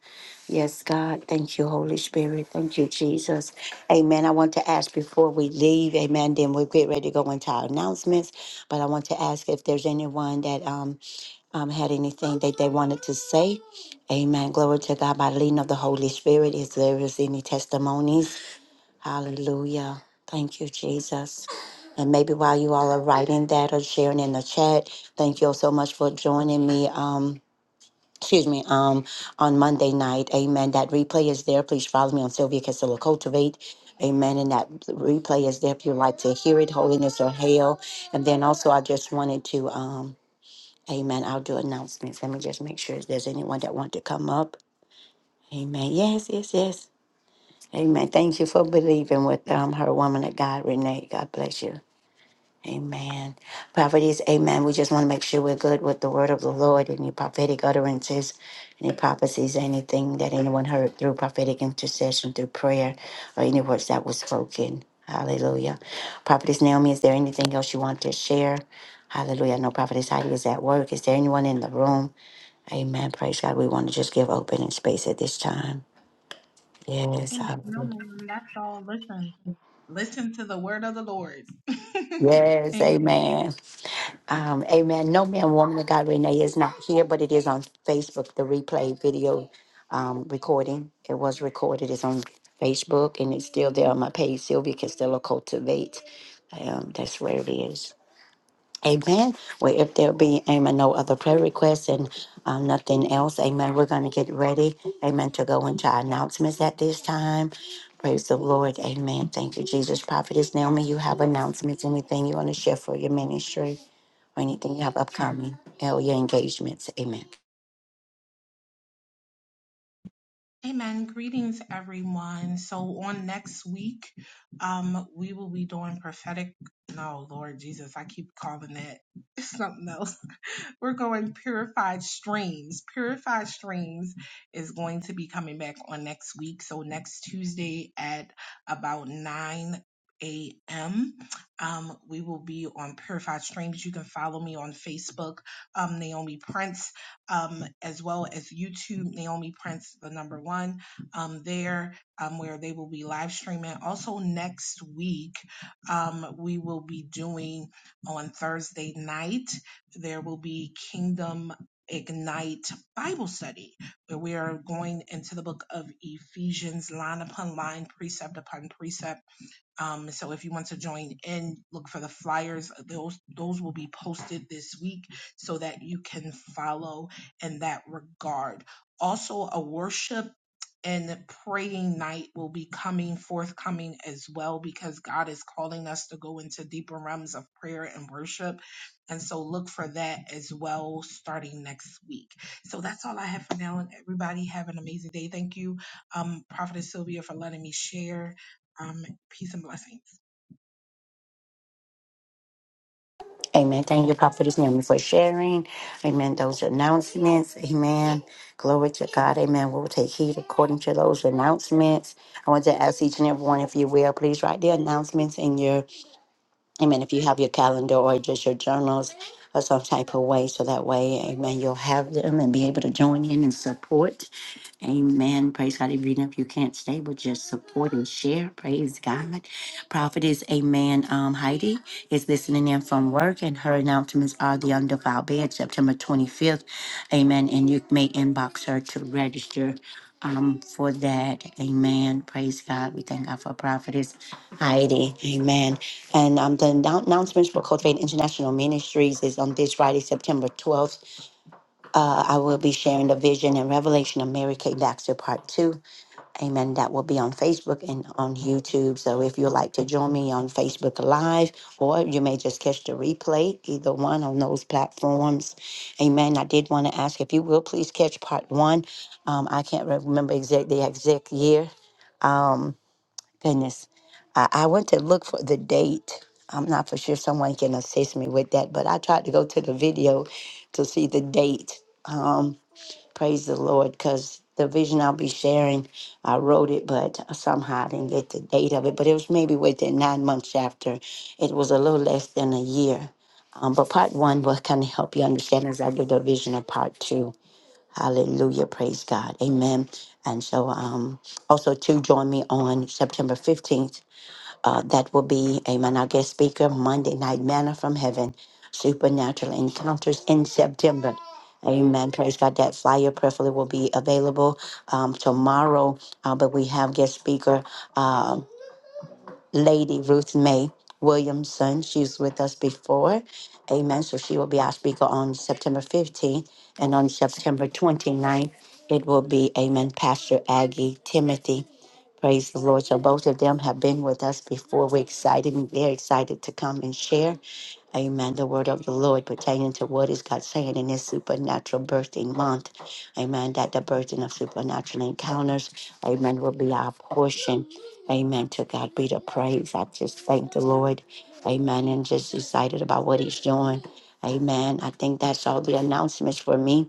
A: Yes, God. Thank you, Holy Spirit. Thank you, Jesus. Amen. I want to ask before we leave, amen, then we'll get ready to go into our announcements. But I want to ask if there's anyone that um, um had anything that they wanted to say. Amen. Glory to God by the leading of the Holy Spirit. If there is any testimonies Hallelujah. Thank you, Jesus. And maybe while you all are writing that or sharing in the chat, thank you all so much for joining me. Um, excuse me, um, on Monday night. Amen. That replay is there. Please follow me on Sylvia Castillo Cultivate. Amen. And that replay is there if you'd like to hear it, holiness or hell. And then also I just wanted to um Amen. I'll do announcements. Let me just make sure if there's anyone that want to come up. Amen. Yes, yes, yes. Amen. Thank you for believing with um, her woman of God, Renee. God bless you. Amen. Prophecies, amen. We just want to make sure we're good with the word of the Lord, any prophetic utterances, any prophecies, anything that anyone heard through prophetic intercession, through prayer, or any words that was spoken. Hallelujah. Prophetess Naomi, is there anything else you want to share? Hallelujah. I know Prophetess Heidi is at work. Is there anyone in the room? Amen. Praise God. We want to just give opening space at this time. Yes.
C: Amen. No,
A: Hallelujah.
C: ma'am. That's all. Listen. Listen to the word of the Lord.
A: Yes,
C: Amen.
A: amen. Um, amen. No man, woman of God, Renee is not here, but it is on Facebook, the replay video um, recording. It was recorded. It's on Facebook, and it's still there on my page. Sylvia Costello Cultivate. Um, that's where it is. Amen. Well, if there be, amen, no other prayer requests and um, nothing else, amen, we're going to get ready, amen, to go into our announcements at this time. Praise the Lord. Amen. Thank you, Jesus. Prophetess Naomi, you have announcements, anything you want to share for your ministry or anything you have upcoming or your engagements. Amen.
C: Amen. Greetings, everyone. So on next week, um, we will be doing prophetic. No, Lord Jesus, I keep calling it something else. We're going purified streams. Purified streams is going to be coming back on next week. So next Tuesday at about nine. A.M. Um, we will be on Purified Streams. You can follow me on Facebook, um, Naomi Prince um, as well as YouTube, Naomi Prince, the number one, um, there, um, where they will be live streaming. Also, next week, um, we will be doing on Thursday night, there will be Kingdom Ignite Bible study, where we are going into the book of Ephesians, line upon line, precept upon precept um, so if you want to join in, look for the flyers. Those those will be posted this week so that you can follow in that regard. Also, a worship and praying night will be coming forthcoming as well because God is calling us to go into deeper realms of prayer and worship. And so look for that as well starting next week. So that's all I have for now. And everybody have an amazing day. Thank you, um, Prophetess Sylvia, for letting me share. Um, peace and blessings.
A: Amen. Thank you, Prophetess Naomi, for sharing. Amen. Those announcements. Amen. Glory to God. Amen. We'll take heed according to those announcements. I want to ask each and every one, if you will, please write the announcements in your Amen. If you have your calendar or just your journals or some type of way, so that way, amen, you'll have them and be able to join in and support. Amen. Praise God. Even if you can't stay, but just support and share. Praise God. Prophet is amen. Um, Heidi is listening in from work, and her announcements are the undefiled bed, September 25th. Amen. And you may inbox her to register um for that. Amen. Praise God. We thank God for prophetess. Heidi, amen. And um, the annou- announcements for Cultivate International Ministries is on this Friday, September 12th. Uh, I will be sharing the vision and revelation of Mary Kay Baxter Part 2. Amen. That will be on Facebook and on YouTube. So if you'd like to join me on Facebook Live, or you may just catch the replay, either one on those platforms. Amen. I did want to ask if you will please catch Part 1. Um, I can't remember exact the exact year. Um, Goodness. I, I went to look for the date. I'm not for sure someone can assist me with that, but I tried to go to the video to see the date. Um, praise the Lord, because the vision I'll be sharing, I wrote it, but somehow I didn't get the date of it. But it was maybe within nine months after. It was a little less than a year. Um, but part one will kind of help you understand as I give the vision of part two. Hallelujah. Praise God. Amen. And so um also to join me on September 15th. Uh, that will be, amen, our guest speaker, Monday Night Manna from Heaven, Supernatural Encounters in September. Amen. Praise God. That flyer prayerfully will be available um, tomorrow. Uh, but we have guest speaker. um, Lady Ruth Mae Williamson. She's with us before. Amen. So she will be our speaker on September 15th. And on September 29th, it will be, Amen, Pastor Aggie Timothy. Praise the Lord. So both of them have been with us before. We're excited and they're excited to come and share. Amen. The word of the Lord pertaining to what is God saying in this supernatural birthing month. Amen. That the birthing of supernatural encounters, amen, will be our portion. Amen. To God be the praise. I just thank the Lord. Amen. And just excited about what He's doing. Amen. I think that's all the announcements for me.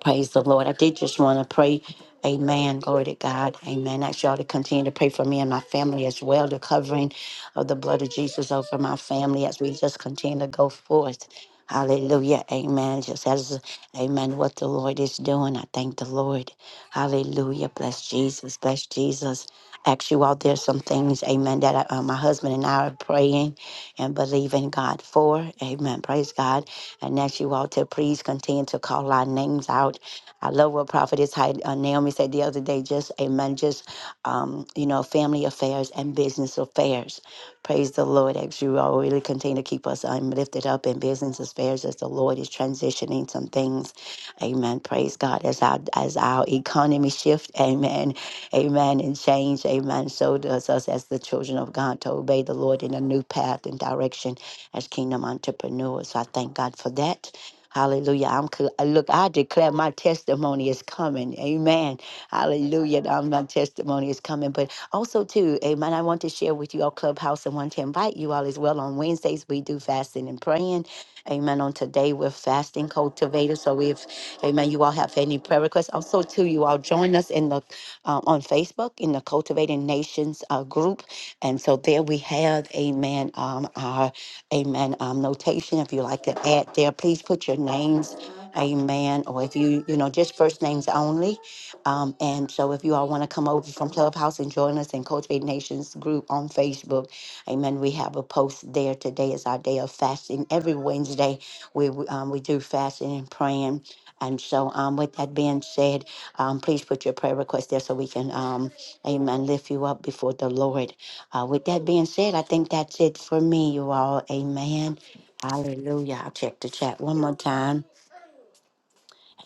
A: Praise the Lord. I did just want to pray. Amen. Glory to God. Amen. Ask y'all to continue to pray for me and my family as well. The covering of the blood of Jesus over my family as we just continue to go forth. Hallelujah. Amen. Just as, amen, what the Lord is doing. I thank the Lord. Hallelujah. Bless Jesus. Bless Jesus. Ask you all, there's some things, amen, that I, uh, my husband and I are praying and believing God for. Amen. Praise God and ask you all to please continue to call our names out. I love what Prophetess Hy- uh, Naomi said the other day, just amen, just, um, you know, family affairs and business affairs. Praise the Lord as you all really continue to keep us um, lifted up in business affairs as the Lord is transitioning some things. Amen. Praise God. As our, as our economy shift, amen, amen, and change, amen, so does us as the children of God to obey the Lord in a new path and direction as kingdom entrepreneurs. So I thank God for that. Hallelujah. I'm cl- uh, look, I declare my testimony is coming. Amen. Hallelujah. Um, My testimony is coming. But also too, amen. I want to share with you all Clubhouse and want to invite you all as well. On Wednesdays, we do fasting and praying. Amen. On today, we're fasting cultivators. So if amen, you all have any prayer requests. Also, too, you all join us in the uh, on Facebook in the Cultivating Nations uh, group. And so there we have, amen, um, our amen, um, notation. If you like to add there, please put your names, amen, or if you, you know, just first names only. Um, and so if you all want to come over from Clubhouse and join us in Cultivate Nations group on Facebook, amen, we have a post there. Today is our day of fasting. Every Wednesday, we, we, um, we do fasting and praying. And so, um, with that being said, um, please put your prayer request there so we can, um, amen, lift you up before the Lord. Uh, with that being said, I think that's it for me, you all. Amen. Hallelujah. I'll check the chat one more time.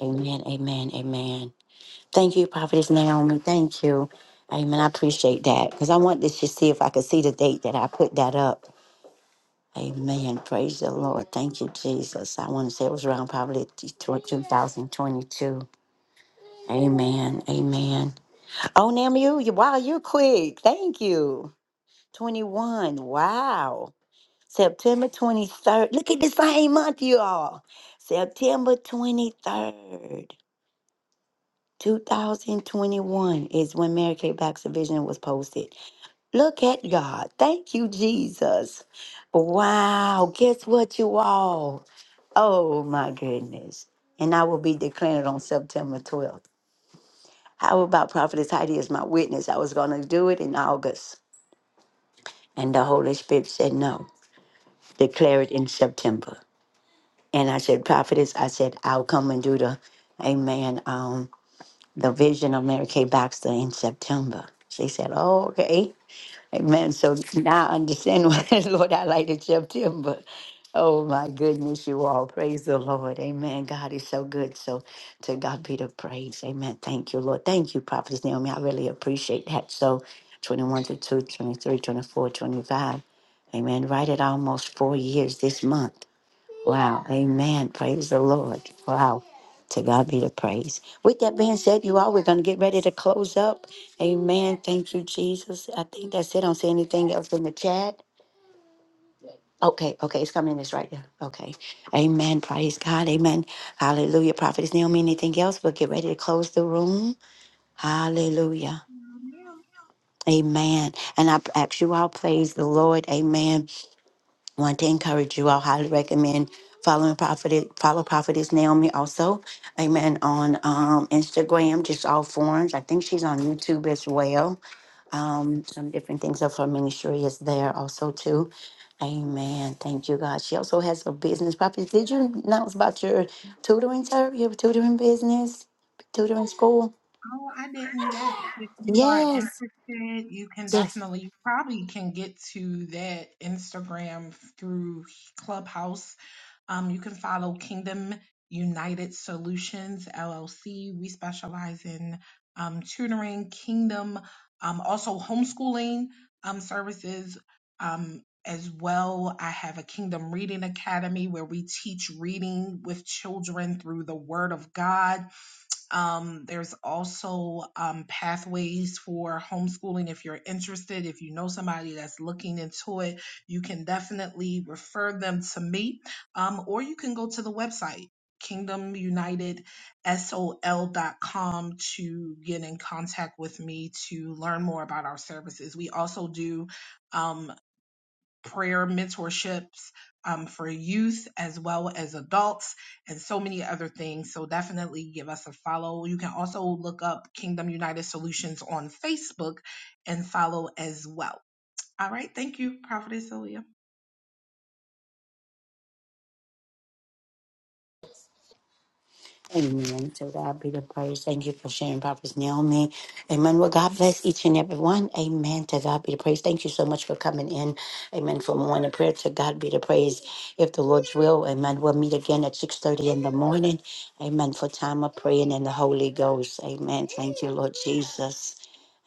A: Amen, amen, amen. Thank you, Prophetess Naomi. Thank you. Amen. I appreciate that because I wanted to see if I could see the date that I put that up. Amen. Praise the Lord. Thank you, Jesus. I want to say it was around probably t- 2022. Amen. Amen. Oh, Naomi, you, you, wow, you're quick. Thank you. 21. Wow. September 23rd. Look at the same month, you all. September 23rd, 2021 is when Mary Kay Baxter Vision was posted. Look at God. Thank you, Jesus. Wow. Guess what, you all? Oh, my goodness. And I will be declared on September 12th. How about Prophetess Heidi is my witness? I was going to do it in August. And the Holy Spirit said, no, declare it in September. And I said, Prophetess, I said, I'll come and do the, amen, um, the vision of Mary Kay Baxter in September. She said, oh, okay. Amen. So now I understand why the Lord highlighted September. Oh, my goodness, you all. Praise the Lord. Amen. God is so good. So to God be the praise. Amen. Thank you, Lord. Thank you, Prophetess Naomi. I really appreciate that. So 21 to 2, twenty-three, twenty-four, twenty-five. Amen. Right at almost four years this month. Wow. Amen. Praise the Lord. Wow. To God be the praise. With that being said, you all, we're going to get ready to close up. Amen. Thank you, Jesus. I think that's it. I don't see anything else in the chat. Okay, okay, it's coming in this right there. Okay. Amen. Praise God. Amen. Hallelujah. Prophetess Naomi, anything else? We'll get ready to close the room. Hallelujah.
C: Ma'am,
A: Amen. And I ask you all, praise the Lord. Amen want to encourage you. I'll highly recommend following Prophet, follow Prophetess Naomi also. Amen. On um, Instagram, just all forms. I think she's on YouTube as well. Um, some different things of her ministry is there also too. Amen. Thank you, God. She also has a business. Prophet, did you announce about your tutoring, sir? Your tutoring business, tutoring school?
C: Oh, I didn't. Yes, if you are
A: Yes.
C: interested, you can
A: Yes.
C: definitely you probably can get to that Instagram through Clubhouse Um, you can follow Kingdom United Solutions LLC. We specialize in um, tutoring, kingdom, um, also homeschooling um, services. Um, as well, I have a Kingdom Reading Academy where we teach reading with children through the Word of God um, there's also um, pathways for homeschooling if you're interested. If you know somebody that's looking into it, you can definitely refer them to me, um, or you can go to the website kingdomunitedsol.com to get in contact with me to learn more about our services. We also do um, prayer mentorships um, for youth as well as adults and so many other things. So definitely give us a follow. You can also look up Kingdom United Solutions on Facebook and follow as well. All right. Thank you, Prophetess Ilya.
A: Amen. To God be the praise. Thank you for sharing, Prophet Naomi. Amen. Well, God bless each and every one. Amen. To God be the praise. Thank you so much for coming in. Amen. For morning prayer. To God be the praise. If the Lord's will, Amen. We'll meet again at 6.30 in the morning. Amen. For time of praying in the Holy Ghost. Amen. Thank you, Lord Jesus.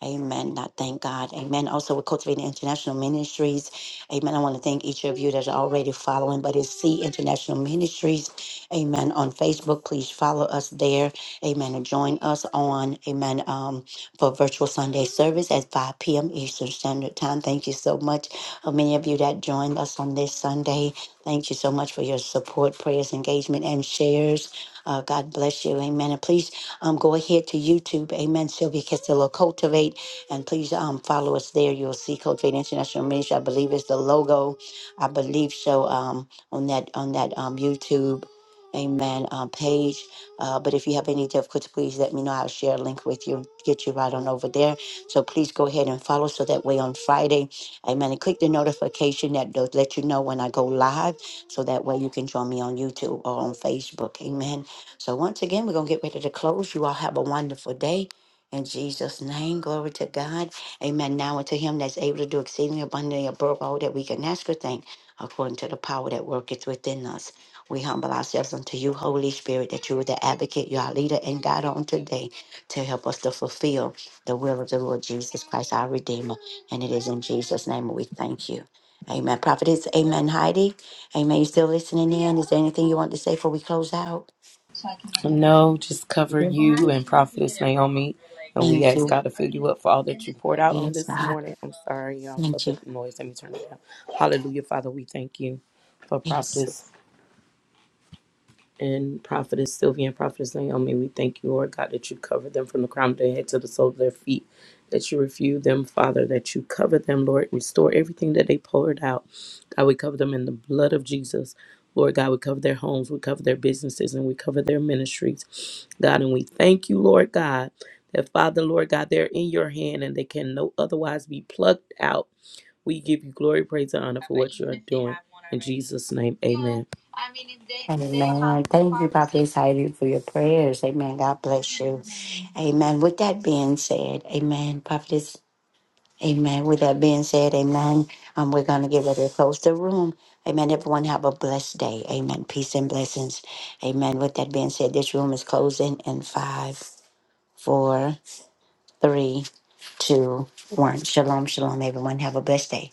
A: Amen. I thank God. Amen. Also, we're cultivating international ministries. Amen. I want to thank each of you that are already following, but it's C International Ministries. Amen. On Facebook, please follow us there. Amen. And join us on, amen, um, for virtual Sunday service at 5 p.m. Eastern Standard Time. Thank you so much. Uh, many of you that joined us on this Sunday, thank you so much for your support, prayers, engagement, and shares. Uh, God bless you. Amen. And please um, go ahead to YouTube. Amen. Sylvia Castillo Cultivate. And please um, follow us there. You'll see Cultivate International Ministry. I believe it's the logo. I believe so um, on that on that um, YouTube. Amen. Um, page. Uh, but if you have any difficulty, please let me know. I'll share a link with you, get you right on over there. So please go ahead and follow. So that way on Friday, amen. And click the notification that does let you know when I go live. So that way you can join me on YouTube or on Facebook. Amen. So once again, we're going to get ready to close. You all have a wonderful day. In Jesus' name, glory to God. Amen. Now unto him that's able to do exceedingly abundantly above all that we can ask or think, according to the power that worketh within us. We humble ourselves unto you, Holy Spirit, that you are the advocate, you are our leader and guide on today to help us to fulfill the will of the Lord Jesus Christ, our Redeemer. And it is in Jesus' name we thank you. Amen. Prophetess, amen. Heidi, amen. You still listening in? Is there anything you want to say before we close out?
B: No, just cover
A: Mhm.
B: you and Prophetess Naomi. And we
A: Thank
B: ask
A: you.
B: God to fill you up for all that you poured out on
A: Yes,
B: this
A: God.
B: morning. I'm sorry, y'all, for
A: Thank
B: the
A: you.
B: noise. Let me turn it down. Hallelujah, Father. We thank you for
A: Yes.
B: Prophetess and Prophetess Sylvia and Prophetess Naomi, we thank you, Lord God, that you cover them from the crown of their head to the sole of their feet, that you refuse them, Father, that you cover them, Lord, restore everything that they poured out. God, we cover them in the blood of Jesus. Lord God, we cover their homes, we cover their businesses, and we cover their ministries. God, and we thank you, Lord God, that Father, Lord God, they're in your hand and they can no otherwise be plucked out. We give you glory, praise, and honor for what you are doing. In Jesus' name, amen.
A: Amen. Thank you, Prophetess Heidi, for your prayers. Amen. God bless you. Amen. With that being said, amen. Prophetess Amen. With that being said, amen. Um, we're going to get ready to close the room. Amen. Everyone have a blessed day. Amen. Peace and blessings. Amen. With that being said, this room is closing in five, four, three, two, one. Shalom, shalom, everyone. Have a blessed day.